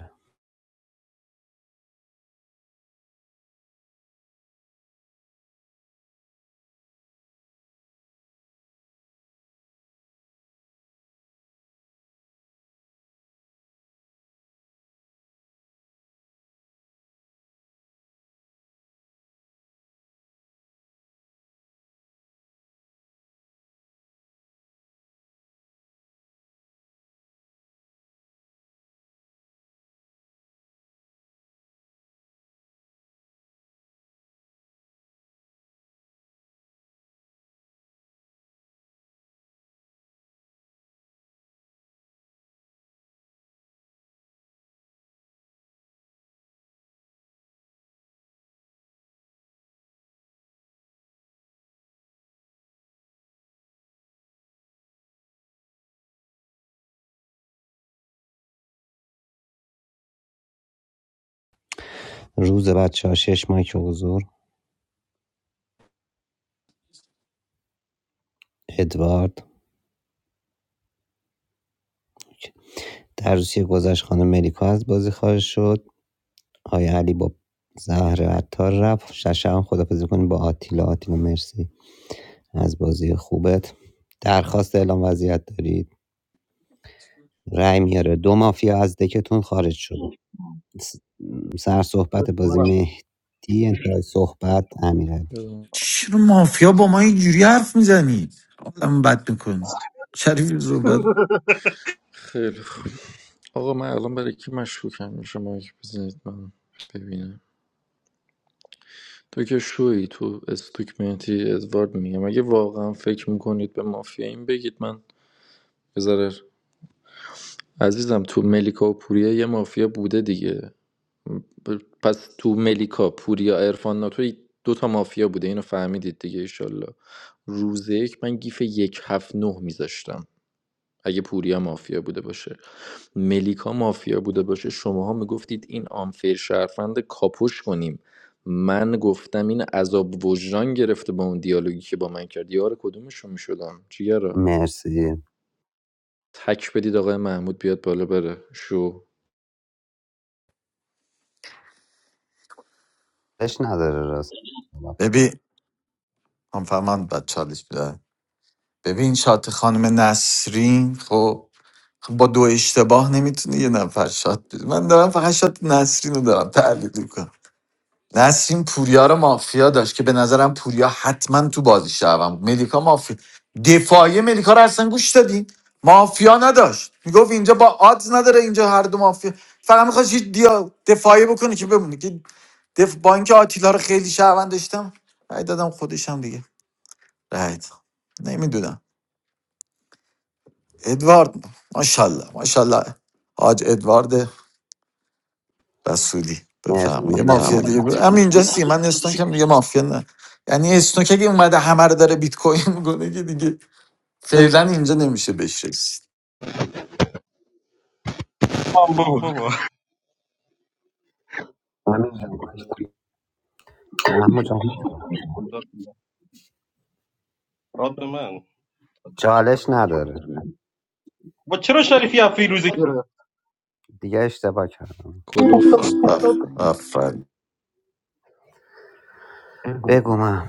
S10: روز بعد شش مایک حضور ادوارد در روسیه گذشت خانم ملیکا از بازی خارج شد آقای علی با زهر عطار رفت شش هم خدافزی کنیم با آتیلا آتیلا مرسی از بازی خوبت درخواست اعلام وضعیت دارید رای میاره دو مافیا از دکتون خارج شد سر صحبت بازی
S8: منم
S10: مهدی انتهای صحبت امیرعلی
S6: چرا مافیا با ما اینجوری حرف میزنی آدم بد میکنی شریف صحبت
S17: خیلی خوب آقا من الان برای کی مشکوکم میشه مایک بزنید من ببینم تو که شوی تو استوک مهدی ادوارد میگم اگه واقعا فکر میکنید به مافیا این بگید من بذار عزیزم تو ملیکا و پوریا یه مافیا بوده دیگه ب- پس تو ملیکا پوریا ارفان ناتو دو تا مافیا بوده اینو فهمیدید دیگه ایشالله روز یک من گیف یک هفت نه میذاشتم اگه پوریا مافیا بوده باشه ملیکا مافیا بوده باشه شماها میگفتید این آنفیر شرفند کاپوش کنیم من گفتم این عذاب وجدان گرفته با اون دیالوگی که با من کرد یار کدومشون میشدم چیگرا
S10: مرسی
S17: تک بدید آقای محمود بیاد بالا بره شو
S10: چالش نداره راست
S6: ببین هم فهمم بد چالش میده. ببین شات خانم نسرین خب خب با دو اشتباه نمیتونه یه نفر شات بده من دارم فقط شات نسرین رو دارم تحلیل میکنم نسرین پوریا رو مافیا داشت که به نظرم پوریا حتما تو بازی شوم بود. ملیکا مافیا دفاعی ملیکا رو اصلا گوش دادین مافیا نداشت میگفت اینجا با آدز نداره اینجا هر دو مافیا فقط میخواست یه دیا دفاعی بکنه که بمونه که دف... با اینکه آتیلا رو خیلی شهروند داشتم رای دادم خودشم دیگه رای دادم. نمیدونم ادوارد ماشاءالله ماشاءالله حاج ادوارد رسولی
S10: مرسی
S6: بفرما یه مافیا
S10: محمود
S6: دیگه بر... هم اینجا سیمن اسنوک هم دیگه مافیا نه یعنی اسنوک اگه اومده همه رو داره بیت کوین میکنه که دیگه فعلا اینجا نمیشه بهش رسید
S8: آه بابا
S10: محمود جان
S8: داد به من. داد به من
S10: چالش نداره
S8: با چرا شریفی از فیروزه گرفت
S10: دیگه اشتباه کردم
S17: گلفته
S8: داد
S6: آفرین
S10: بگو من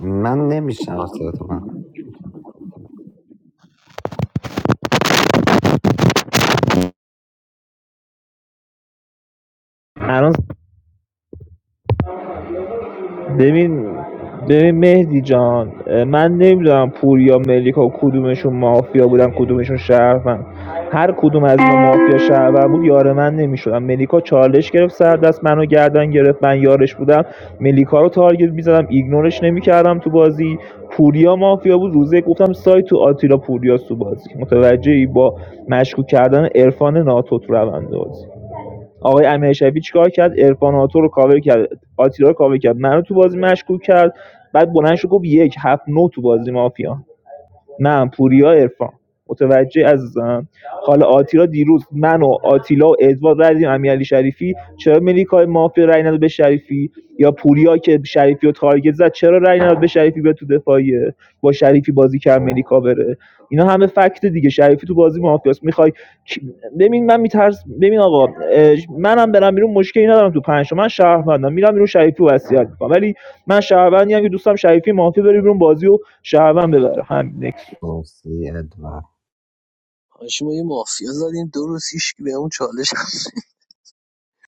S10: من نمیشنم تو من
S5: ببین ببین مهدی جان اه، من نمیدونم پوریا ملیکا کدومشون مافیا بودن کدومشون شهروند هر کدوم از اینا مافیا شهروند بود یار من نمیشدم ملیکا چالش گرفت سر دست منو گردن گرفت من یارش بودم ملیکا رو تارگت میزدم ایگنورش نمیکردم تو بازی پوریا مافیا بود روزه گفتم سایت تو آتیلا پوریا تو بازی متوجهی با مشکوک کردن عرفان ناتو تو روند بازی آقای امیر امیرشبی چیکار کرد عرفان ناتو رو کاور کرد آتیلا رو کاور کرد منو تو بازی مشکوک کرد بعد بلند شد گفت یک هفت نه تو بازی مافیا من پوریا عرفان متوجهی عزیزم حالا آتیلا دیروز من و آتیلا و ادوارد رای دادیم امیرعلی شریفی چرا ملیکای مافیا رای نداد به شریفی یا پوریا که شریفی رو تارگت زد چرا رای نداد به شریفی به تو دفاعیه با شریفی بازی کرد ملیکا بره اینا همه فکت دیگه شریفی تو بازی مافیاست میخوای ببین من میترس ببین آقا اه، منم برم بیرون مشکلی ندارم تو پنج تا. من شهروندم میرم بیرون شریفی رو وصیت میکنم ولی من شهروندی هم که دوستم شریفی مافیا بره بیرون بازی و شهروند ببره همین
S10: مرسی ادوارد
S15: حاجی ما یه مافیا زدیم دو روز هیچ کی بهمون چالش نداد.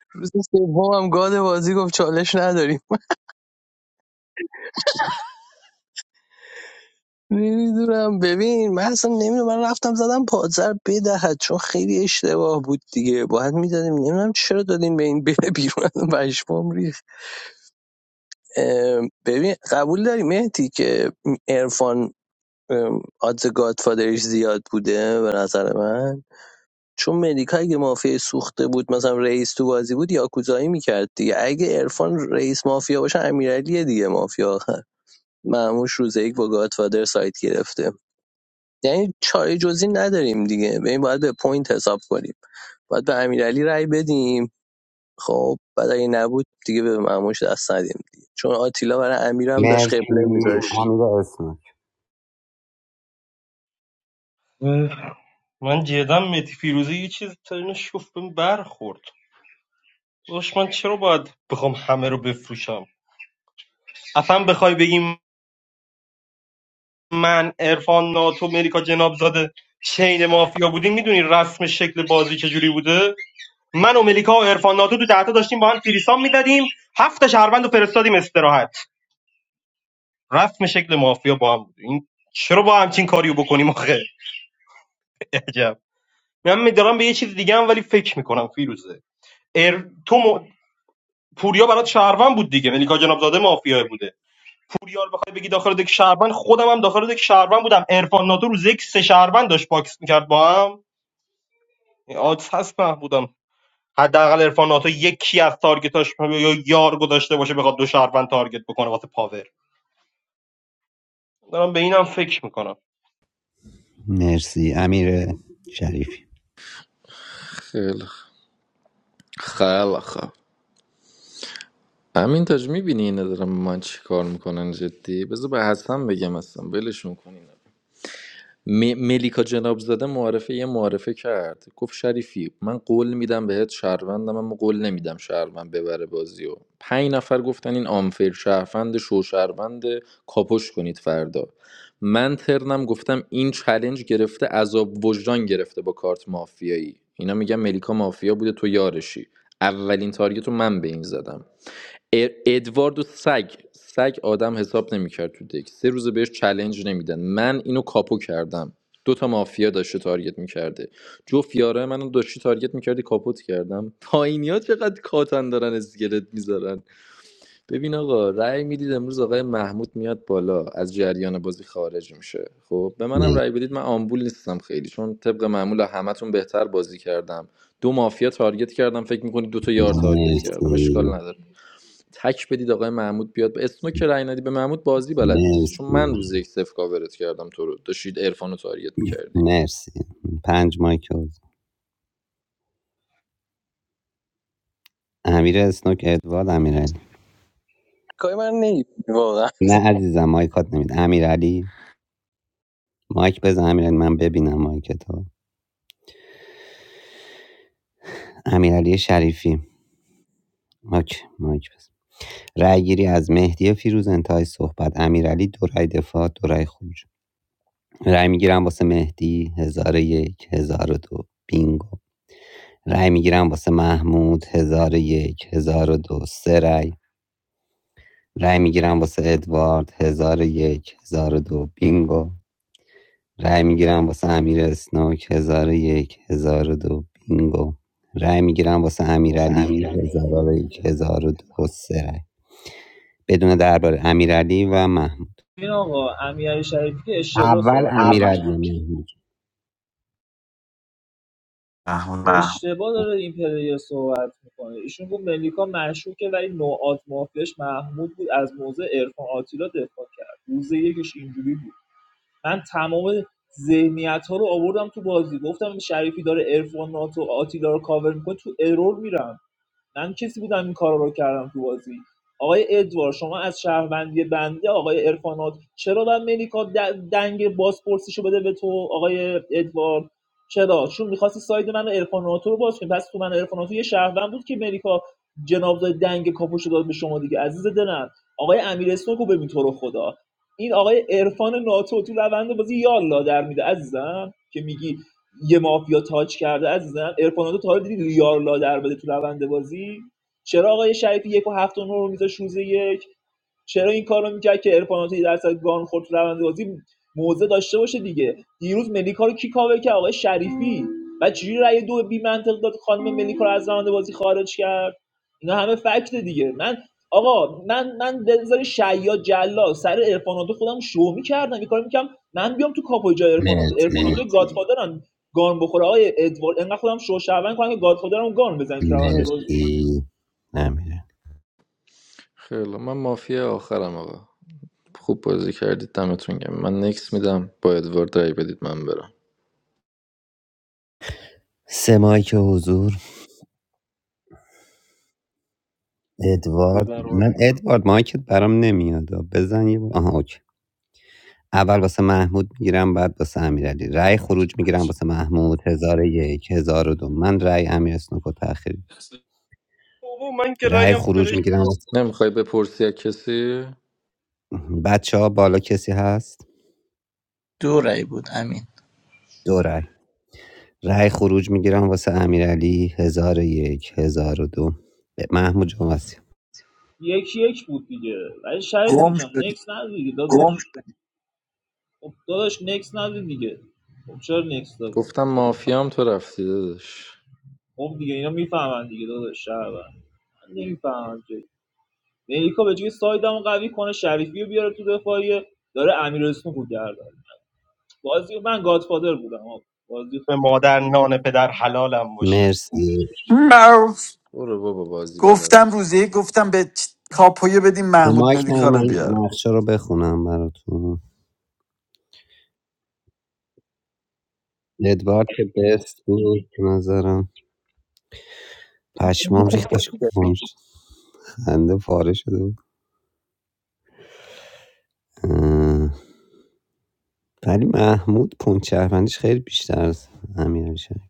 S15: روز سوم هم گاد بازی گفت چالش نداریم نمیدونم ببین من اصلا نمیدونم من رفتم زدم پادزر بدهد چون خیلی اشتباه بود دیگه باید میدادیم نمیدونم چرا دادین به این بره بیرون از اون پشمام ریخت ام، ببین قبول داری مهدی که ارفان آدز گادفادرش زیاد بوده به نظر من چون مدیکا اگه مافیا سوخته بود مثلا رئیس تو بازی بود یاکوزایی میکرد دیگه اگه ارفان رئیس مافیا باشه امیرعلی دیگه مافیا آخر معموش روز یک با گادفادر سایت گرفته یعنی چاره جزی نداریم دیگه ببین باید به پوینت حساب کنیم باید به امیرعلی رأی بدیم خب بعد اگه نبود دیگه به معموش دست ندیم دیگه چون آتیلا برای امیرم داشت قبله
S10: مرسی
S15: میذاشت
S10: امیر اسمک
S8: من جدم متی فیروزه یه چیز ترین شوفم برخورد داداش من چرا باید بخوام همه رو بفروشم اصلا بخوای بگیم من عرفان ناتو مریکا جنابزاده چین مافیا بودیم میدونی رسم شکل بازی چجوری بوده من و ملیکا و عرفان ناتو تو دهتا داشتیم با هم فریسان میدادیم هفت تا شهروند رو فرستادیم استراحت رسم شکل مافیا با هم بود این چرا با همچین کاریو بکنیم آخه عجب من میدارم به یه چیز دیگه هم ولی فکر میکنم فیروزه ار... تو م... پوریا برات شهروند بود دیگه ملیکا جنابزاده مافیا بوده پوریا رو بخوای بگی داخل دک شهروند خودم هم داخل دک شهروند بودم عرفان ناتو روز یک سه شهروند داشت باکس میکرد با هم آدس هست محمودم حداقل عرفان ناتو یکی از تارگتاش یا یار گذاشته باشه بخواد دو شهروند تارگت بکنه واسه پاور دارم به اینم فکر میکنم
S10: مرسی امیر شریفی
S17: خیلی خ- خیلی خب همین تاج میبینی اینا دارم من چی کار میکنن جدی بذار به حسن بگم اصلا ولشون کنین م- ملیکا جنابزاده زاده یه معرفه کرد گفت شریفی من قول میدم بهت شهروندم اما قول نمیدم شهروند ببره بازی و پنج نفر گفتن این آمفیر شهروند شو شهروند کاپش کنید فردا من ترنم گفتم این چلنج گرفته عذاب وجدان گرفته با کارت مافیایی اینا میگن ملیکا مافیا بوده تو یارشی اولین تارگت رو من به این زدم اد- ادوارد و سگ سگ آدم حساب نمیکرد تو دک سه روز بهش چلنج نمیدن من اینو کاپو کردم دو تا مافیا داشته تارگت میکرده جفت یاره منو داشتی تارگت میکردی کاپوت کردم پایینیا چقدر کاتن دارن اسکلت میذارن ببین آقا رأی میدید امروز آقای محمود میاد بالا از جریان بازی خارج میشه خب به منم
S10: مر-
S17: رأی بدید من آمبول نیستم خیلی چون طبق معمول همتون بهتر بازی کردم دو مافیا تارگت کردم فکر میکنید دو تا یار تارگت کردم اشکال
S10: مرسی
S17: نداره تک بدید آقای محمود بیاد به اسنو که رای ندی به محمود بازی بلد نیستی چون
S10: مرسی
S17: من روز یک صفر کاورت کردم تو رو داشتید عرفان تاریت میکردی
S10: مرسی پنج مایک حضور. امیر اسنوک ادوارد امیر
S15: کاری من نیدیم واقعا
S10: نه عزیزم مایکات نمید امیر علی مایک بزن امیر من ببینم مایک تو امیر علی شریفی اوکی مایک بس رأی گیری از مهدی فیروز انتهای صحبت امیرعلی دو رأی دفاع دو رأی خروج رأی میگیرم واسه مهدی هزار و یک هزار و دو بینگو رأی میگیرم واسه محمود هزار و یک هزار و دو سه رأی رأی میگیرم واسه ادوارد هزار و یک هزار و دو بینگو رأی میگیرم واسه امیر اسنوک هزار و یک هزار و دو بینگو رأی میگیرم واسه
S5: واسه
S10: امیرعلی
S5: امیرعلی
S10: هزار و یک هزار و دو سه رأی. بدون درباره امیرعلی و محمود
S5: این آقا امیرعلی شریفی که اشتباه
S10: اول
S5: صحبت یعنی اول
S10: امیرعلی و محمود
S6: محمود
S5: اشتباه داره این پلیر صحبت میکنه ایشون گفت ملیکا مشکوکه ولی نوعات مافیاش محمود بود از موضع عرفان آتیلا دفاع کرد روز یکش اینجوری بود من تمام ذهنیت ها رو آوردم تو بازی گفتم شریفی داره عرفان ناتو آتیلا رو کاور میکنه تو ارور میرم من کسی بودم این کارا رو کردم تو بازی آقای ادوار شما از شهروندی بنده آقای ارفانات چرا باید ملیکا دنگ بازپرسیشو بده به تو آقای ادوار چرا چون میخواستی ساید من و ارفاناتو رو باز کنی پس تو من و عرفان یه شهروند بود که ملیکا جنابزاد دنگ کاپوشو داد به شما دیگه عزیز دلم آقای امیر اسنوکو ببین تو رو خدا این آقای عرفان ناتو تو روند بازی یالا در میده عزیزم که میگی یه مافیا تاچ کرده عزیزم ارفاناتو تا حالا دیدی یار لا در بده تو روند بازی چرا آقای شریفی یک و هفت و نه رو میذاش روز یک چرا این کارو میکرد که ارفاناتو یه درصد گان خورد تو روند بازی موزه داشته باشه دیگه دیروز ملیکا رو کی کاور کرد آقای شریفی بعد چجوری رأی دو بی منطق داد خانم ملیکا رو از روند بازی خارج کرد اینا همه فکت دیگه من آقا من من بذار شیا جلا سر ارفاناتو خودم شو میکردم یه کاری میکردم من بیام تو کاپوی جای ارفاناتو ارفاناتو
S10: مرسی
S5: مرسی گادفادرن گان بخوره آقای ادوارد انقدر خودم شوشعبن کنم که گادفادرمو گان بزنیم تو روند بازی
S10: مرسی امیرعلی
S17: خیلی من مافیا آخرم آقا خوب بازی کردید دمتون گرم من نکس میدم با ادوارد رای بدید من برم
S10: سه مایک حضور
S8: رو
S10: ادوارد
S8: در راست.
S10: من ادوارد مایکت برام نمیاد بزن یه بار آها اوکی اول واسه محمود میگیرم بعد واسه امیرعلی رأی خروج میگیرم واسه محمود هزار و یک هزار و دو من رأی امیر اسنوکو تاخیر
S8: بابا من که
S10: رأی
S8: رایم
S10: خروج
S8: فرش
S10: میگیرم
S8: بود.
S10: واسه
S17: نمیخوای بپرسی از کسی
S10: بچه ها بالا کسی هست
S18: دو رأی بود امین
S10: دو رأی رأی خروج میگیرم واسه امیرعلی 1001 1002 محمود جان وصیت.
S5: یکی یک بود دیگه ولی شریفی
S18: گم
S5: جان
S18: شدی
S5: نکس ندادی دیگه داداش گم خب داداش نکس ندادی دیگه خب چرا نکس دادی
S17: گفتم
S5: خب
S17: مافیام تو رفتی داداش
S5: خب دیگه اینا میفهمن دیگه داداش شعبان من نمیفهمم که ملیکا به جای سایدمو قوی کنه شریفی رو بیاره تو دفاعیه داره امیر اسمو رو گردن بازی من گادفادر بودم آقا. بازی
S8: به
S5: خوب
S8: مادر نان پدر حلالم باشه
S10: مرسی
S6: مرو.
S17: برو بابا بازی بلد
S6: گفتم
S17: نیست
S6: روزی گفتم به چ- کاپویه بدیم
S10: رو
S6: محمود
S10: مایک نه
S6: ملیکا رو
S10: من
S6: بیار
S10: نقشه رو بخونم براتون ادوارد که بست بود به نظرم پشمام
S15: خوب بود.
S10: ریختش کنم خنده پاره شده بود اه. ولی محمود پونت شهروندیش خیلی بیشتر از امیرعلی شریف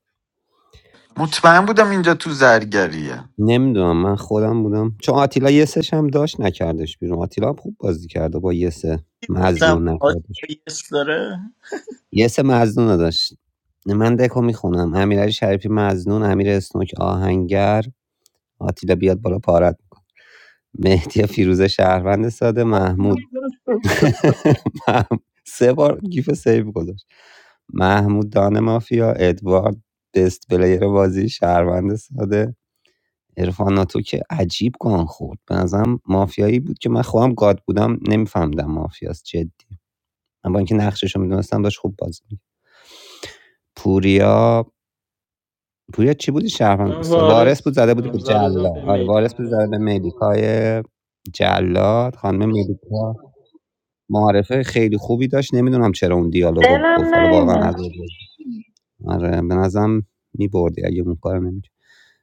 S6: مطمئن بودم اینجا تو زرگریه
S10: نمیدونم من خودم بودم چون آتیلا یه سش هم داشت نکردش بیرون آتیلا هم خوب بازی کرده با یه سه
S18: گفتم
S10: مزنون نکردش
S18: آتیلا یس داره
S10: یه سه مزنونو داشت. من دکو میخونم: امیرعلی شریفی مزنون، امیر اسنوک آهنگر، آتیلا بیاد بالا پارت، مهدی فیروزه شهروند ساده، محمود
S8: فیروز رو سیو.
S10: مح- سه بار گیف سیو گذاشت محمود دان مافیا ادوارد بست پلیر بازی شهروند ساده عرفان ناتو که عجیب گان خورد به نظرم مافیایی بود که من خودم گاد بودم نمیفهمیدم مافیاست جدی من با اینکه نقشش رو میدونستم داشت خوب بازی می‌کرد. پوریا پوریا چی بودی شهروند
S9: من
S10: وارث بود
S9: وارث
S10: زده بودی
S9: بودم
S10: به
S9: زده بودم
S10: جلاد
S9: به
S10: آره وارث بود زده
S9: ملیکا
S10: به ملیکای جلاد خانم ملیکا معارفه خیلی خوبی داشت نمیدونم چرا اون دیالوگو گفت
S7: دلم
S10: حالا واقعا از
S7: نیمه
S10: آره به نظرم میبردی اگه اون کار نمیکرد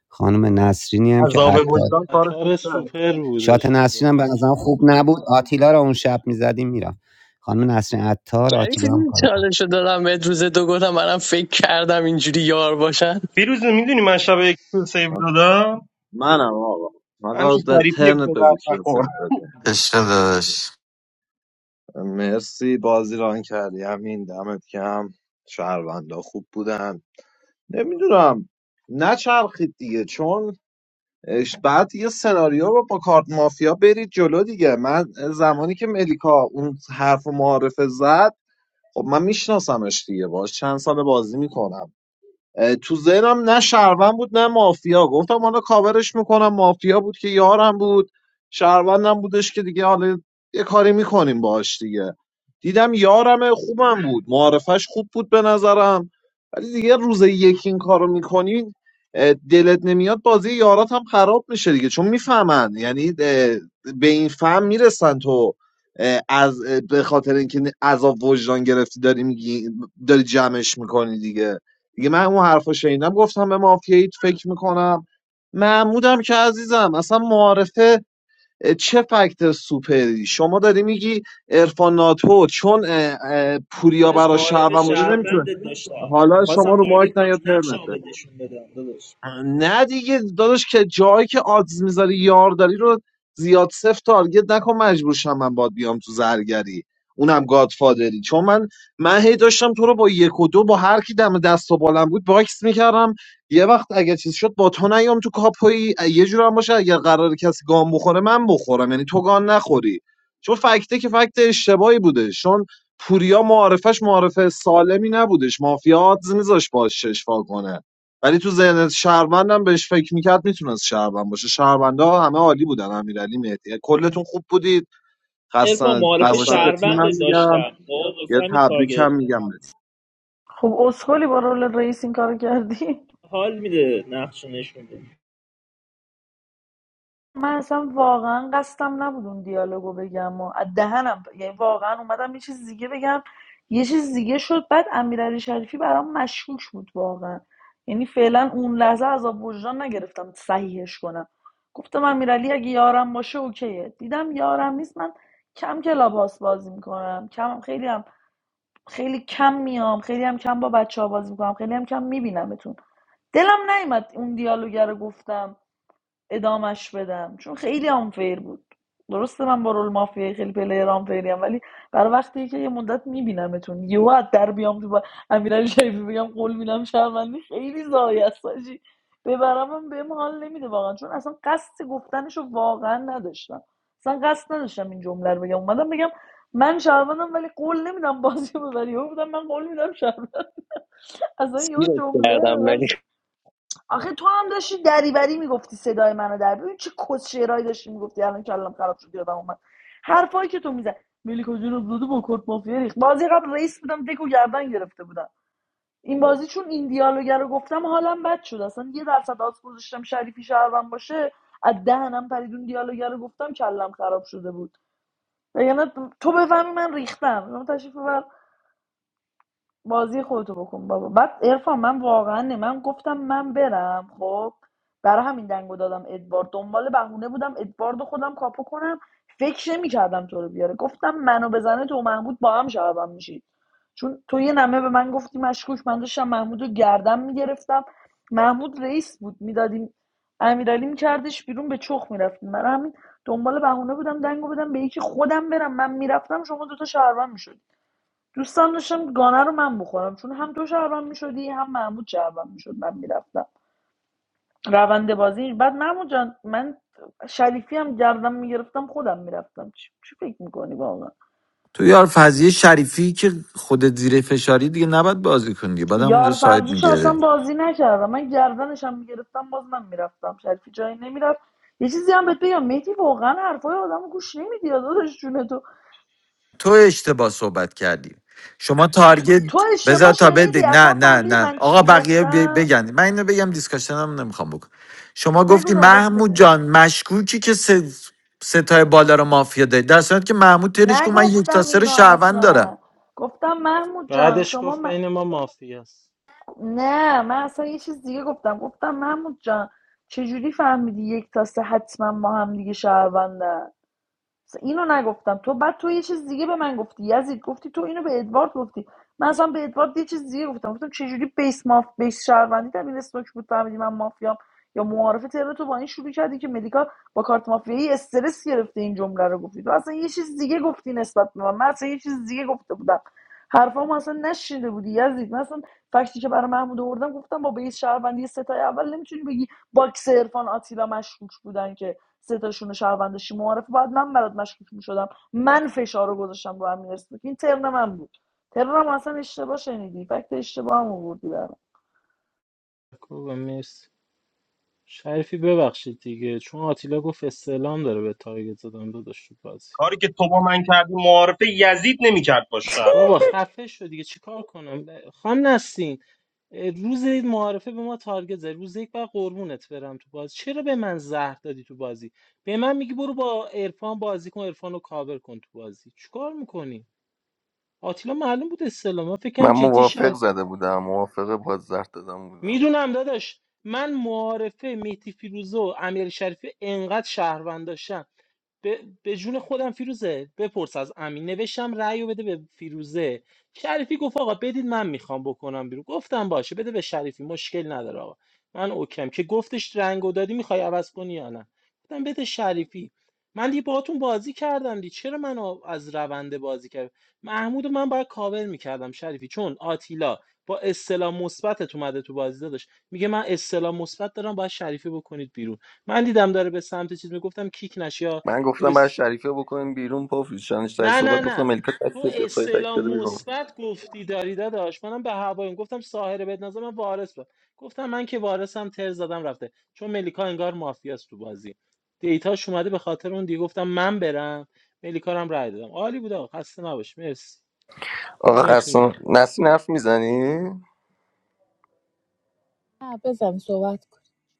S10: خانم نسرینی هم که
S8: عذاب
S10: عطار
S8: وجدان کارش
S9: قطار
S8: کرد
S9: سوپر
S10: شات
S9: بودش
S10: نسرین هم به
S9: خدا
S10: نظرم
S9: وکیلی
S10: خوب نبود آتیلا رو اون شب میزدیم میرم خانم نسرین عطار
S15: جریفی
S10: آتیلا هم
S15: دیدی
S10: کار کرد.
S15: چالش رو دادم به روز دو گفتم منم فکر کردم اینجوری یار باشن
S8: فیروز میدونی من شب یک تو سیو دادم
S12: منم آقا حالا
S8: همین
S12: به
S8: شریفی
S12: ترنت
S8: به
S12: بگو
S8: درد
S12: کی رو سیو
S8: نخور
S12: بده
S6: عشق داداش
S12: مرسی بازی ران کردی همین دمت کم شهروندا خوب بودن نمیدونم نچرخید دیگه چون اش- بعد یه سناریو رو با کارت مافیا برید جلو دیگه من زمانی که ملیکا اون حرف معارفه زد خب من میشناسمش دیگه باش چند سال بازی میکنم تو ذهنم نه شهروند بود نه مافیا گفتم حالا کاورش میکنم مافیا بود که یارم بود شهروندم بودش که دیگه حالا یه کاری میکنیم باش دیگه دیدم یارم خوبم بود معارفش خوب بود به نظرم ولی دیگه روز یک این کارو میکنی دلت نمیاد بازی یارات هم خراب میشه دیگه چون میفهمن یعنی اه، به این فهم میرسن تو اه، از اه، به خاطر اینکه عذاب وجدان گرفتی داری میگی داری جمعش میکنی دیگه دیگه من اون حرفا شنیدم گفتم به مافیایی فکر میکنم محمودم که عزیزم اصلا معارفه چه فکت سوپری شما داری میگی ارفان ناتو چون اه، اه، پوریا
S5: داداش
S12: برا
S5: معارف
S12: شهروند بوده نمیتونه
S5: شهروند داشتم
S12: حالا
S5: میخواستم
S12: شما رو
S5: تارگت
S12: مایک نیا
S5: کنم
S12: ترنت
S5: نقشمو بهت
S12: بگو
S5: نشون بدم داداش.
S12: نه دیگه داداش که جایی که آدز میذاری یار داری رو زیاد سفت تارگت نکن مجبور شم من باد بیام تو زرگری اونم گادفادری چون من من هی داشتم تو رو با یک و دو با هر کی دم دست و بالم بود باکس میکردم یه وقت اگه چیز شد با تو نیام تو کاپویی یه جور هم باشه اگر قرار کسی گام بخوره من بخورم یعنی تو گان نخوری چون فکته که فکت اشتباهی بوده چون پوریا معارفش معارفه سالمی نبودش مافیا آدز میذاش باش شش وا کنه ولی تو ذهن شهروندم بهش فکر میکرد میتونست شهروند باشه شهروندا همه عالی بودن امیرعلی مهدی کلتون خوب بودید
S5: ارفان
S12: خسته
S5: معارف اصلا
S12: نباشید به
S5: شهروند
S12: تیمم
S5: نباشه
S12: میگم
S5: داشتم خب
S12: یه
S5: واسه همین
S12: تبریک هم
S5: تارگت زدم.
S12: میگم به تیم
S7: خب اسکلی با رول رئیس این کارو کردی
S5: حال میده نقش رو نشون بده
S7: من اصلا واقعا قصدم نبود اون دیالوگو بگم و از دهنم یعنی واقعا اومدم یه چیز دیگه بگم یه چیز دیگه شد بعد امیرعلی شریفی برام مشکوک بود واقعا یعنی فعلا اون لحظه عذاب وجدان نگرفتم صحیحش کنم گفتم امیرعلی اگه یارم باشه اوکیه دیدم یارم نیست من کم کلاباس بازی میکنم کم خیلی هم خیلی کم میام خیلی هم کم با بچه‌ها بازی میکنم خیلی هم کم میبینمتون دلم نیومد اون دیالوگ رو گفتم ادامش بدم چون خیلی آنفیر بود درسته من با رول مافیا خیلی پلیر آنفیریم ولی برای وقتی که یه مدت میبینمتون یهو از در بیام تو با امیرعلی شریفی بگم قول میدم شهروندی خیلی ضایع است حاجی. ببرمم بهم حال نمیده واقعا چون اصلا قصد گفتنشو واقعا نداشتم اصلا قصد نداشتم این جمله رو بگم اومدم بگم من شهروندم ولی قول نمیدم بازی رو ببری یهو بودم من قول میدم شهروند اصلا یه
S15: سیرت کردم
S7: جمله
S15: ولی
S7: آخه تو هم داشتی دریوری میگفتی صدای منو در ببین چه کسشعرایی داشتی میگفتی الان کلم خراب شد یادم اومد حرفایی که تو میزن ملیکا جون زاده با کارت مافیا ریخت بازی قبل رئیس بودم دکو گردن گرفته بودم این بازی چون این دیالوگ رو گفتم حالم بد شد اصلا یه درصد آز گذاشتم شریفی شهرم باشه از دهنم پریدون دیالوگ رو گفتم کلم خراب شده بود یعنی تو بفهمی من ریختم من تشریف ببر بازی خودتو بکن بابا بعد ارفان من واقعا نه من گفتم من برم خب برای همین دنگو دادم ادوارد دنبال بهونه بودم ادوارد رو خودم کاپو کنم فکر نمیکردم تو رو بیاره گفتم منو بزنه تو و محمود با هم شبم میشید چون تو یه نمه به من گفتی مشکوک من داشتم محمودو رو گردم میگرفتم محمود رئیس بود میدادیم امیرعلی میکردش بیرون به چخ میرفتیم من همین دنبال بهونه بودم دنگو بدم به یکی خودم برم من میرفتم شما دوتا شهروند می‌شدید. دوستم داشتم گانه رو من بخورم چون هم تو شهروند میشدی هم محمود شهروند میشد من میرفتم روند بازی بعد محمود جان من شریفی هم گردم میگرفتم خودم میرفتم چی, چی فکر میکنی واقعا
S6: تو یار فضیه شریفی که خودت زیر فشاری دیگه نباید بازی کنی دیگه بعد همونجا
S7: یار
S6: ساید
S7: فرضیش اصلا
S6: میگیره
S7: بازی نکردم من گردنش هم میگرفتم باز من میرفتم شریفی جایی نمیرفت یه چیزی هم بهت بگم مهدی واقعا حرفای آدم گوش نمیدی داداش جون تو
S6: تو اشتباه صحبت کردی شما تارگت
S7: تو
S6: بذار
S7: اشتباه
S6: تا بده
S7: شنیدی
S6: نه
S7: اصلا
S6: نه
S7: فهمیدی
S6: نه
S7: من
S6: آقا
S7: چی
S6: بقیه ب-
S7: گفتم
S6: بگن من اینو بگم دیسکاشنم نمیخوام بکن شما
S7: بگو
S6: گفتی
S7: تا بهت بگم
S6: محمود جان مشکوکی که سه ستای بالا رو مافیا داری در صورتی که محمود تنش گفت من یک تا
S7: نگفتم
S6: سه رو
S7: اینو
S6: شهروند دارم
S7: اصلا گفتم محمود جان
S9: بعدش
S7: شما
S9: گفت
S7: م-
S9: بین ما مافیاست
S7: نه من اصلا یه چیز دیگه گفتم گفتم محمود جان چجوری فهمیدی یک تا سه حتما ما هم دیگه شهروندن اینو نگفتم تو بعد تو یه چیز دیگه به من گفتی یزید گفتی تو اینو به ادوارد گفتی من اصلا به ادوارد یه چیز دیگه گفتم گفتم چه جوری بیس ماف بیس شهروندی دبیر استوک بود فهمیدی من مافیام یا معارفه ترم تو با این شروع کردی که مدیکا با کارت مافیایی استرس گرفته این جمله رو گفتی تو اصلا یه چیز دیگه گفتی نسبت به من من اصلا یه چیز دیگه گفته بودم حرفامو اصلا نشیده بودی یزید من اصلا فکتی که برای محمود آوردم گفتم با بیس شهروندی ستای اول نمیتونی بگی باکس عرفان آتیلا مشکوک بودن که سه تاشون رو شهروند داشتی معارفه باید من برات مشکوک میشدم من فشار رو گذاشتم رو امیر اسمک این ترن من بود ترنم اصلا اشتباه شنیدی فکت اشتباه هم آوردی برام
S9: خوبه مرسی شریفی ببخشید دیگه چون آتیلا گفت استعلام داره به تارگت زدن داداش تو بازی
S8: کاری که تو با من کردی معارفه یزید نمیکرد با
S9: بابا
S8: شهروندا
S9: خفه شد دیگه چیکار کنم خام نسین اه، روز معارفه به ما تارگت زد روز یک بعد قربونت برم تو بازی چرا به من زهر دادی تو بازی به من میگی برو با عرفان بازی کن عرفان رو کاور کن تو بازی چیکار میکنی آتیلا معلوم بود استعلام من
S2: من
S9: فکرم جدی
S2: موافق
S9: شد
S2: زده بودم موافق بازدرد دادم بودم
S9: میدونم داداش من معارفه مهدی فیروزه و امیر شریفی انقدر شهروند داشتم به, به جون خودم فیروزه بپرس از امین نوشتم رأی و بده به فیروزه شریفی گفت آقا بدید من میخوام بکنم بیرون گفتم باشه بده به شریفی مشکل نداره آقا من اوکم که گفتش رنگو دادی میخوای عوض کنی یا نه گفتم بده شریفی من دیگه باهاتون بازی کردم دی چرا منو از روند بازی کرد محمود رو من باید کاور میکردم شریفی چون آتیلا با اصطلاح مثبتت اومده تو بازی داشت میگه من اصطلاح مثبت دارم باید شریفی بکنید بیرون من دیدم داره به سمت چیز میگفتم کیک نشه یا
S2: من گفتم بعد
S9: بس...
S2: شریفه بکنیم بیرون پافیز چندش تای
S9: نه
S2: صحبت
S9: نه
S2: گفتم
S9: نه
S2: ملیکا تک
S9: تو
S2: بیاد دفاعی تک
S9: اصطلاح
S2: بده بیرون
S9: مثبت گفتی داری داداش منم به هوایم گفتم ساحره بد نظر من وارث بود گفتم من که وارثم تر زدم رفته چون ملیکا انگار مافیاست تو بازی دیتاش اومده به خاطر اون دیگه گفتم من برم ملیکا رو هم رای دادم عالی بود آقا خسته نباش مرسی
S2: آقا
S9: دمتون
S2: قسم
S9: گرم
S2: نسی نف میزنی
S14: نه بزن صحبت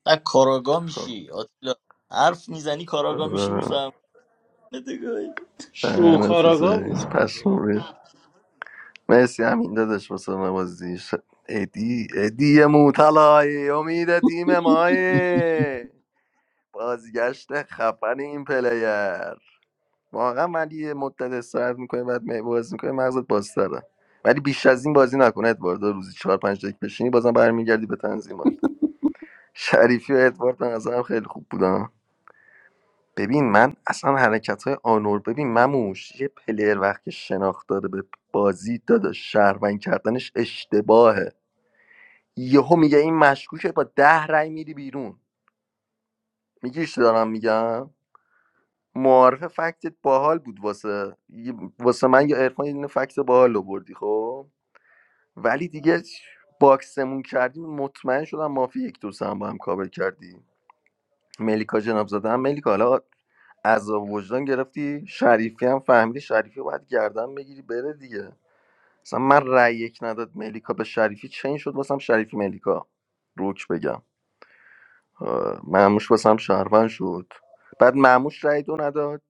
S18: نه کاراگاه
S2: خب
S18: میشی آتیلا حرف میزنی کاراگاه میشی
S2: آره
S18: میفهم
S2: دهنه تو
S9: شوکاراگا بودی
S2: سرویس پشمام
S9: خدایی
S2: ریخت. مرسی همین داداش واسه من بازی ش- ادی ادی موتلای امید تیم مایه بازگشت خفن این پلیر واقعا ولی یه مدت استراحت میکنه بعد می- بازی میکنه مغزت بازتره ولی بیش از این بازی نکنه ادوارد روزی چهار پنج دقیقه بشینی بازم برمیگردی به تنظیمات شریفی و ادوارد به نظرم خیلی خوب بودن ببین من اصلا حرکت های آنور ببین مموش یه پلیر وقتی شناخت داره به بازی داداش شهروند کردنش اشتباهه یهو میگه این مشکوکه با ده رای میری بیرون میگیش دارم میگم معارف فکتت باحال بود واسه واسه من یا عرفان یه دونه فکت باحال آوردی خب ولی دیگه باکسمون کردیم مطمئن شدم مافی یک دو سه هم با هم کابل کردی ملیکا جناب زاده هم ملیکا حالا عذاب وجدان گرفتی شریفی هم فهمیدی شریفی باید گردن بگیری بره دیگه مثلا من رأی یک نداد ملیکا به شریفی چین شد واسم شریفی ملیکا روک بگم آه، معموش واسم شهروند شد بعد معموش رأی دو نداد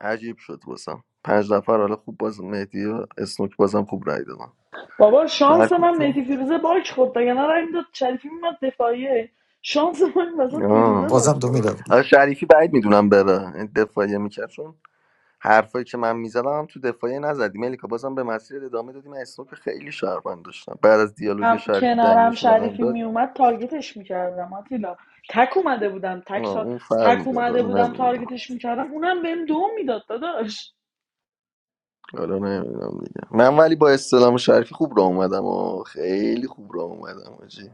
S2: عجیب شد واسم پنج نفر حالا خوب باز مهدی و اسنوک بازم خوب رأی دادم
S7: بابا
S2: در
S7: شانس
S2: کل
S7: من
S2: که-
S7: مهدی فیروزه باک خورد تا یعنی این داد شریفی میومد دفاعیه شانس من این وسط فیروزه
S2: آه.
S7: باک
S6: بازم تو
S7: خورد
S6: میرم
S2: آه، شریفی بعید میدونم بره این دفاعیه میکرد چون حرفایی که من میزدم هم تو دفاعیه نزدیم ملیکا بازم به مسیر ادامه دادیم اسنو که خیلی شهروند داشتم بعد از دیالوگ
S7: هم
S2: شریفی
S7: کنارم
S2: دنگش رو به من
S7: شریفی
S2: داد
S7: میومد تارگتش میکردم آتیلا تک اومده بودم
S2: آه،
S7: تک, تا-
S2: اون فرق
S7: تک
S2: میداد
S7: اومده
S2: حالا
S7: بودم
S2: نمیدونم
S7: تارگتش میکردم اونم بهم دوم میداد داداش
S2: حالا نمیدونم دیگه من ولی با استلام شریفی خوب راه اومدم و خیلی خوب راه اومدم آجی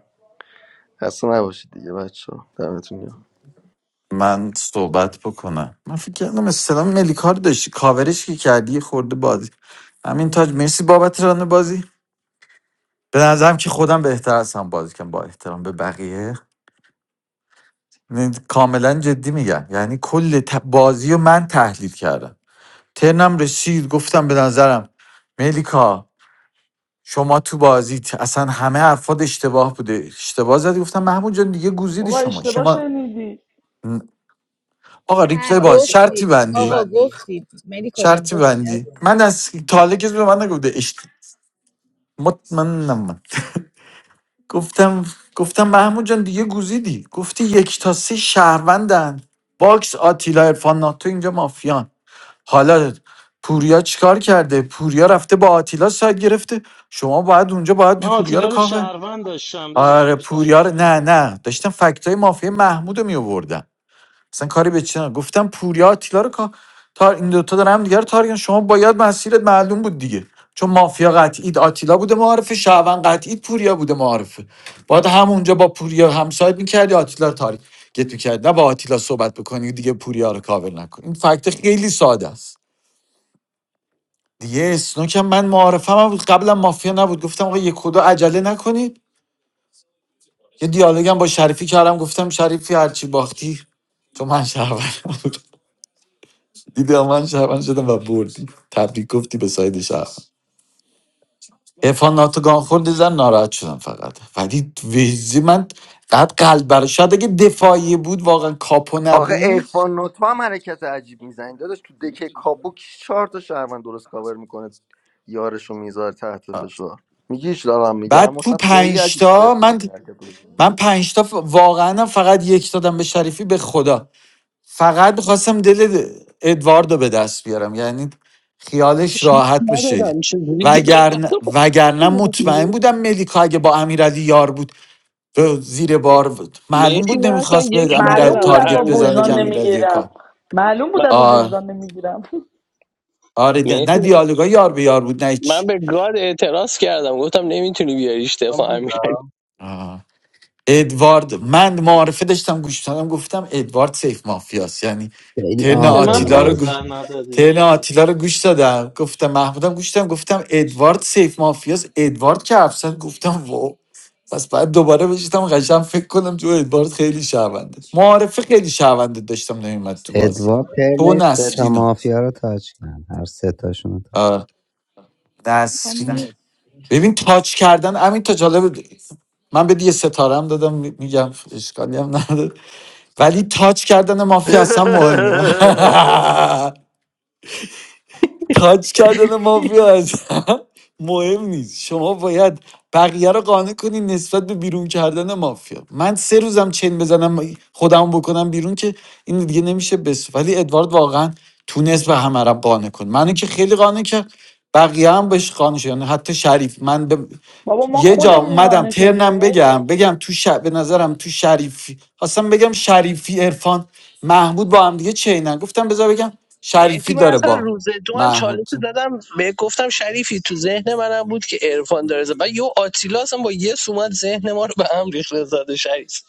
S2: خسته نباشید دیگه بچه دمتون گرم.
S6: من صحبت بکنم من فکر کردم استلام ملیکا رو داشتی کاورش که کردی یه خورده بازی همین تاج مرسی بابت ران بازی به نظرم که خودم بهتر هستم بازی کنم با احترام به بقیه نه، کاملا جدی میگم یعنی کل ت- بازی رو من تحلیل کردم ترنم رسید گفتم به نظرم ملیکا شما تو بازیت اصلا همه حرفات اشتباه بوده اشتباه زدی گفتم محمود جان دیگه گوزیدی
S7: بابا
S6: شما
S7: اشتباه
S6: شما
S7: شنیدی
S6: آقا
S14: نه
S6: ریپلی
S14: آقا
S6: باز شرطی
S14: گفتی آقا
S6: بندی
S14: میبندی گفتی ملیکا جان
S6: شرطی
S14: گفتی
S6: بندی
S14: عزیزم.
S6: من از تا حالا کسی به من نگفته اشت مطمئنم من گفتم گفتم محمود جان دیگه گوزیدی گفتی یک تا سه شهروندن باکس آتیلا ارفان ناتو اینجا مافیان حالا پوریا چیکار کرده پوریا رفته با آتیلا ساید گرفته شما باید اونجا باید
S9: من
S6: پوریا رو
S9: آتیلا رو
S6: کافه
S9: شهروند داشتم داداش
S6: آره
S9: بهش
S6: پوریا رو
S9: تارگت
S6: نه
S9: نزد
S6: نه داشتم فکتای مافیا محمود رو می آوردم. اصلا کاری به چی ندارم. گفتم پوریا آتیلا رو کا- تا این دوتا دارن هم دیگه رو تارگن شما باید مسیرت معلوم بود دیگه چون مافیا قطعید آتیلا بوده معارفه شعبان قطعید پوریا بوده معارفه باید همونجا با پوریا همسایت میکردی آتیلا رو تارگت میکردی نه با آتیلا صحبت بکنی دیگه پوریا رو کاور نکن این فکت خیلی ساده است دیگه اسنوک هم من معارفه هم بود قبلا مافیا نبود گفتم آقا یک خدا عجله نکنید یه دیالوگم با شریفی کردم گفتم شریفی هرچی باختی تو من شهروندم دیدی آقا من شهروند شدم و بردی تبریک گفتی به ساید شهروند ارفان ناتو خورد زن ناراحت شدم فقط ولی ویزی من بعد قلب برای شاید اگه دفاعی بود واقعا کاپو
S2: آقا
S6: نبود
S2: ارفان نوتو هم حرکت عجیب میزنی داداش تو دکه کاپو کی چهار تا شهروند درست کاور میکنه یارشو میذاره تحت فشار میگیش دارم میگم
S6: بعد تو
S2: واسم خیلی عجیب بود
S6: پنجتا
S2: عرفان
S6: من
S2: نوت این حرکت رو
S6: من
S2: بزنه.
S6: پنجتا ف- واقعا فقط یک دادم به شریفی به خدا فقط میخواستم دل د- ادواردو به دست بیارم یعنی خیالش راحت بشه
S15: ندادم چجوری دل
S6: وگرنه وگرنه مطمئن بودم ملیکا اگه با امیرعلی یار بود تو زیر بار بود معلوم
S15: مرسی
S6: بود
S15: من اصلا
S6: نمیخواست
S15: یک
S6: به امیرعلی
S7: معلوم
S15: ندادم
S7: بود
S15: به
S7: از
S6: تارگت
S7: آب
S6: بزنه که
S7: وجدان
S15: امیرعلی
S6: امیرعلی یه
S7: نمیگیرم
S6: کار
S7: معلوم بود
S15: من
S7: از آب
S6: آه.
S7: وجدان نمیگیرم
S6: آره دی... نه
S15: مرسی
S6: دیالوگا یار به یار بود نه
S15: من
S6: هیچ
S15: به گاد اعتراض کردم گفتم نمیتونی بیاریش
S8: من
S15: اشتفا
S8: بگم
S15: امیر
S6: آه. ادوارد من معارفه داشتم گوش می‌دادم، گفتم ادوارد سیف مافیاست یعنی
S10: خیلی
S6: ترن
S9: چرا به من
S6: آتیلا رو گو-
S10: آنفیلیه
S9: پادزر ندادی
S6: ترن
S9: میتی
S6: آتیلا رو گوش دادم گفتم محمودم گوش دادم گفتم ادوارد سیف مافیاس ادوارد که افسر گفتم واو پس بعد دوباره بشیدم قشنگ فکر کنم تو ادوارد خیلی شهرونده معارفه خیلی شهرونده داشتم نمیمد تو بازی
S10: ادوار
S6: تو و
S10: پرنی سه تا
S6: نسرینو
S10: مافیا رو تاچ کرد هر سه تاشون
S6: آه،
S14: آقا من
S6: نسرین
S14: دست
S6: ببین تاچ کردن همین تا جالب من به یه ستاره هم دادم می- میگم اشکالی هم نداره ولی تاچ کردن مافیا اصلا مهم نه. تاچ کردن مافیا اصلا مهم نیست شما باید بقیه رو قانع کنی نسبت به بیرون کردن مافیا من سه روزم چین بزنم خودم بکنم بیرون که این دیگه نمیشه بس ولی ادوارد واقعا تونست به همه رو قانع کن منو که خیلی قانع کرد بقیه هم بهش قانع شد یعنی حتی شریف من به
S7: بابا ما
S6: یه جا
S7: خودمون
S6: اومدم
S7: قانع شدیم
S6: ترنم بگم
S7: مهدی
S6: بگم تو ش... به نظرم تو شریفی خواستم بگم شریفی عرفان محمود با هم دیگه چینن گفتم بذار بگم شریفی
S15: مهدی من
S6: داره
S15: اصلا
S6: با
S15: روز دو هم چالش
S6: محمود
S15: رو دادم به گفتم شریفی تو ذهن منم بود که عرفان داره زد. بعد یه آتیلا اصلا با یه سومت ذهن ما رو به هم ریخت زده شریف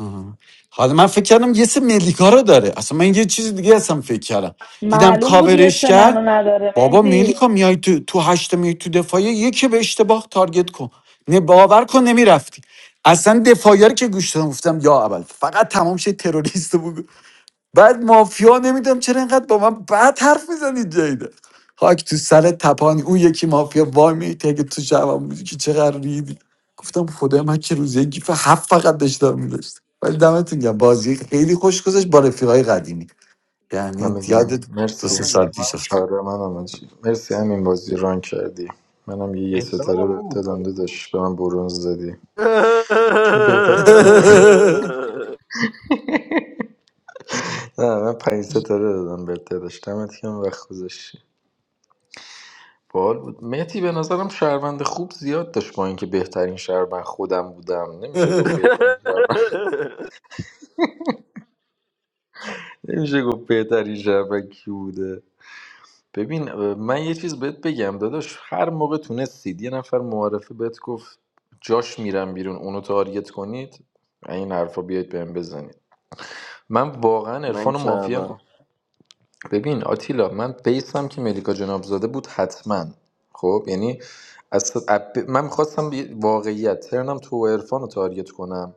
S6: آه. حالا من فکر کردم یه سه ملیکا رو داره اصلا من یه چیز دیگه اصلا فکر کردم دیدم
S7: معلوم بود یه
S6: کاورش
S7: سه
S6: کرد
S7: منو نداره
S6: بابا
S7: مهدی
S6: ملیکا میای تو تو هشت میای تو دفاعی یکی به اشتباه تارگت کن نه باور کن نمیرفتی اصلا دفاعی رو که گوش دادم گفتم یا اول فقط تمام شه تروریست بعد مافیا نمیدونم چرا اینقدر با من بد حرف میزنی جیده خاک تو سر تپانی اون یکی مافیا وای می تگه تو شبم بودی که چقدر ریدی گفتم خدای من که روزه گیف هفت فقط داشتم میداشت ولی دمتون گم بازی خیلی خوش گذشت با رفیقای قدیمی
S17: من
S6: یعنی یاد
S17: میگم
S6: دو
S8: من
S17: مرسی
S6: سه
S8: بگم
S6: سال پیش
S8: من
S6: افتاد.
S17: آره من آمدی مرسی همین بازی ران کردی منم یه یه ستاره
S8: احترامم
S17: بهت دادم
S8: نمیذاره
S17: داداش به من برونز دادی چون بهتر نه من پنج ستاره دادم به داداش دمت کم وقت گذاشتی بال بود مهدی به نظرم شهروند خوب زیاد داشت با اینکه بهترین شهروند خودم بودم نمیشه گفت بهترین شهروند نمیشه گفت بهترین شهروند کی بوده ببین اه، من یه چیز بهت بگم داداش هر موقع تونستید یه نفر معارفه بهت گفت جاش میرم بیرون اونو تارگت کنید این حرفا بیاید بهم بزنید من واقعا
S2: من
S17: عرفان و مافیا
S2: کردم
S17: ببین آتیلا من بیسم که ملیکا جنابزاده بود حتما خب یعنی از اب- من میخواستم واقعیت ترنم تو و عرفان رو تارگت کنم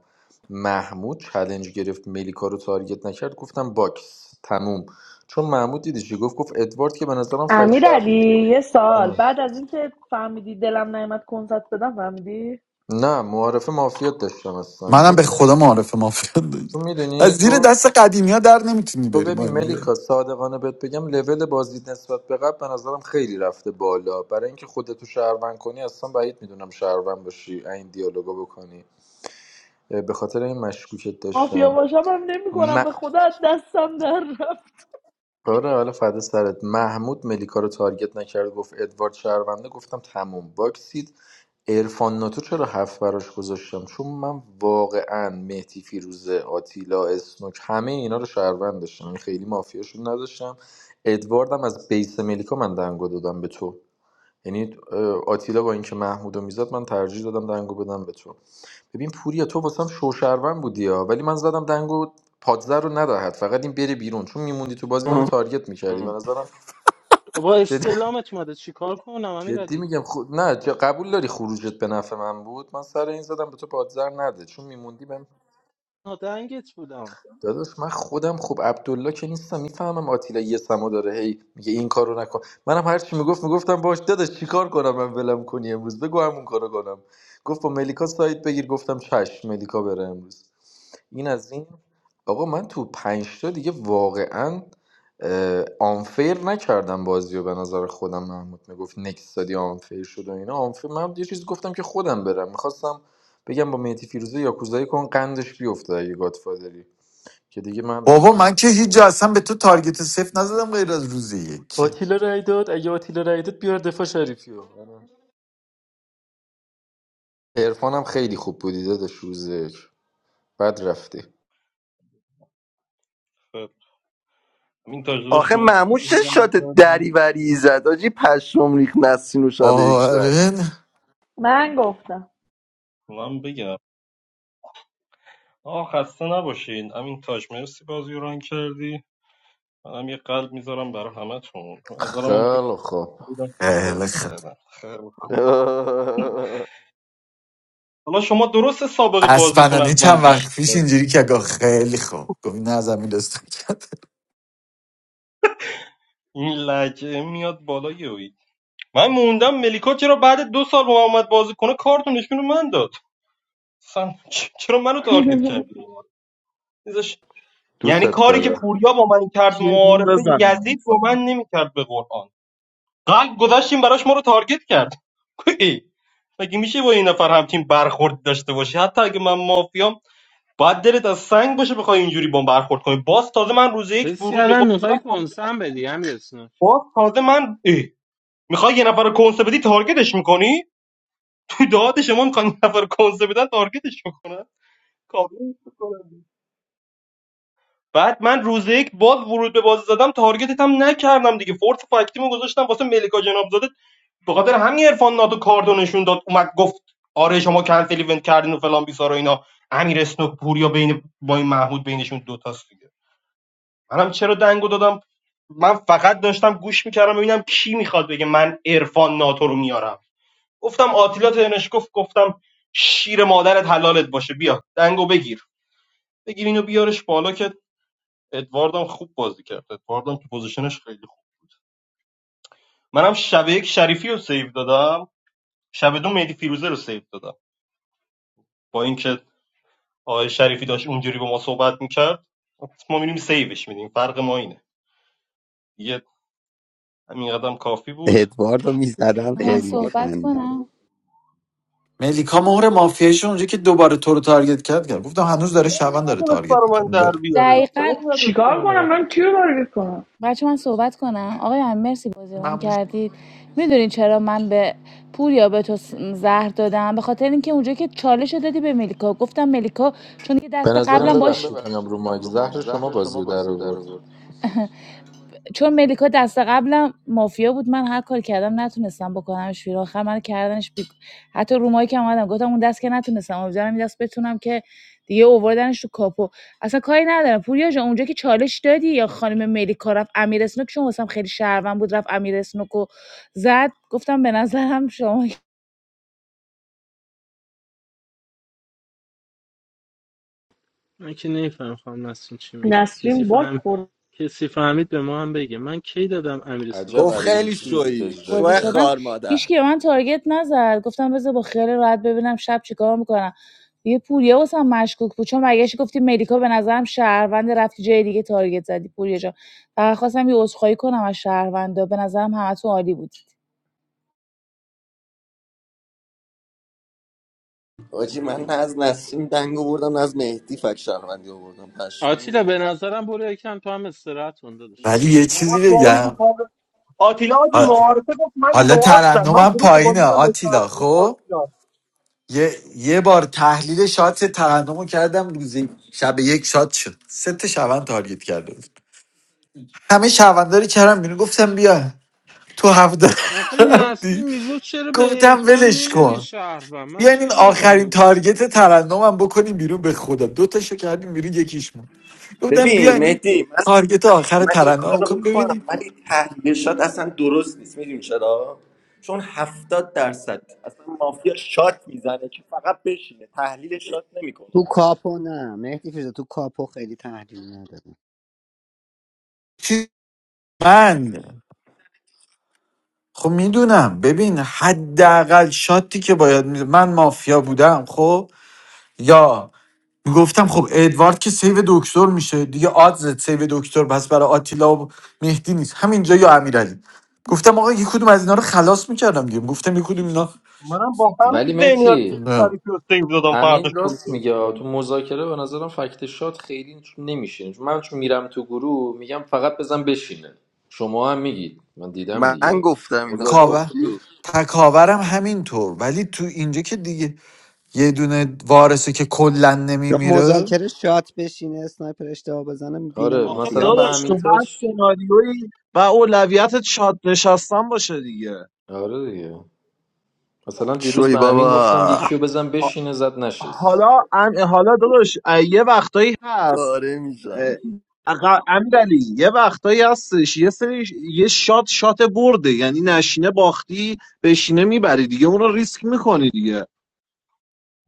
S17: محمود چلنج گرفت ملیکا رو تارگت نکرد گفتم باکس تموم چون محمود دیدی چی گفت گفت ادوارد که به نظرم فکر
S7: امیر
S17: شرف
S7: علی یه سال بعد از اینکه فهمیدی دلم نیمت کنسرت بدم فهمیدی
S17: نه معارف مافیات داشتم اصلا
S6: منم
S17: چون
S6: به خدا معارف مافیا داشت
S17: چون میدونی
S6: از زیر
S17: تو
S6: دست قدیمی ها در نمیتونی
S17: تو
S6: بری
S17: ببین
S6: مهندی.
S17: ملیکا صادقانه بهت بگم لول بازی نسبت به قبل به نظرم خیلی رفته بالا برای اینکه خودتو شهروند کنی اصلا بعید میدونم شهروند باشی این دیالوگا بکنی اه، به خاطر این مشکوکت
S7: مافیا
S17: داشتم
S7: باشم هم نمیکنم به خدا از دستم در رفت
S17: آره حالا فدا سرت محمود ملیکا رو تارگت نکرد گفت ادوارد شهرونده گفتم تموم باکسید ارفان ناتو چرا هفت براش گذاشتم چون من واقعا مهدی فیروزه آتیلا اسنوک همه اینا رو شهروند داشتم یعنی خیلی مافیاشون نداشتم ادواردم از بیس ملیکا من دنگو دادم به تو یعنی اه، آتیلا با اینکه محمودو میزد من ترجیح دادم دنگو بدم به تو ببین پوریا تو واسم شوشرون بودی ها ولی من زدم دنگو پادزر رو ندهد فقط این بره بیرون چون میموندی تو بازی منو تارگت میکردی به نظرم
S9: با
S17: جدی,
S9: استعلامت اومده چیکار کنم
S17: جدی
S9: امیرعلی خب
S17: میگم خود نه ج- قبول داری خروجت به نفع من بود من سر این زدم به تو پادزر نده چون میموندی بهم
S9: نادنگت بودم
S17: داداش من خودم خب عبدالله که نیستم میفهمم آتیلا یه سما داره هی میگه این کارو نکن منم هر چی میگفت میگفتم باش داداش چیکار کنم من ولم کنی امروز بگو همون کارو کنم گفت با ملیکا سایت بگیر گفتم چشم ملیکا بره امروز این از این آقا من تو پنج تا دیگه واقعا اه، آنفیر نکردم بازی و به نظر خودم محمود میگفت نکستادی آنفیر شد و اینا آنفیر من یه چیزی گفتم که خودم برم میخواستم بگم با میتی فیروزه یاکوزایی کن قندش بیفته اگه گادفادری که دیگه من
S6: بابا
S17: نه.
S6: من که هیچ جا اصلا به تو تارگت صفر نزدم غیر از روز یک
S17: آتیلا رای داد اگه آتیلا رای داد بیار دفاع شریفیو عرفانم خیلی خوب بودی داداش روز یک بد رفتی
S8: امین تاج داداش
S2: آخه
S8: مرسی بازی
S2: معموش چه
S8: ایران
S2: شات
S8: کردی.
S2: دریوری زد آجی پشم ریخ نسین و شب یک زد
S6: آره
S7: من گفتم
S8: من بگم آه خسته نباشین امین تاج مرسی بازی ایران کردی منم یه قلب میذارم برای همتون نظرم هم که
S17: خیلی خوب
S8: دیدم خوب
S6: خیلی
S8: بازی
S6: خوب
S8: کردم خیلی خوب. حالا شما درست سابقه بازیتون
S6: اسپنانی
S8: از من
S6: چند وقت پیش
S8: بیشتره
S6: اینجوری که گفت خیلی خوب گفت نه از امیر استان کرد
S8: این لجه میاد بالا یوی من موندم ملیکا چرا بعد دو سال با من اومد بازی کنه کارتون نشون رو من داد اصلا چ- چرا منو تارگت کردی نیزش- یعنی
S17: دوستت
S8: کاری که
S17: دارم
S8: پوریا با من کرد
S12: کیه تیم
S8: معارفه
S12: بزنه
S8: یزید با
S12: مثلا.
S8: من نمیکرد به قرآن قلب گذاشتیم براش ما رو تارگت کرد ای، مگه میشه با این نفر هم تیم برخورد داشته باشی حتی اگه من مافیام باید دلت از سنگ باشه بخوای اینجوری با من برخورد کنی باز تازه من روز یک
S9: حس
S8: ورود به
S9: کردم
S8: باز
S9: میخوای
S8: دادم
S9: کنسم بدی همین اسناک
S8: باز تازه من ای. میخوای یه نفر رو کنسه بدی تارگتش میکنی تو داد شما میخوای یه نفر رو کنسه بدن تارگتش میکنی بعد من روز یک باز ورود به بازی زدم تارگتت هم نکردم دیگه فورس فاکتیمو گذاشتم واسه ملیکا جناب به خاطر همین عرفان ناتو کاردو نشون داد اومد گفت آره شما کنسل ایونت کردین و فلان بیسار اینا امیر اسنوک پوریا بین با این محمود بینشون دوتاست دیگه منم چرا دنگو دادم من فقط داشتم گوش میکردم ببینم کی میخواد بگه من عرفان ناتو رو میارم گفتم آتیلا ترنش گفت گفتم شیر مادرت حلالت باشه بیا دنگو بگیر بگیر اینو بیارش بالا که ادواردم خوب بازی کرد ادواردم تو پوزیشنش خیلی خوب منم شب یک شریفی رو سیو دادم شب دو مهدی فیروزه رو سیو دادم با اینکه آقای شریفی داشت اینجوری با ما صحبت میکرد ما میریم سیوش میدیم فرق ما اینه دیگه همین قدم کافی بود
S10: ادواردو میزدن
S14: آقا من هزار
S10: خیلی
S8: خسته
S14: صحبت
S10: میخندید
S14: کنم
S6: ملیکا مهر مافیاش اونجا که دوباره تو رو تارگت کرد کرد گفتم هنوز داره شبان داره
S8: نمیتونست
S6: تارگت
S8: برا من
S6: میکنه
S8: در
S6: بره
S8: بیاره چرا
S14: دقیقا
S8: این نداشتم
S7: چیکار
S8: من
S7: کنم من کیو تارگت کنم
S14: بچه من صحبت کنم آقای هم مرسی بازی رو ممنون کردید میدونین چرا من به پوریا به تو س- زهر دادم به خاطر اینکه اونجا که چالش رو دادی به ملیکا گفتم ملیکا چون که
S17: به
S14: دست به قبلم
S17: نظرم
S14: باش
S17: ببخشید میام رو مایک زهر شما بازی رو در آورد
S14: چون ملیکا دست قبلم مافیا بود من هر کار کردم نتونستم بکنمش بیرون آخر من کردنش بی... حتی رومایی که اومدم گفتم اون دست که نتونستم امیدوارم این دست بتونم که دیگه اووردنش تو کاپو اصلا کاری ندارم پوریا جان اونجا که چالش دادی یا خانم ملیکا رفت امیر اسنوک چون واسم خیلی شهروند بود رفت امیر اسنوک و زد گفتم به نظرم شما
S9: من که نمیفهم خانم نسرین چی میگه کسی
S7: تصمیم باک
S9: فهم
S7: خوردم.
S9: کسی فهمید به ما هم بگه من کی دادم امیر اسنوک رو
S17: عجب
S2: گفت
S9: تارگت
S2: خیلی
S17: ابیلیتی
S9: کنه
S17: رو
S2: شوی
S17: اجرا
S14: بازی
S2: شوه
S17: کرد
S14: شدم
S2: خار مادر
S14: هیچکی به من تارگت نزد گفتم بذار با خیال راحت ببینم شب چیکار میکنم دیگه پوریا واسم مشکوک بود چون برگشتی گفتی ملیکا به نظرم شهروند رفتی جای دیگه تارگت زدی پوریا جان فقط خواستم یه عذرخواهی کنم از شهروندا به نظرم همتون عالی بود
S2: حاجی من نه از نسیم دنگ آوردم نه از مهدی فک شهروندی آوردم پشمام
S9: آتیلا به نظرم برو یکم تو هم استراحت کن داداش
S6: ولی یه
S8: اون
S6: چیزی
S8: وقت با اونی که
S6: بگم
S8: کامل آتیلا آجی
S6: ح-
S8: معارفه گفت من
S6: حالا
S8: نوازم من
S6: ترنمم
S8: ورود به بازی
S6: پایینه
S8: دادم با
S6: آتیلا
S8: شهروندی
S6: خب
S8: آتیلا
S6: یه, یه بار تحلیل شات ترنمو کردم روزی شب یک شات شد سه تا شبان تارگت کرده بود همه شبانداری کردم بیرون گفتم بیا تو هفته
S9: آخه
S6: رفتی
S9: نسیم میگو چرا به
S6: گفتم
S9: عرفان
S6: ولش
S9: نمیگی
S6: کن
S9: شهروند من
S6: بیاین این
S9: چرا بگم به
S6: آخرین
S9: این
S6: تارگت
S9: شهروند
S6: ترنمم بکنیم بیرون به خدا دو تاشو کردیم بیرون یکیش موند گفتم
S2: ببین
S6: بیاین این
S2: مهدی من
S6: تارگت آخر
S2: من این کار
S6: ترنم
S2: رو
S6: بکن
S2: میکنم
S6: ببینیم
S2: ولی تحلیلشات اصلا درست نیست میدونی چرا چون هفتاد درصد اصلا مافیا شات میزنه که فقط بشینه تحلیل شات
S10: تو
S2: نمیکنه
S10: کاپو نه مهدی فیروزه تو کاپو خیلی تحلیل نداره
S6: چی من خب میدونم ببین حداقل شاتی که باید می... من مافیا بودم خب یا گفتم خب ادوارد که سیو دکتر میشه دیگه آدز سیو دکتر بس برای آتیلا و مهدی نیست همینجا یا امیرعلی گفتم آقا یک کدوم از اینا رو خلاص میکردم دیگه گفتم یک کدوم
S8: منم با همین
S17: ولی
S8: ذهنیت
S17: متی
S6: اینا
S8: شریفی رو سیو دادم فرداش
S17: امین
S8: برو
S17: راست
S8: سیو
S17: میگه تو
S8: دادم
S17: مذاکره به نظرم فکت شات خیلی نمیشین چون من چون میرم تو گروه میگم فقط بزن بشینه شما هم میگید من دیدم
S2: من
S17: دیگه
S2: گفتم اینا
S17: مذاکره
S6: تکاور
S17: بودی؟
S2: پرفیو
S6: تکاورم همینطور ولی تو اینجا که دیگه یه دونه وارثه که کلا
S10: چون
S6: نمیمیره
S10: مذاکره شات بشینه اسنایپر اشتباه بزنه وین
S17: آره
S12: آخه
S17: مثلا به
S12: داداش
S10: مافیاست
S12: تو
S17: امین
S12: هر
S17: تاج
S12: سناریویی و اولویتت شاد نشستن باشه دیگه
S17: آره دیگه مثلا دیروز
S2: شوی
S17: به امین گفتم
S2: بابا
S17: یکی رو بزن بشینه زد نشست
S12: حالا ام- حالا داداش یه وقتایی هست
S2: پاره میشم
S12: اقا امیرعلی یه وقتایی هستش یه سری یه شات شات برده یعنی نشینه باختی بشینه میبری دیگه اون رو ریسک میکنی دیگه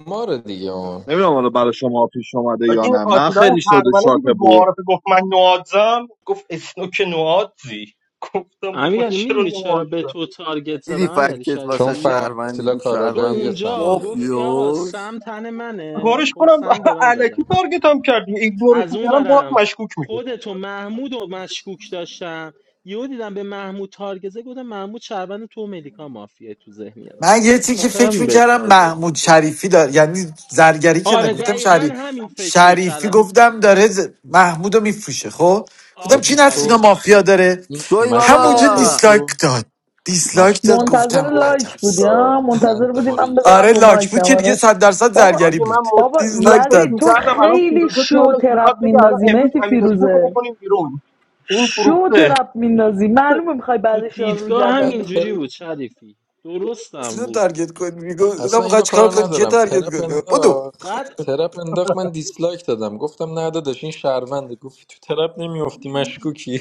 S17: ما رو دیگه اون
S12: نمیدونم حالا برای شما پیش اومده
S8: آجی
S12: یا
S8: این
S12: نه من
S8: آتیلا
S12: خیلی شده
S8: هربله
S12: شات
S8: دیدی
S12: برد
S8: معارفه گفت من نوازم گفت اسنوک نوازی گفتم بابا
S9: امیرعلی
S8: چرا
S9: میدونی چرا به
S8: نوازم
S9: تو تارگت
S2: دیدی
S9: زدم امیرعلی
S2: فکتت
S17: چون
S2: واسه
S9: شریفی
S2: شهروندی
S17: فهمیلا
S2: بود
S9: چون
S17: کاراگاه
S2: شهروند
S17: یه
S2: بود
S17: سما
S9: اونجا
S17: داره
S9: گفتی آقا
S2: پوفیوس
S9: سم تن منه
S8: گارش
S9: خب
S8: کنم
S9: سم به من دادن
S8: علکی تارگتم کردی ایگنورش
S9: از اون
S8: میکردم باید
S9: برم
S8: مشکوک میشدم.
S9: خودتو محمود و مشکوک داشتم یهو دیدم به محمود تارگزه گفتم محمود شهروند تو و ملیکا مافیه تو ذهنیتم
S6: من یه
S9: به
S6: چی که
S9: خاطر
S6: فکر
S9: همین به
S6: میکردم
S9: تارگت
S6: محمود
S9: میزدم
S6: شریفی داره یعنی زرگری که
S9: آره
S6: نگفتم
S9: دقیقا
S6: شریف
S9: همین فکر رو
S6: شریفی
S9: کردم
S6: گفتم داره ز... محمودو میفروشه خب گفتم کی
S17: حاجی تو
S6: نسل
S9: آفرین
S6: مافیا داره
S17: این
S2: شوی
S6: همونجا
S17: مشورتای
S2: بابا
S6: دیسلایک
S17: تو
S6: داد دیسلایک داد
S17: مشورتای
S7: منتظر
S6: گفتم
S17: تو و
S6: عجب
S7: لایک بودیم،
S17: آتیلا
S7: ها منتظر
S17: قند
S7: بودیم،
S17: ما رو
S7: من بذارم
S6: آره
S17: گرفت
S7: رو
S6: لاک
S7: مایکم
S6: بود که
S7: آره
S6: دیگه صد درصد
S7: بابا
S6: زرگری
S8: حاجی من
S6: بود
S8: مط...
S7: بابا
S8: من
S6: دیسلایک
S8: فکر
S7: یزید
S6: داد
S7: تو
S8: میکردم الان
S7: خیلی
S8: فیروزه
S7: شو
S8: ترنش
S7: ترپ
S8: میخواد بگه الان
S7: میندازی
S8: امروز
S7: مهدی
S8: امیر اسمک رو
S7: فیروزه
S8: بکنیم بیرون این
S7: شو
S8: فروخته
S7: ترپ میندازی معلومه میخوای
S9: تو
S7: بعدش یارو رو
S9: دیدگاه
S7: گردن
S17: بعد تر...
S9: همینجوری
S7: بگیری
S9: بود شریفی درستم
S6: رو
S9: بود
S6: تارگت کنی میگو گفتم
S17: اصلا
S6: میخوای
S17: اینو
S6: چیکار
S17: کار
S6: کنی که
S17: ندارم
S6: تارگت
S17: ترپ
S6: کنی بدو
S17: انداخت
S9: بعد
S17: ترپ انداخت من دیسلایک دادم گفتم نه داداش این شهرونده گفت تو ترپ نمیافتی مشکوکی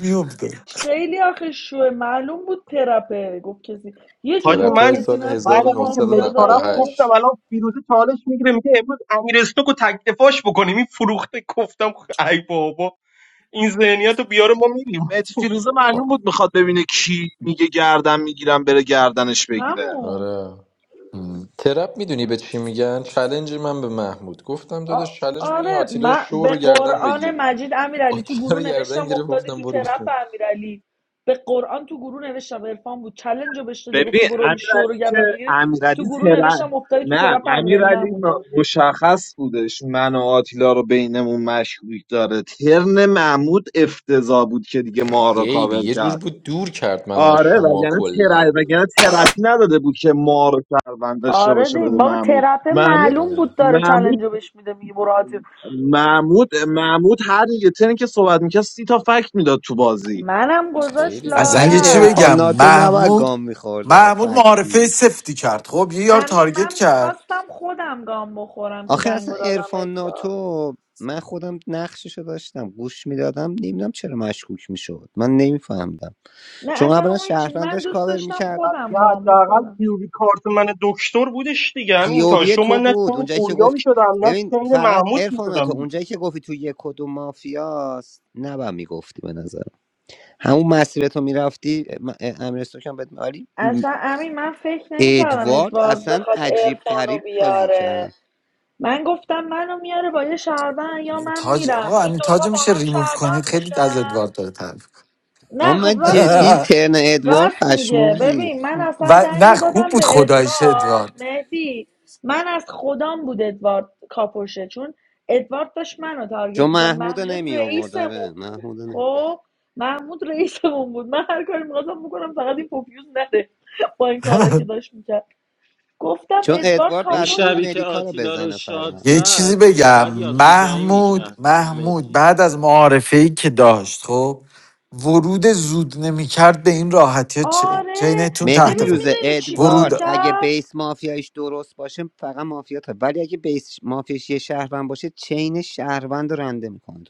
S6: میافتاد
S7: خیلی آخه شوه معلوم بود ترپه گفت کسی یه جوری
S8: حاجی
S17: ترپ
S7: گفت
S8: من
S17: های
S7: کسی
S17: سال
S7: نسرین
S8: بعد
S7: رو
S8: از اینکه
S7: مافیا
S8: ملیکا رفت
S7: داره
S8: گفتم
S17: 1998
S8: الان فیروزه چالش میگیره میگه امروز امیر اسمک رو تک دفاعش بکنیم این فروخته گفتم ای بابا این ذهنیت رو بیاره ما میریم
S12: مهدی فیروزه معلوم بود میخواد ببینه کی میگه گردن میگیرم بره گردنش بگیره
S7: همون
S17: آره ترپ میدونی به چی میگن چلنج من به محمود گفتم
S7: آ-
S17: داداش چلنج بگی این
S7: آره
S17: آتیلا
S7: من
S17: شو
S7: به
S17: رو گردن
S7: قرآن
S17: بگیر
S7: مجید امیرعلی تو
S17: آتیلا رو
S7: گروه
S17: گردن
S7: نوشتم
S17: گرفت
S7: افتادی
S17: گفتم
S7: تو
S17: برو
S7: ترپ
S17: بیرون
S7: امیرعلی به قرآن تو گروه نوشتم عرفان بود چلنج رو بهش دادی
S12: ببین
S7: گفتی برو این شو
S12: امیرعلی
S7: رو
S12: که
S7: گردن بگیری تو
S12: امیرعلی
S7: گروه نوشتم
S12: ترن
S7: افتادی تو
S12: نه
S7: ترپ امیرعلی
S12: امیرعلی
S7: محمود جان
S12: م- مشخص بودش من و آتیلا رو بینمون مشکوک داره ترن محمود افتضاح بود که دیگه ما رو
S17: خیلی
S12: کاور
S17: یه جور
S12: کرد
S17: بود دور کرد منو از
S12: آره
S17: شما
S12: وگرنه تر...
S17: کلا
S12: وگرنه ترپی نداده بود که ما رو شهروند داشته
S7: آره
S12: باشه
S7: دی
S12: بده
S7: بابا
S12: محمود
S7: ترپه
S12: محمود
S7: معلوم
S17: آره
S7: بود داره
S12: محمود
S7: چلنج رو بهش میده میگه برو آتی
S12: محمود محمود هر یه ترنی که صحبت میکرد سی تا فکت میداد تو بازی
S7: منم گذاشت
S17: خیلی
S6: اصلا
S17: بد
S10: ولی
S6: یه
S17: بود
S6: چی
S7: لادر
S10: ارفان
S6: بگم
S10: ناتو نباید
S6: محمود
S10: گام میخورده
S6: محمود معارفه
S10: فکتی
S6: سفتی کرد خب یه یار
S7: امین
S6: تارگت
S7: من
S6: کرد
S7: میخواستم خودم گام بخورم که
S10: آخه اصلا
S7: دنگو دادم
S10: ارفان
S7: اتفاق
S10: ناتو من خودم نقششو داشتم گوش میدادم نمیدونم چرا مشکوک میشد من نمیفهمدم
S7: نه
S10: چون
S7: اصلا
S10: اولا
S7: اون چی
S10: شهروند
S7: من
S10: داشت
S7: دوست
S10: کاور
S7: داشتم خودم
S8: دیگه
S7: گام
S8: حداقل
S7: بخورم
S8: پیوری کارت من دکتر بودش دیگه همین تا
S10: پیووی
S8: شما
S10: تو
S8: من نه
S10: بود
S8: چین
S10: اونجایی که
S8: پوریا
S10: گفت
S8: میشدم نه
S10: ببین
S8: چین
S10: فقط
S8: محمود
S10: ارفان تو
S8: میشدم
S10: اونجایی که گفتی تو یک و دو مافیاست نبا میگفتی به نظرم همون مسیر تو میرفتی امرستو کم بهت عالی م،
S7: اصلا امین من فکر نمیکردم
S10: ادوارد
S7: ادوارد
S10: اصلا
S7: بخواد
S10: عجیب
S7: ارفانو
S10: غریب بازی
S7: بیاره
S10: کرد
S7: من گفتم منو میاره با یه شهروند یا
S6: امین
S7: من
S6: تاج
S7: میرم
S6: آقا
S7: این
S6: امین
S7: دوتا
S6: تاج
S7: با
S6: میشه
S7: هم
S6: ریموف کنید
S7: شهروند
S6: خیلی از
S7: میشن
S6: ادوارد داره تعریف کنه.
S10: اما
S7: نه خب
S10: من
S7: راست می...
S10: جدی ترن ادوارد
S7: راست میگه
S10: پشمام
S7: ببین
S10: ریخت
S7: من اصلا
S6: و نه
S7: دنگو
S6: خوب
S7: دادم
S6: بود
S7: به
S6: خدایش
S7: ادوارد
S6: ادوارد
S7: مهدی من از خودم بود ادوارد کاپوشه چون ادوارد داشت منو تارگت
S10: چون
S7: میکرد
S10: محمودو
S7: محمود
S10: نمی آورد
S7: رئیسمون
S10: آره
S7: بود
S10: محمودو نمی
S7: خب محمود رئیسمون بود من هر کاری میخواستم بکنم فقط این پوفیوز نده با این کارهایی که داشت میکرد گفتم
S10: چون
S7: ادوارد
S10: ادوارد
S9: اون
S10: بسته
S7: کاپوش
S10: بود
S9: شبی که
S10: مدیکا رو
S9: آتیلا رو
S10: بزنه
S9: شاد
S10: فقط
S6: یه چیزی
S9: زد
S6: بگم
S9: باید یاکوزایی
S6: محمود
S9: میکرد با
S6: محمود
S9: متی
S6: بعد از معارفه ای که داشت خب ورود زود نمیکرد به این راحتی ها، چه
S7: آره
S6: چینتون
S10: مهدی
S6: تحت
S7: ببین
S6: فشار
S10: فیروزه
S7: میدونی چی کار
S6: ورود
S10: ادوارد اگه
S7: کرد
S10: بیس مافیایش درست باشه فقط مافیا تا ولی اگه بیس مافیایش یه شهروند باشه چین شهروند رو رنده میکنه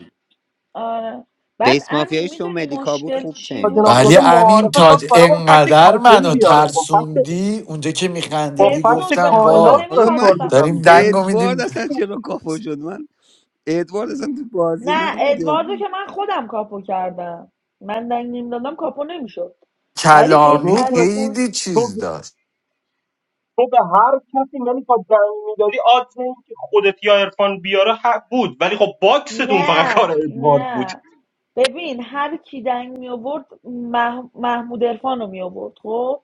S7: آره بعد
S10: بیس
S7: امین
S10: مافیایش تو
S7: میدونی
S10: ملیکا بود
S7: مشکل
S10: خوب
S7: چی
S10: چین
S8: حاجی جناب
S10: میچید
S6: ولی
S8: زاده
S7: بود
S6: امین
S8: معارفه خواست
S6: تاج
S8: برای من فکت
S6: انقدر
S8: کافه
S6: منو
S8: بیاره با فکت
S6: ترسوندی اونجا که
S8: با
S6: میخندیدی
S7: اسنوک
S8: فکت
S7: به
S6: گفتم
S7: خدا
S8: کائنات
S6: وا
S10: آقا
S8: داشت
S10: من
S7: نمیخواستم
S8: تارگت هم
S6: داریم
S8: میکنه
S6: دنگو
S10: ادوارد
S6: میدیم
S10: اصلا چرا کافو شد من ادوارد اصلا تو بازی
S7: نه
S10: نبود یا
S7: ادواردو
S10: بود.
S7: که من خودم کاپو کردم من دنگ نیم دادم کاپو نمیشد ولی
S8: تو
S6: کلامی
S8: نمیتونه
S7: بهترین پول
S6: خیلی
S8: تو
S6: چیز داشت
S8: تو به هر کسی یعنی تا دنگ میدادی آدم این که خودت یا عرفان بیاره حق بود ولی خب باکستون فقط کار
S7: نه
S8: ادوارد بود
S7: نه ببین هر کی دنگ می آورد مح- محمود عرفان رو می آورد خب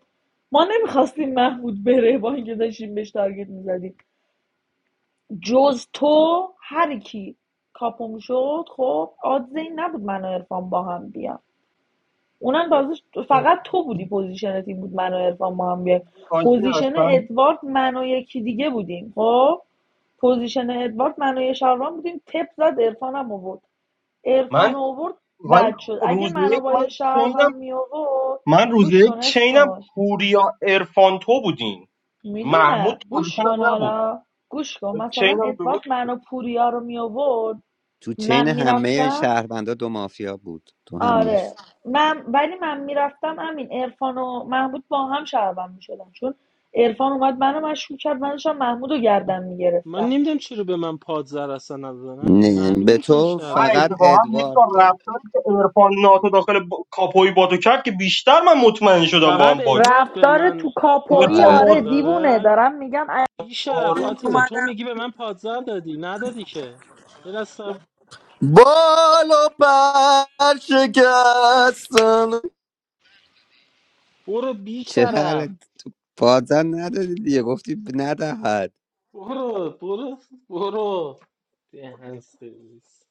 S7: ما نمیخواستیم محمود بره با اینکه داشتیم بهش تارگت میزدیم جز تو هر کی کاپم شد خب آدز این نبود من و عرفان با هم بیام اونم تازه فقط تو بودی پوزیشنت این بود من و عرفان با هم بیام
S8: حاجی
S7: پوزیشن
S8: اصلا
S7: ادوارد من و یکی دیگه بودیم خب پوزیشن ادوارد من و یه شهروان بودیم تپ زد عرفان هم آورد عرفان
S8: من
S7: آورد
S8: ولی
S7: بد شد اگه
S8: روز
S7: منو
S8: یک
S7: با
S8: من
S7: یه شهروند
S8: چینم
S7: می آورد
S8: من روز
S7: گوش کن
S8: یک چینم
S7: اسنو
S8: پوریا عرفان تو بودین
S7: میدونم
S8: محمود
S7: گوش
S8: پوزیشنم
S7: کن
S8: نبود
S7: حالا گوش کن مثلا
S8: چینم درست
S7: ادوارد منو پوریا رو می آورد
S10: تو
S7: من
S10: چین همه
S7: میرفتم
S10: شهروندا دو مافیا بود تو همش
S7: آره من ولی من میرفتم همین عرفان و محمود با هم شهروند میشدن چون عرفان اومد منو مشکوک کرد من داشتم محمود رو گردن
S9: من
S7: میگرفتم
S9: نمیدونم چرا به من پادزر اصلا ندادن همین
S10: نه
S9: معلوم
S10: به
S9: بود من
S10: تو
S8: نه
S10: فقط
S9: شهروندم
S8: اتفاقا
S10: ادوارد
S8: ملیکا
S10: داد
S8: رفتاری که ارفان ناتو داخل با... کاپوی بادو کرد که بیشتر من مطمئن شدم با
S9: فقط
S8: هم باکس
S9: ادوارد به
S7: رفتار تو
S9: من
S7: کاپویی
S8: ارفان
S10: آره
S9: پادزر
S7: آره
S8: ناتو
S10: ادوارد
S7: دیوونه
S9: داره
S7: دارم میگم
S9: بی شرف
S8: آره
S9: آتیلا
S8: دیگه
S9: تو
S7: اومدم
S9: میگی به من پادزر دادی ندادی که یه دست صبر-
S2: بال و پر شکستن
S9: برو بی
S10: چرا
S9: شرف
S10: الان تو بازن ندادی دیگه گفتی ب- ندهد
S9: برو برو برو دهن سرویس.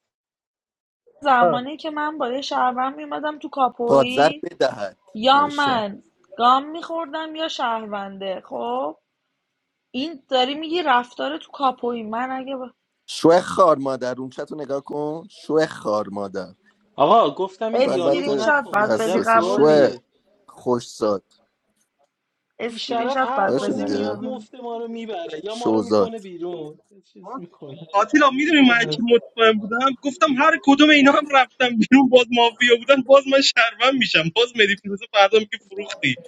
S8: آه.
S7: زمانی که من با یه شهروند میومدم تو
S2: پادزر
S7: کاپویی
S2: بدهد
S7: یا
S2: نوشتم
S7: من گام میخوردم یا شهرونده خب این داری میگی رفتار تو کاپویی من اگه با...
S2: شو خار مادر اون چطور نگاه کن شو خار مادر
S9: آقا گفتم این
S2: تو
S9: دیالوگو
S7: اسکرین
S2: البته
S7: شات
S9: نکن
S7: باید بدی
S9: عجب
S2: حساسی
S7: قبول نی.
S2: شو
S9: گاویه
S2: خوشزاد
S9: بی
S7: اسکرین
S9: شرف
S7: شات
S9: هر
S7: بعد
S2: باشه
S9: بازی
S7: بذاره
S9: میاد
S2: دیگه
S7: ببین
S9: مفت ما رو میبره یا ما رو میکنه
S2: شوزاد
S9: بیرون یه چیز میکنه
S8: آتیلا میدونی من چی مطمئن بودم گفتم هر کدوم اینا هم رفتم بیرون باز مافیا بودن باز من شرمن میشم باز مدی فیروزه فردا میگه فروختی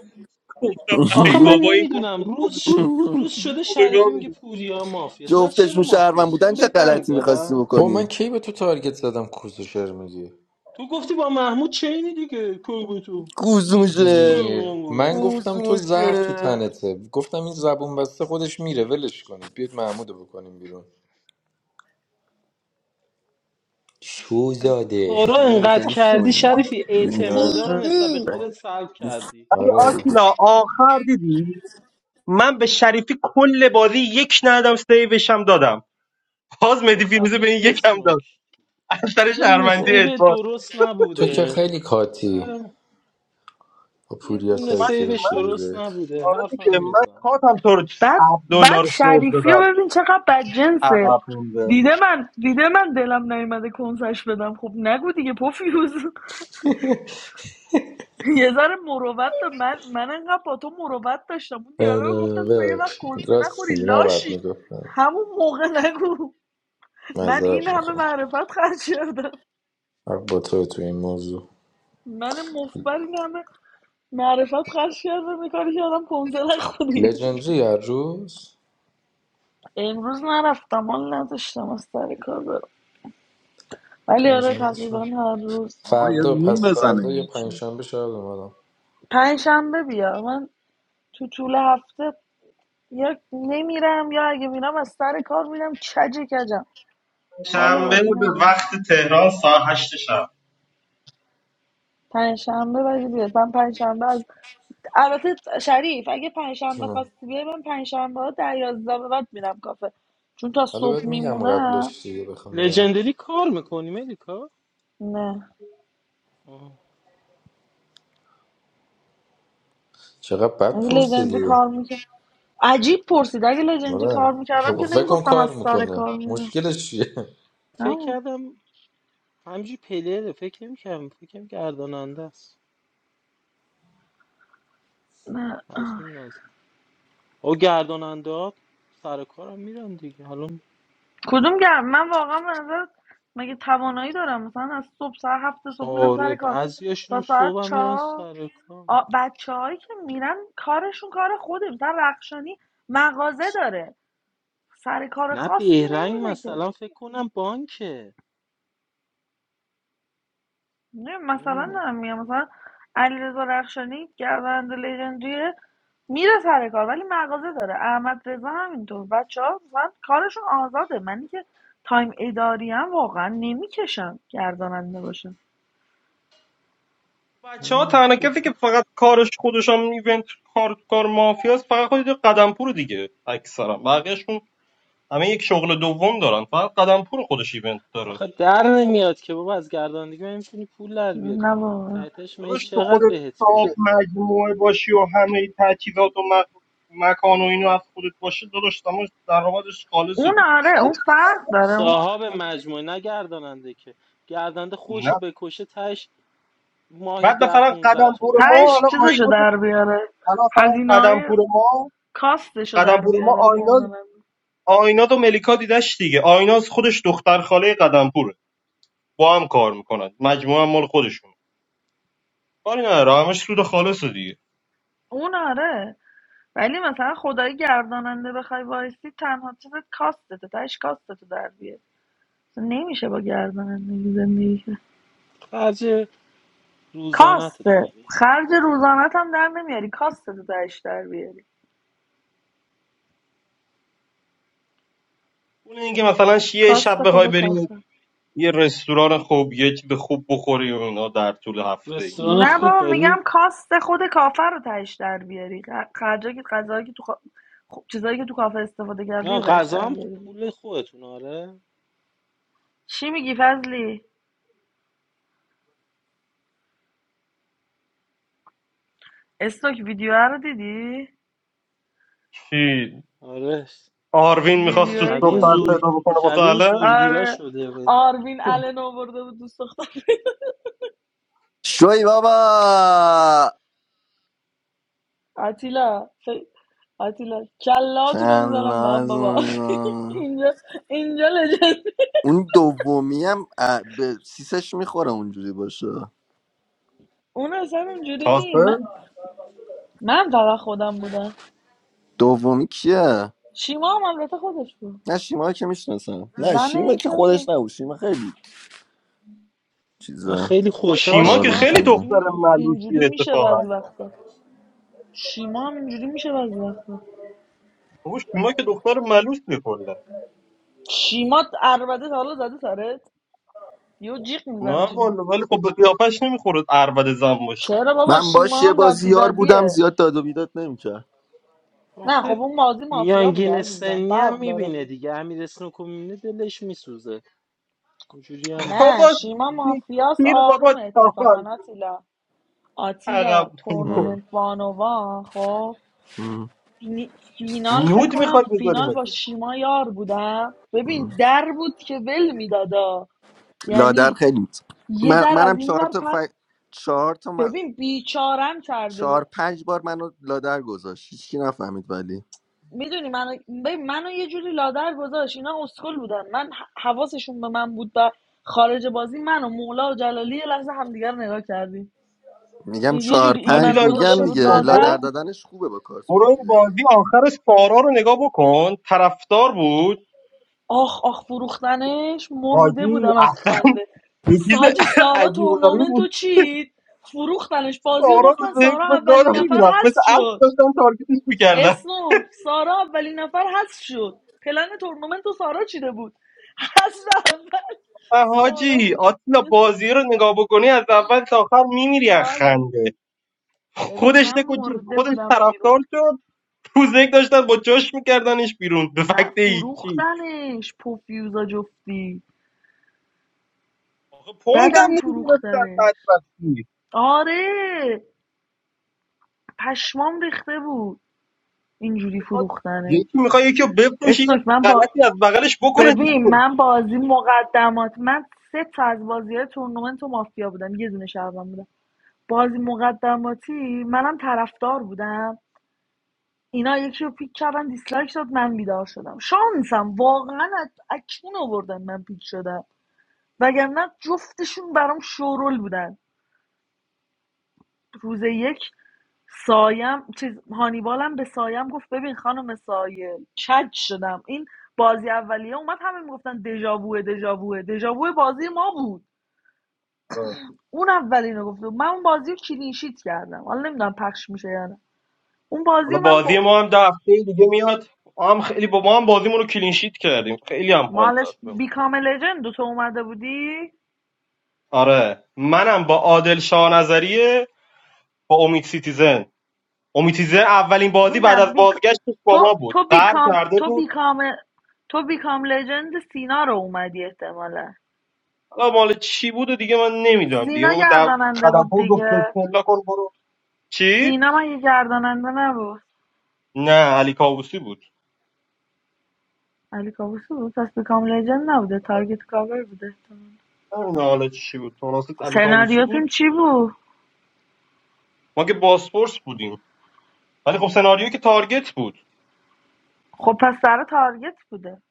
S8: گفتم ای
S9: آخه من
S8: بابا این گفت
S9: نمیدونم روز
S8: کنه
S9: ش...
S8: بدی
S9: روز شده
S8: اوبگا
S9: شریفی میگه
S8: میده
S9: پوریا مافیاست من چرا
S2: جفتشون شهرون
S9: مافیام
S2: بودن
S9: چون
S2: چه
S9: به دنگ
S2: غلطی میخواستی
S9: دادم
S17: با من
S2: بکنی
S17: کی به تو تارگت زدم کوزوشر میگی
S9: تو گفتی با محمود چینی دیگه کوبو تو
S2: گوزوشه
S9: کوبو
S17: گوزوشر من گفتم تو زهر تو
S2: گوزوشه
S17: تنته گفتم این زبون بسته خودش میره ولش کنید بیاید محمودو بکنیم بیرون
S9: از این
S17: شوزاده
S9: کارا
S2: خیلی
S9: انقدر
S2: خیلی
S9: کردی
S2: شوی
S9: شریفی اعتمادا رو نسبت به
S7: سیکتی
S9: خودت سلب کردی
S8: ولی
S17: آره
S8: آتیلا آخر دیدی من به شریفی کل بازی یک ندادم سیوش هم دادم باز
S9: بابا
S8: مدی فیروزه به
S9: خفش
S8: این
S9: و
S8: یکم داد
S9: اسنوک
S8: از سر
S9: یه دونه
S17: بابا.
S8: شهروندی
S9: سیو
S8: ادوارد
S9: درست
S17: تو که
S9: نبوده
S17: خیلی کاتی
S9: برام
S17: با
S9: یه
S17: پوریا
S9: دونه
S8: من
S17: سایت
S9: سیوش
S17: گرفتی
S9: درست
S17: روزه
S9: نبوده
S8: آره دیگه
S9: حرفم
S8: من
S9: میزنه
S8: کاتم تو رو 7
S7: بعد بعد
S8: دلار سیو
S7: شریفی رو
S8: دادم
S7: ببین چقدر بدجنسه
S8: عقب مونده
S7: دیده من دیده من دلم نیومده کنسش بدم خب نگو دیگه پوفیوز یه ذره مروت دار- من من انقدر با تو مروت داشتم اون دیالوگ
S17: آره
S7: گفتم تو یه وقت
S17: ببخشید
S7: کنسه
S17: راست
S7: نخوری
S17: میگی نباید
S7: لاشی
S17: میگفتم
S7: همون موقع نگو من این
S17: معذرت
S7: همه
S17: میخوام
S7: معرفت خرج کردم
S17: حق با تو تو این موضوع
S7: من مفبر این همه معرفت خرج کردم یه کاری کردم کنسه نخوری
S17: لژندری هر روز
S7: امروز نرفتم حال نداشتم از سر کار برم ولی آره
S17: پنجشنبه شب.
S7: تقریبا هر روز
S12: آقا یه
S17: فردا
S12: روم
S17: پس
S12: بزنه
S17: فردا یا
S12: یکی
S17: پنجشنبه شاید اومدم
S7: پنجشنبه بیا من تو طول هفته یا نمیرم یا اگه میرم از سر کار میرم کج کجم حال
S8: شنبه
S7: بازی
S8: به
S7: ندارم
S8: وقت تهران ساعت 8 شب
S7: پنجشنبه ولی بیاد من پنجشنبه از البته شریف اگه پنجشنبه
S17: جونم
S7: خواستی بیای من پنجشنبه ها در یازده به بعد میرم کافه چون تا
S17: حالا
S7: صبح
S17: بهت میگم
S7: میمونم
S17: قبلش دیگه بخوام برم
S9: لژندری کار میکنی ملیکا
S7: نه
S9: آه.
S17: چقدر بد
S7: اگه لژندری
S17: پرسیدی
S7: کار میکرد عجیب پرسید اگه لژندری
S17: آره
S7: کار میکردم
S17: خب
S7: که
S17: فکر کن
S7: نمیگفتم از
S17: کار
S7: سر
S17: میکنه
S7: کار میرم
S17: مشکلش چیه
S9: فکر
S7: نه
S9: کردم همجی پلره فکر نمی‌کردم فکر که گرداننده است
S7: نه.
S9: از
S7: آه.
S9: اون نظر او گرداننده ها سر کارم میرن دیگه حالا
S7: کدوم گرم من واقعا به نظر مگه توانایی دارم مثلا از صبح ساعت هفت صبح میرم
S9: آره
S7: سر کار تا
S9: بعضیاشون
S7: ساعت
S9: صبح هم میرن
S7: چهار
S9: سر کار
S7: بچه هایی که میرن کارشون کار خوده مثلا رخشانی مغازه داره سر کار
S9: نه
S7: خاصی
S9: بهرنگ
S7: نمیره که
S9: مثلا فکر کنم بانکه
S7: نه مثلا دارم
S9: نمیدونم
S7: میگم مثلا علیرضا رخشانی گردنده لژندریه میره سر کار ولی مغازه داره احمد رضا همینطور بچه ها مثلا کارشون آزاده منی که تایم اداری هم واقعا نمیکشم گرداننده باشم
S8: بچه ها
S9: نمی‌دونم.
S8: تنها کسی که
S9: گفتم
S8: فقط کارش خودش هم ایونت کار کار مافیاست فقط خود قدم پور دیگه اکثرا بقیهشون همه یک شغل دوم دارن فقط قدم پور خودش ایونت داره
S9: آخه در نمیاد که بابا از گردانندگی من میتونی پول در
S7: نه
S9: بیاری
S7: واقعا
S9: تحتش می
S8: داداش تو
S9: چقدر
S8: خودت
S9: بهت
S8: صاحب
S9: میده
S8: مجموعه باشی و همه تجهیزات و م- مکان و اینو از خودت باشه داداش تمام درآمدش خالصه
S7: اون
S8: دیگه چی؟
S7: آره اون
S9: س-
S7: فرق داره اون
S9: صاحب مجموعه نه گرداننده که گردنده خوش
S8: نه.
S9: رو بکشه تهش ماهی
S8: بعد
S9: ده
S8: مثلا
S9: 15
S8: قدم پور
S9: تومن
S8: ما
S9: بده
S7: تهش
S8: حالا
S7: چیزشو
S8: آیناز
S7: در بیاره
S8: حالا مثلا
S7: هزینه
S8: قدم
S7: های
S8: پور ما
S7: کاستشو
S8: قدم
S7: در
S8: پور ما
S7: بیاره
S8: آیناز
S7: گرداننده
S8: آیناز و ملیکا دیدش دیگه آیناز خودش دختر خاله قدم پوره با هم کار میکنن مجموعه هم مال خودشون کاری نداره همش سود خالص دیگه
S7: اون آره ولی مثلا خدای گرداننده بخوای وایسی تنها چیزت کاستته تهش کاستتو در بیاری اصلا نمیشه با گردانندگی زندگی کرد
S9: خرج روزانت در
S7: کاسته
S9: میاری
S7: خرج روزانت هم در نمیاری کاستتو تهش در بیاری
S8: اون اینکه مثلا ش- یه شب
S7: کاست
S8: بخوای
S7: خود
S8: بریم
S7: کافر
S8: یه رستوران خوب یه چیز خوب بخوری و اینا در طول هفته
S9: رستوران
S8: اینجوری
S7: نه
S8: نه
S9: خوب
S7: بابا میگم
S9: بری
S7: کاست خود کافر رو تهش در بیاری خ- خرجایی که غذایی که تو کا- خب، چیزایی که تو کافه استفاده کردی
S9: نه
S7: رو تهش
S9: غذا
S7: در
S9: هم خوب
S7: بیاری
S9: پول خودتون آره
S7: چی میگی فضلی استوک ویدیو رو دیدی
S8: چی
S9: آره
S8: آروین میخواست دوست
S7: ویدیوهایی که
S9: شبیه
S8: دختر
S9: زور
S8: پیدا بکنه
S9: شبیه
S8: مثلا
S9: زورگیرا
S7: آره
S9: شده بود.
S7: آروین الن آورده بود دوست دختر
S2: شوی بابا
S7: آتیلا فی- آتیلا کلاتونو میزنم من
S2: شلاز.
S7: بابا اینجا اینجا لجن
S2: اون دومی هم اه، به سیسش میخوره اونجوری باشه
S7: اون اصلا اونجوری نیم من
S8: تازه
S7: من فقط خودم بودم
S2: دومی کیه
S7: شیما هم البته خودش بود
S2: نه شیما که میشناسم نه
S7: زن
S2: شیما
S7: یکی
S2: که
S7: از
S2: خودش
S7: بچه-
S2: نبود شیما خیلی
S9: من
S2: چیزه
S9: خیلی
S7: با
S9: خوشحال
S8: شیما که
S7: شیما
S2: آروم
S7: هم
S8: خیلی
S9: خوشحال
S2: تنه
S7: اینجوری,
S8: دختر
S7: می‌ک-
S8: ملوسیه
S7: اینجوری میشه
S8: اتفاقا
S7: بعضی وقتا شیما هم اینجوری میشه بعضی وقتا
S8: گوش ما که دختر ملوس کلا
S7: شیما البته تا حالا زده سرت یه جیغ
S8: نه
S7: میزنه شیما
S8: والا ولی خب به قیافش نمیخوره اربد زن باشه
S7: چرا بابا
S2: من باش
S7: شیما
S2: یه
S7: هم داد
S2: بازی یار بودم
S7: بیدادیه
S2: زیاد داد و بیداد نمیکرد
S7: نه خب
S9: آخه
S7: اون مازی مافیا بوده
S9: میانگین
S7: عزیزم
S9: سنی
S7: فرق
S9: هم
S7: داره
S9: میبینه دیگه امیر اسنوکو میبینه دلش میسوزه اینجوری هم
S7: نه
S8: بابا
S9: هست
S7: شیما
S8: سی-
S7: مافیاس
S8: سیر
S7: آروم
S8: بابا
S7: اتفاقا
S8: چاقال
S7: آتیلا آتیلا
S8: عقب
S7: تورنمنت بانوان خب نی- فینال فکر
S8: نود
S7: کنم
S8: میخوای بذاری
S7: فینال با
S8: مگه
S7: شیما یار بودم ببین در بود که ول میدادا
S2: لادر
S7: یعنی
S2: خیلی می‌ت-
S7: یه
S2: من
S7: در از
S2: منم
S7: این
S2: چهار
S7: ور
S2: تا ف...
S7: پر
S2: چهار تا من...
S7: ببین بیچارم کرده بود
S2: چهار پنج بار منو لادر گذاشت هیچکی نفهمید ولی
S7: میدونی منو ببین منو یه جوری لادر گذاشت اینا اسکل بودن من ح- حواسشون به من بود و خارج بازی من و مولا و جلالی یه لحظه همدیگر نگاه کردیم
S2: میگم
S7: این یه
S2: چهار
S7: جوری این
S2: پنج
S8: آتیلا
S7: منو
S8: اینو
S7: گذاشته
S2: میگم
S8: ولش
S7: بود
S2: دیگه
S8: کن برو
S2: لادر
S7: لادر
S8: این
S2: دادنش خوبه با کارت
S8: برو این
S2: مافیایی
S8: بازی آخر سارا رو نگاه بکن طرفدار بود
S7: آخ آخ فروختنش مرده
S8: حاجی
S7: بودم از
S8: اه،
S7: خنده
S8: یه چیز
S7: ساجی سارا
S8: عجیب و غریبی
S7: تورنمنت
S8: بود
S7: چید فروختنش بازی و
S8: سارا
S7: باختن
S8: رو ذهن
S7: سارا
S8: به گاز
S7: اولین نفر
S8: میرفت مثل
S7: حذف
S8: اسب
S7: شد
S8: داشتن تارگتش میکردن
S7: اسنوک سارا اولین نفر حذف شد پلن تورنمنت و سارا چیده بود حذف اول سارا
S8: حاجی
S7: بود
S8: آتیلا
S7: یه
S8: بازی رو نگاه بکنی از اول تا آخر میمیری از
S7: کاله
S8: خنده
S7: ببین
S8: خودش
S7: من
S8: دکو چید
S7: مرده
S8: خودش
S7: بودم بیرون
S8: طرفدار شد روز یک داشتن با جاش میکردنش بیرون به
S7: ف-
S8: فکت هیچی
S7: فروختنش پوفیوزا جفتی
S8: آخه پوینت هم
S7: بدم
S8: نمیگرفتن
S7: فروختنش
S8: بعد وقتی
S7: آره پشمام ریخته بود اینجوری
S8: میخواد یکی
S7: فروختنش
S8: میخواد یکی رو بفروشی یه
S7: اسنوک من با
S8: غلطی از بغلش بکنه دیگه
S7: ببین من بازی مقدمات من سه تا از بازی های تورنمنت و مافیا بودم یه دونه شهروند بودم بازی مقدماتی منم طرفدار بودم اینا یکی رو پیک کردن دیسلایک داد من بیدار شدم شانسم واقعا از اکنون آوردن من پیک شدم وگرنه جفتشون برام شورول بودن روز یک سایم چیز هانیبالم به سایم گفت ببین خانم سایه کج شدم این بازی اولیه اومد همه میگفتن دژاووه دژاووه دژاوو بازی ما بود
S8: آه.
S7: اون اولینو گفت من اون بازی رو کلینشیت کردم حالا نمیدونم پخش میشه یا نه اون بازی
S8: حالا
S7: من
S8: بازی
S7: با
S8: ما هم ده هفته دیگه میاد ما هم خیلی با ما هم بازیمون رو کلینشیت کردیم خیلی هم حال داد
S7: مالش
S8: بهم.
S7: بیکام لجند تو اومده بودی
S8: آره منم با عادل شاه نظریه با امید سیتیزن امید سیتیزن اولین بازی بعد
S7: میگم
S8: از
S7: بیک...
S8: بازگشتش با
S7: تو
S8: ما بود
S7: تو
S8: قهر
S7: بیکام
S8: کرده
S7: تو
S8: بود
S7: بیکام تو بیکام لجند سینا رو اومدی احتمالا
S8: حالا مال چی بود و دیگه من نمیدونم
S7: سینا
S8: دیگه بابا دو...
S7: گرداننده بود
S8: خدمپور گفت
S7: دیگه
S8: بسم الله کن برو چی؟
S7: سینا من یه گرداننده نبود
S8: نه علی کاووسی بود
S7: علی کابوسی بود پس بیکام لجن نبوده تارگت کاور بوده احتمال.
S8: نمیدونم حالا چی بود تو علی کاووسی
S7: سناریوتون
S8: بود
S7: چی بود
S8: ما که باسپورس بودیم ولی خب سناریو که تارگت بود
S7: خب پس سر تارگت بوده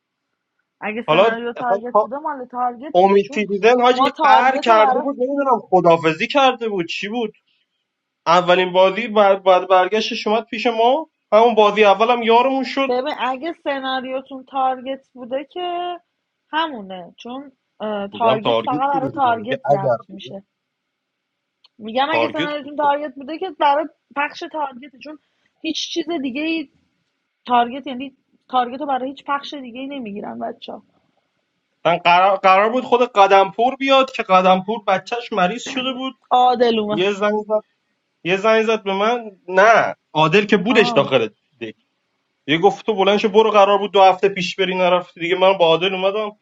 S7: اگه
S8: حالا
S7: سناریو
S8: اصلا
S7: تارگت
S8: کا-
S7: بوده مال تارگت بوده
S8: امید
S7: چون
S8: دیدن حاجی
S7: ما
S8: قهر
S7: تارگت رو
S8: کرده
S7: برای
S8: بود نمیدونم خدافزی کرده بود چی بود اولین بازی بر, بر برگشتش اومد پیش ما همون بازی اولم یارمون شد
S7: ببین اگه سناریوتون تارگت بوده که همونه چون اه،
S8: میگم
S7: تارگت
S8: تارگت
S7: فقط برای
S8: بوده دیگه میگه
S7: تارگت
S8: اگر
S7: ضبط
S8: بوده
S7: میشه میگم اگه
S8: تارگت
S7: سناریوتون
S8: بود
S7: تارگت بوده که برای پخش تارگته چون هیچ چیز دیگه تارگت یعنی تارگت رو برای هیچ پخش دیگه ای نمیگیرن بچه ها
S8: من قرار, قرار بود خود قدمپور بیاد که قدمپور بچهش مریض شده بود
S7: عادلومه
S8: یه زنگ زد یه زنگ زد به من نه عادل که بودش
S7: آه
S8: داخل دک یه گفت تو بلند شو برو قرار بود دو هفته پیش بری نرفتی دیگه من با عادل اومدم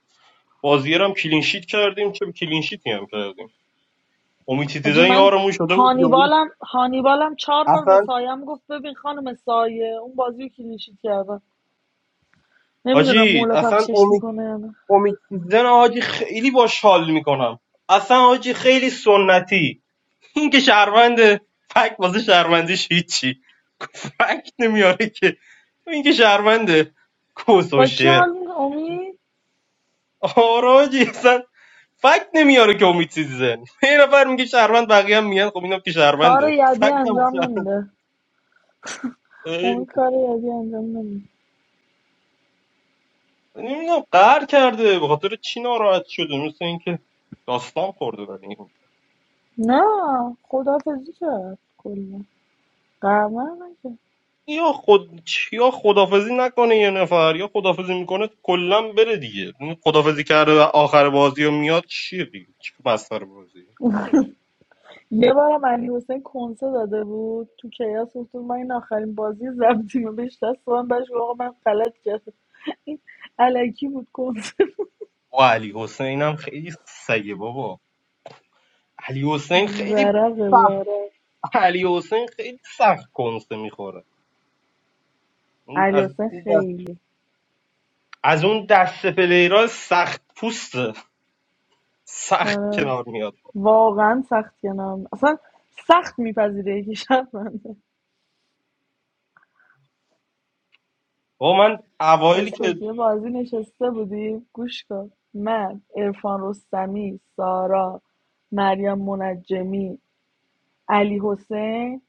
S8: بازیرم کلین شیت کردیم چه کلین شیتی هم کردیم امید
S7: حاجی
S8: دیدن
S7: من
S8: یارمون شده بود یهویی.
S7: هانیبالم هانیبالم چهار بار به
S8: اصلا
S7: سایم گفت ببین خانم سایه اون بازی رو کلینشیت کردن نمیدونم
S8: حاجی
S7: مولا
S8: اصلا
S7: پخشش
S8: امید
S7: میکنه یا نه
S8: امید دیدن حاجی خیلی باش حال میکنم اصلا حاجی خیلی سنتی این که شهرونده فکت واسه شهروندیش هیچی فکت نمیاره که این که شهرونده کس و
S7: با کی
S8: شعر
S7: حال می‌کنه؟ امید
S8: آراجی اصلا فکت نمیاره که امید چیزی زن یه نفر میگه شهروند بقیه هم میگن خب اینم که
S7: کار
S8: شهرونده
S7: یدی
S8: فکت هم واسه
S7: انجام نمیده
S8: شهروند.
S7: امید کار یدی انجام نمیده
S8: نمیدونم قهر کرده به خاطر چی ناراحت شده مثل اینکه داستان خورده برای این.
S7: نه خدافزی کرد کلا قرمه نکرد
S8: یا خود یا خدافزی نکنه یه نفر یا خدافزی میکنه کلا بره دیگه این خدافزی کرده و آخر بازی و میاد چیه دیگه چی بستر بازی
S7: یه بارم علی حسین کنسه داده بود تو کیاس گفتم من این آخرین بازی زبطیم بهش دست من بهش گفتم آقا من غلط کردم این علکی بود کنسه
S8: و علی حسین هم خیلی سگه بابا علی حسین خیلی
S7: ورقه
S8: سخت
S7: ورق
S8: علی حسین خیلی سخت کنسه میخوره اون
S7: علی
S8: از
S7: حسین
S8: اون دست
S7: خیلی
S8: از اون دست پلیرها سخت پوسته سخت
S7: آره.
S8: کنار میاد
S7: واقعا سخت کنم اصلا سخت میپذیره یکی شب بنده
S8: با من اوایلی که
S7: استوکیه بازی نشسته بودیم گوش کن من ارفان رستمی سارا مریم منجمی علی حسین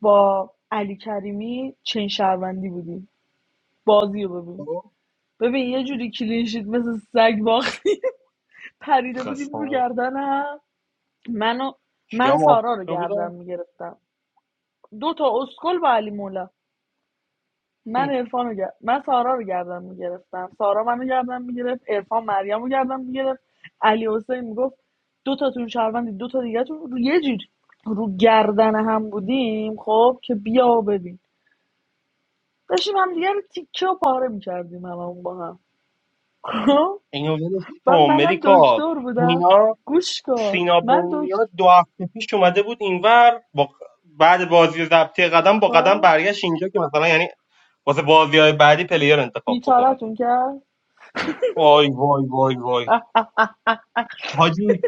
S7: با علی کریمی چین شهروندی بودیم بازی رو ببین ببین یه جوری کلینشید مثل سگ باختی پریده بودیم رو
S8: خستم
S7: گردنم منو
S8: کیا
S7: من
S8: ما
S7: سارا رو
S8: کیا
S7: گردن
S8: بودم
S7: میگرفتم دو تا اسکل با علی مولا من عرفان رو گر... من سارا رو گردن میگرفتم سارا منو گردن میگرفت عرفان مریم رو گردن میگرفت علی حسین میگفت دو تاتون شهروندی دو تا دیگه تو رو یه جوری رو گردن هم بودیم خب که بیا ببین داشتیم هم دیگه رو تیکه و پاره میکردیم هممون با هم خب
S8: اینو ولش
S7: من
S8: کن
S7: منم
S8: ملیکا
S7: دکتر بودم
S8: اینا
S7: گوش کن
S8: سینا
S7: من
S8: بهنیا
S7: دکتر
S8: دو هفته پیش اومده بود اینور با بعد بازی ضبطی قدم با قدم
S7: خب
S8: برگشت اینجا که مثلا یعنی واسه بازی های بعدی پلیر انتخاب بکنه
S7: بیچارتون کرد
S8: وای وای وای وای
S7: اه، اه،
S8: حاجی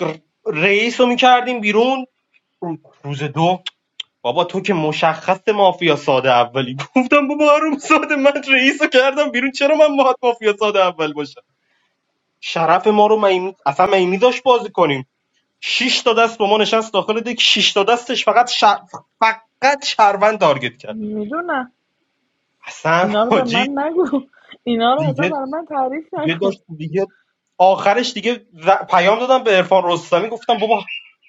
S8: ر- رئیس رو میکردیم بیرون روز دو بابا تو که مشخص مافیا ساده اولی گفتم بابا آروم ساده من رئیس رو کردم بیرون چرا من باید مافیا ساده اول باشم شرف ما رو میمی اصلا میمی داشت بازی کنیم شش تا دست با ما نشست داخل دک شش تا دستش فقط ش... فقط شهروند تارگت کرد
S7: میدونم
S8: اصلا
S7: اینا رو به
S8: حاجی
S7: من نگو اینا رو اصلا
S8: دیگه
S7: برای من تعریف
S8: دیگه داشت
S7: نکن
S8: دیگه آخرش دیگه ر- پیام دادم به عرفان رستمی گفتم بابا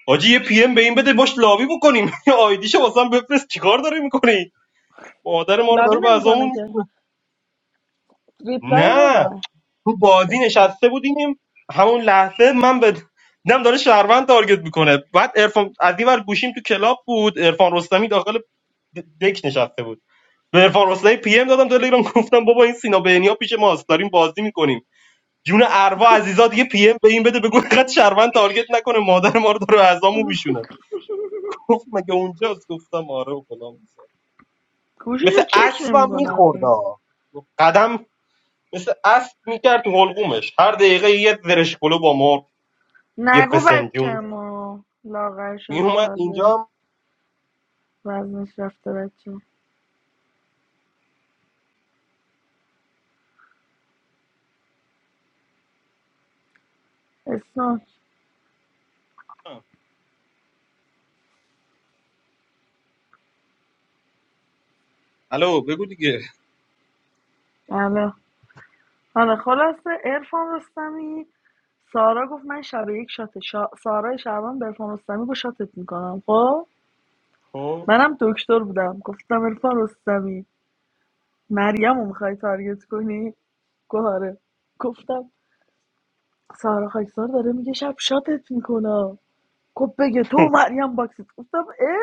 S8: حاجی یه پی ام به این بده باش لابی بکنیم یه آیدیشو واسم بفرست چیکار داری میکنی مادر ما رو
S7: لبی
S8: داره به
S7: نمیکنه
S8: ازامون
S7: که ریپلای رو
S8: نه
S7: ببر
S8: تو بازی
S7: بسون
S8: نشسته بودیم همون لحظه من به دیدم داره شهروند تارگت میکنه بعد عرفان از این ور گوشیم تو کلاب بود عرفان رستمی داخل د- دک نشسته بود به عرفان حسینی پی ام دادم تلگرام گفتم بابا این سینا بهنیا پیش ماست داریم بازی میکنیم جون اروا عزیزا دیگه پی ام به این بده بگو اینقدر شرمن تارگت نکنه مادر ما رو داره اعضامو میشونه گفت مگه اونجاست گفتم آره و فلان بیسار.
S7: گوشیش
S8: مثل
S7: رو چک
S8: اسبم
S7: نمیکنه
S8: میخورد
S7: اصلا
S8: قدم مثل اسب میکرد تو حلقومش هر دقیقه یه زرش پلو با مار یه
S7: نگو بچه
S8: فسنجون
S7: ما لاغر شده
S8: میومد
S7: تازه
S8: اینجا
S7: وزنش رفته بچه اسم
S8: هم الو بگو دیگه
S7: الو حالا خلاصه ارفان رستمی سارا گفت من شب یک شات شا... سارا شعبان به ارفان رستمی گفت شاتت میکنم خب
S8: خب،
S7: منم دکتر بودم گفتم ارفان رستمی مریم رو میخوای تارگت کنی گفت آره. گفتم سارا خاکسار داره میگه شب شاتت میکنم گفت بگه تو و مریم باکسید گفتم اه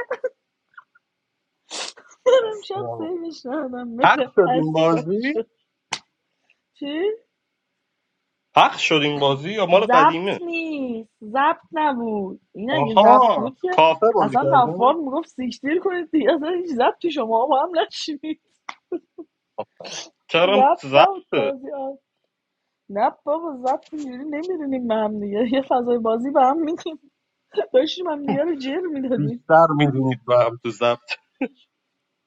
S7: برم شب
S8: اصلا.
S7: سیوش ندادم مثل
S8: حق شد
S7: اسب
S8: این
S7: شات
S8: بازی
S7: شد چی؟
S8: حق شد این بازی یا مال قدیمه
S7: ضبط نیست ضبط نبود این اگه ضبط
S8: آها
S7: بود که
S8: کافه بود
S7: اصلا غفار میگفت سیکتیر کنید دیگه اصلا هیچ ضبطی شما با هم نشید
S8: چرا
S7: ضبط
S8: تو
S7: نبود
S8: ضبطه
S7: بازی ها نه بابا ضبط اینجوری نمیدونیم به هم دیگه یه فضای بازی به هم میدیم داشتیم هم دیگه رو جر میدادیم
S8: می‌بینید و هم تو ضبط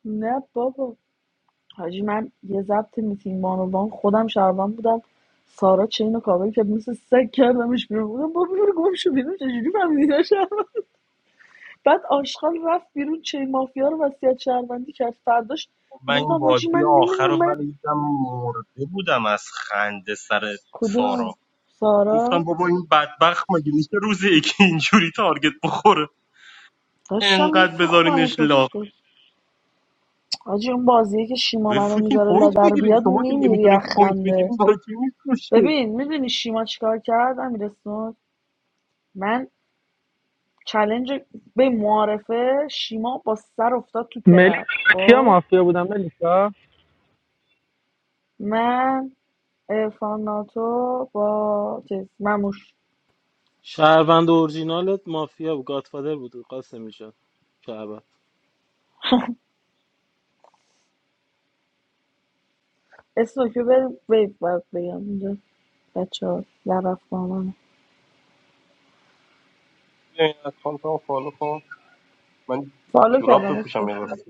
S7: نه بابا حاجی من یه ضبط میتین بانوان خودم شعبان بودم سارا چین و کابل که مثل سگ کردمش بیرون بودم بابا برو گم شو بیرون چجوری فهمیدی داشتم بعد آشغال رفت بیرون چه مافیا رو وصیت شهروندی کرد فرداش
S8: من این
S7: گفتم حاجی
S8: بازی
S7: من
S8: آخر رو
S7: نمیدونم من
S8: ولی دیدم مرده بودم از خنده سر
S7: کدوم
S8: سارا گفتم
S7: سارا
S8: بابا این بدبخت مگه میشه روز یکی اینجوری تارگت بخوره
S7: داشتم
S8: انقدر بذارینش
S7: میفروختمش
S8: لاغ
S7: اسکول حاجی اون بازیه که شیما منو
S8: بفروشین
S7: میذاره
S8: پوینت
S7: لادر
S8: بگیرین
S7: بیاد
S8: شما که
S7: میمیری از
S8: نمیتونید پوینت
S7: خنده
S8: بگیرین برای چی میفروشین
S7: ببین میدونی شیما چیکار کرد امیرسون من چلنج به معارفه شیما با سر افتاد تو ترپ
S3: ملیسا کیا
S7: خب
S3: مافیا بودن ملیسا
S7: من ارفان ناتو با چیز مموش
S9: شهروند اورجینالت مافیا بود گادفادر بود قاسم جان شهروند
S7: اسم که بریم ویب باید بگم اینجا. بچه ها لبف با منه
S8: بیا این اکانت هم فالو کن من
S7: فالو
S8: جوراب
S7: کردم اسکو
S8: بپوشم یه وقت.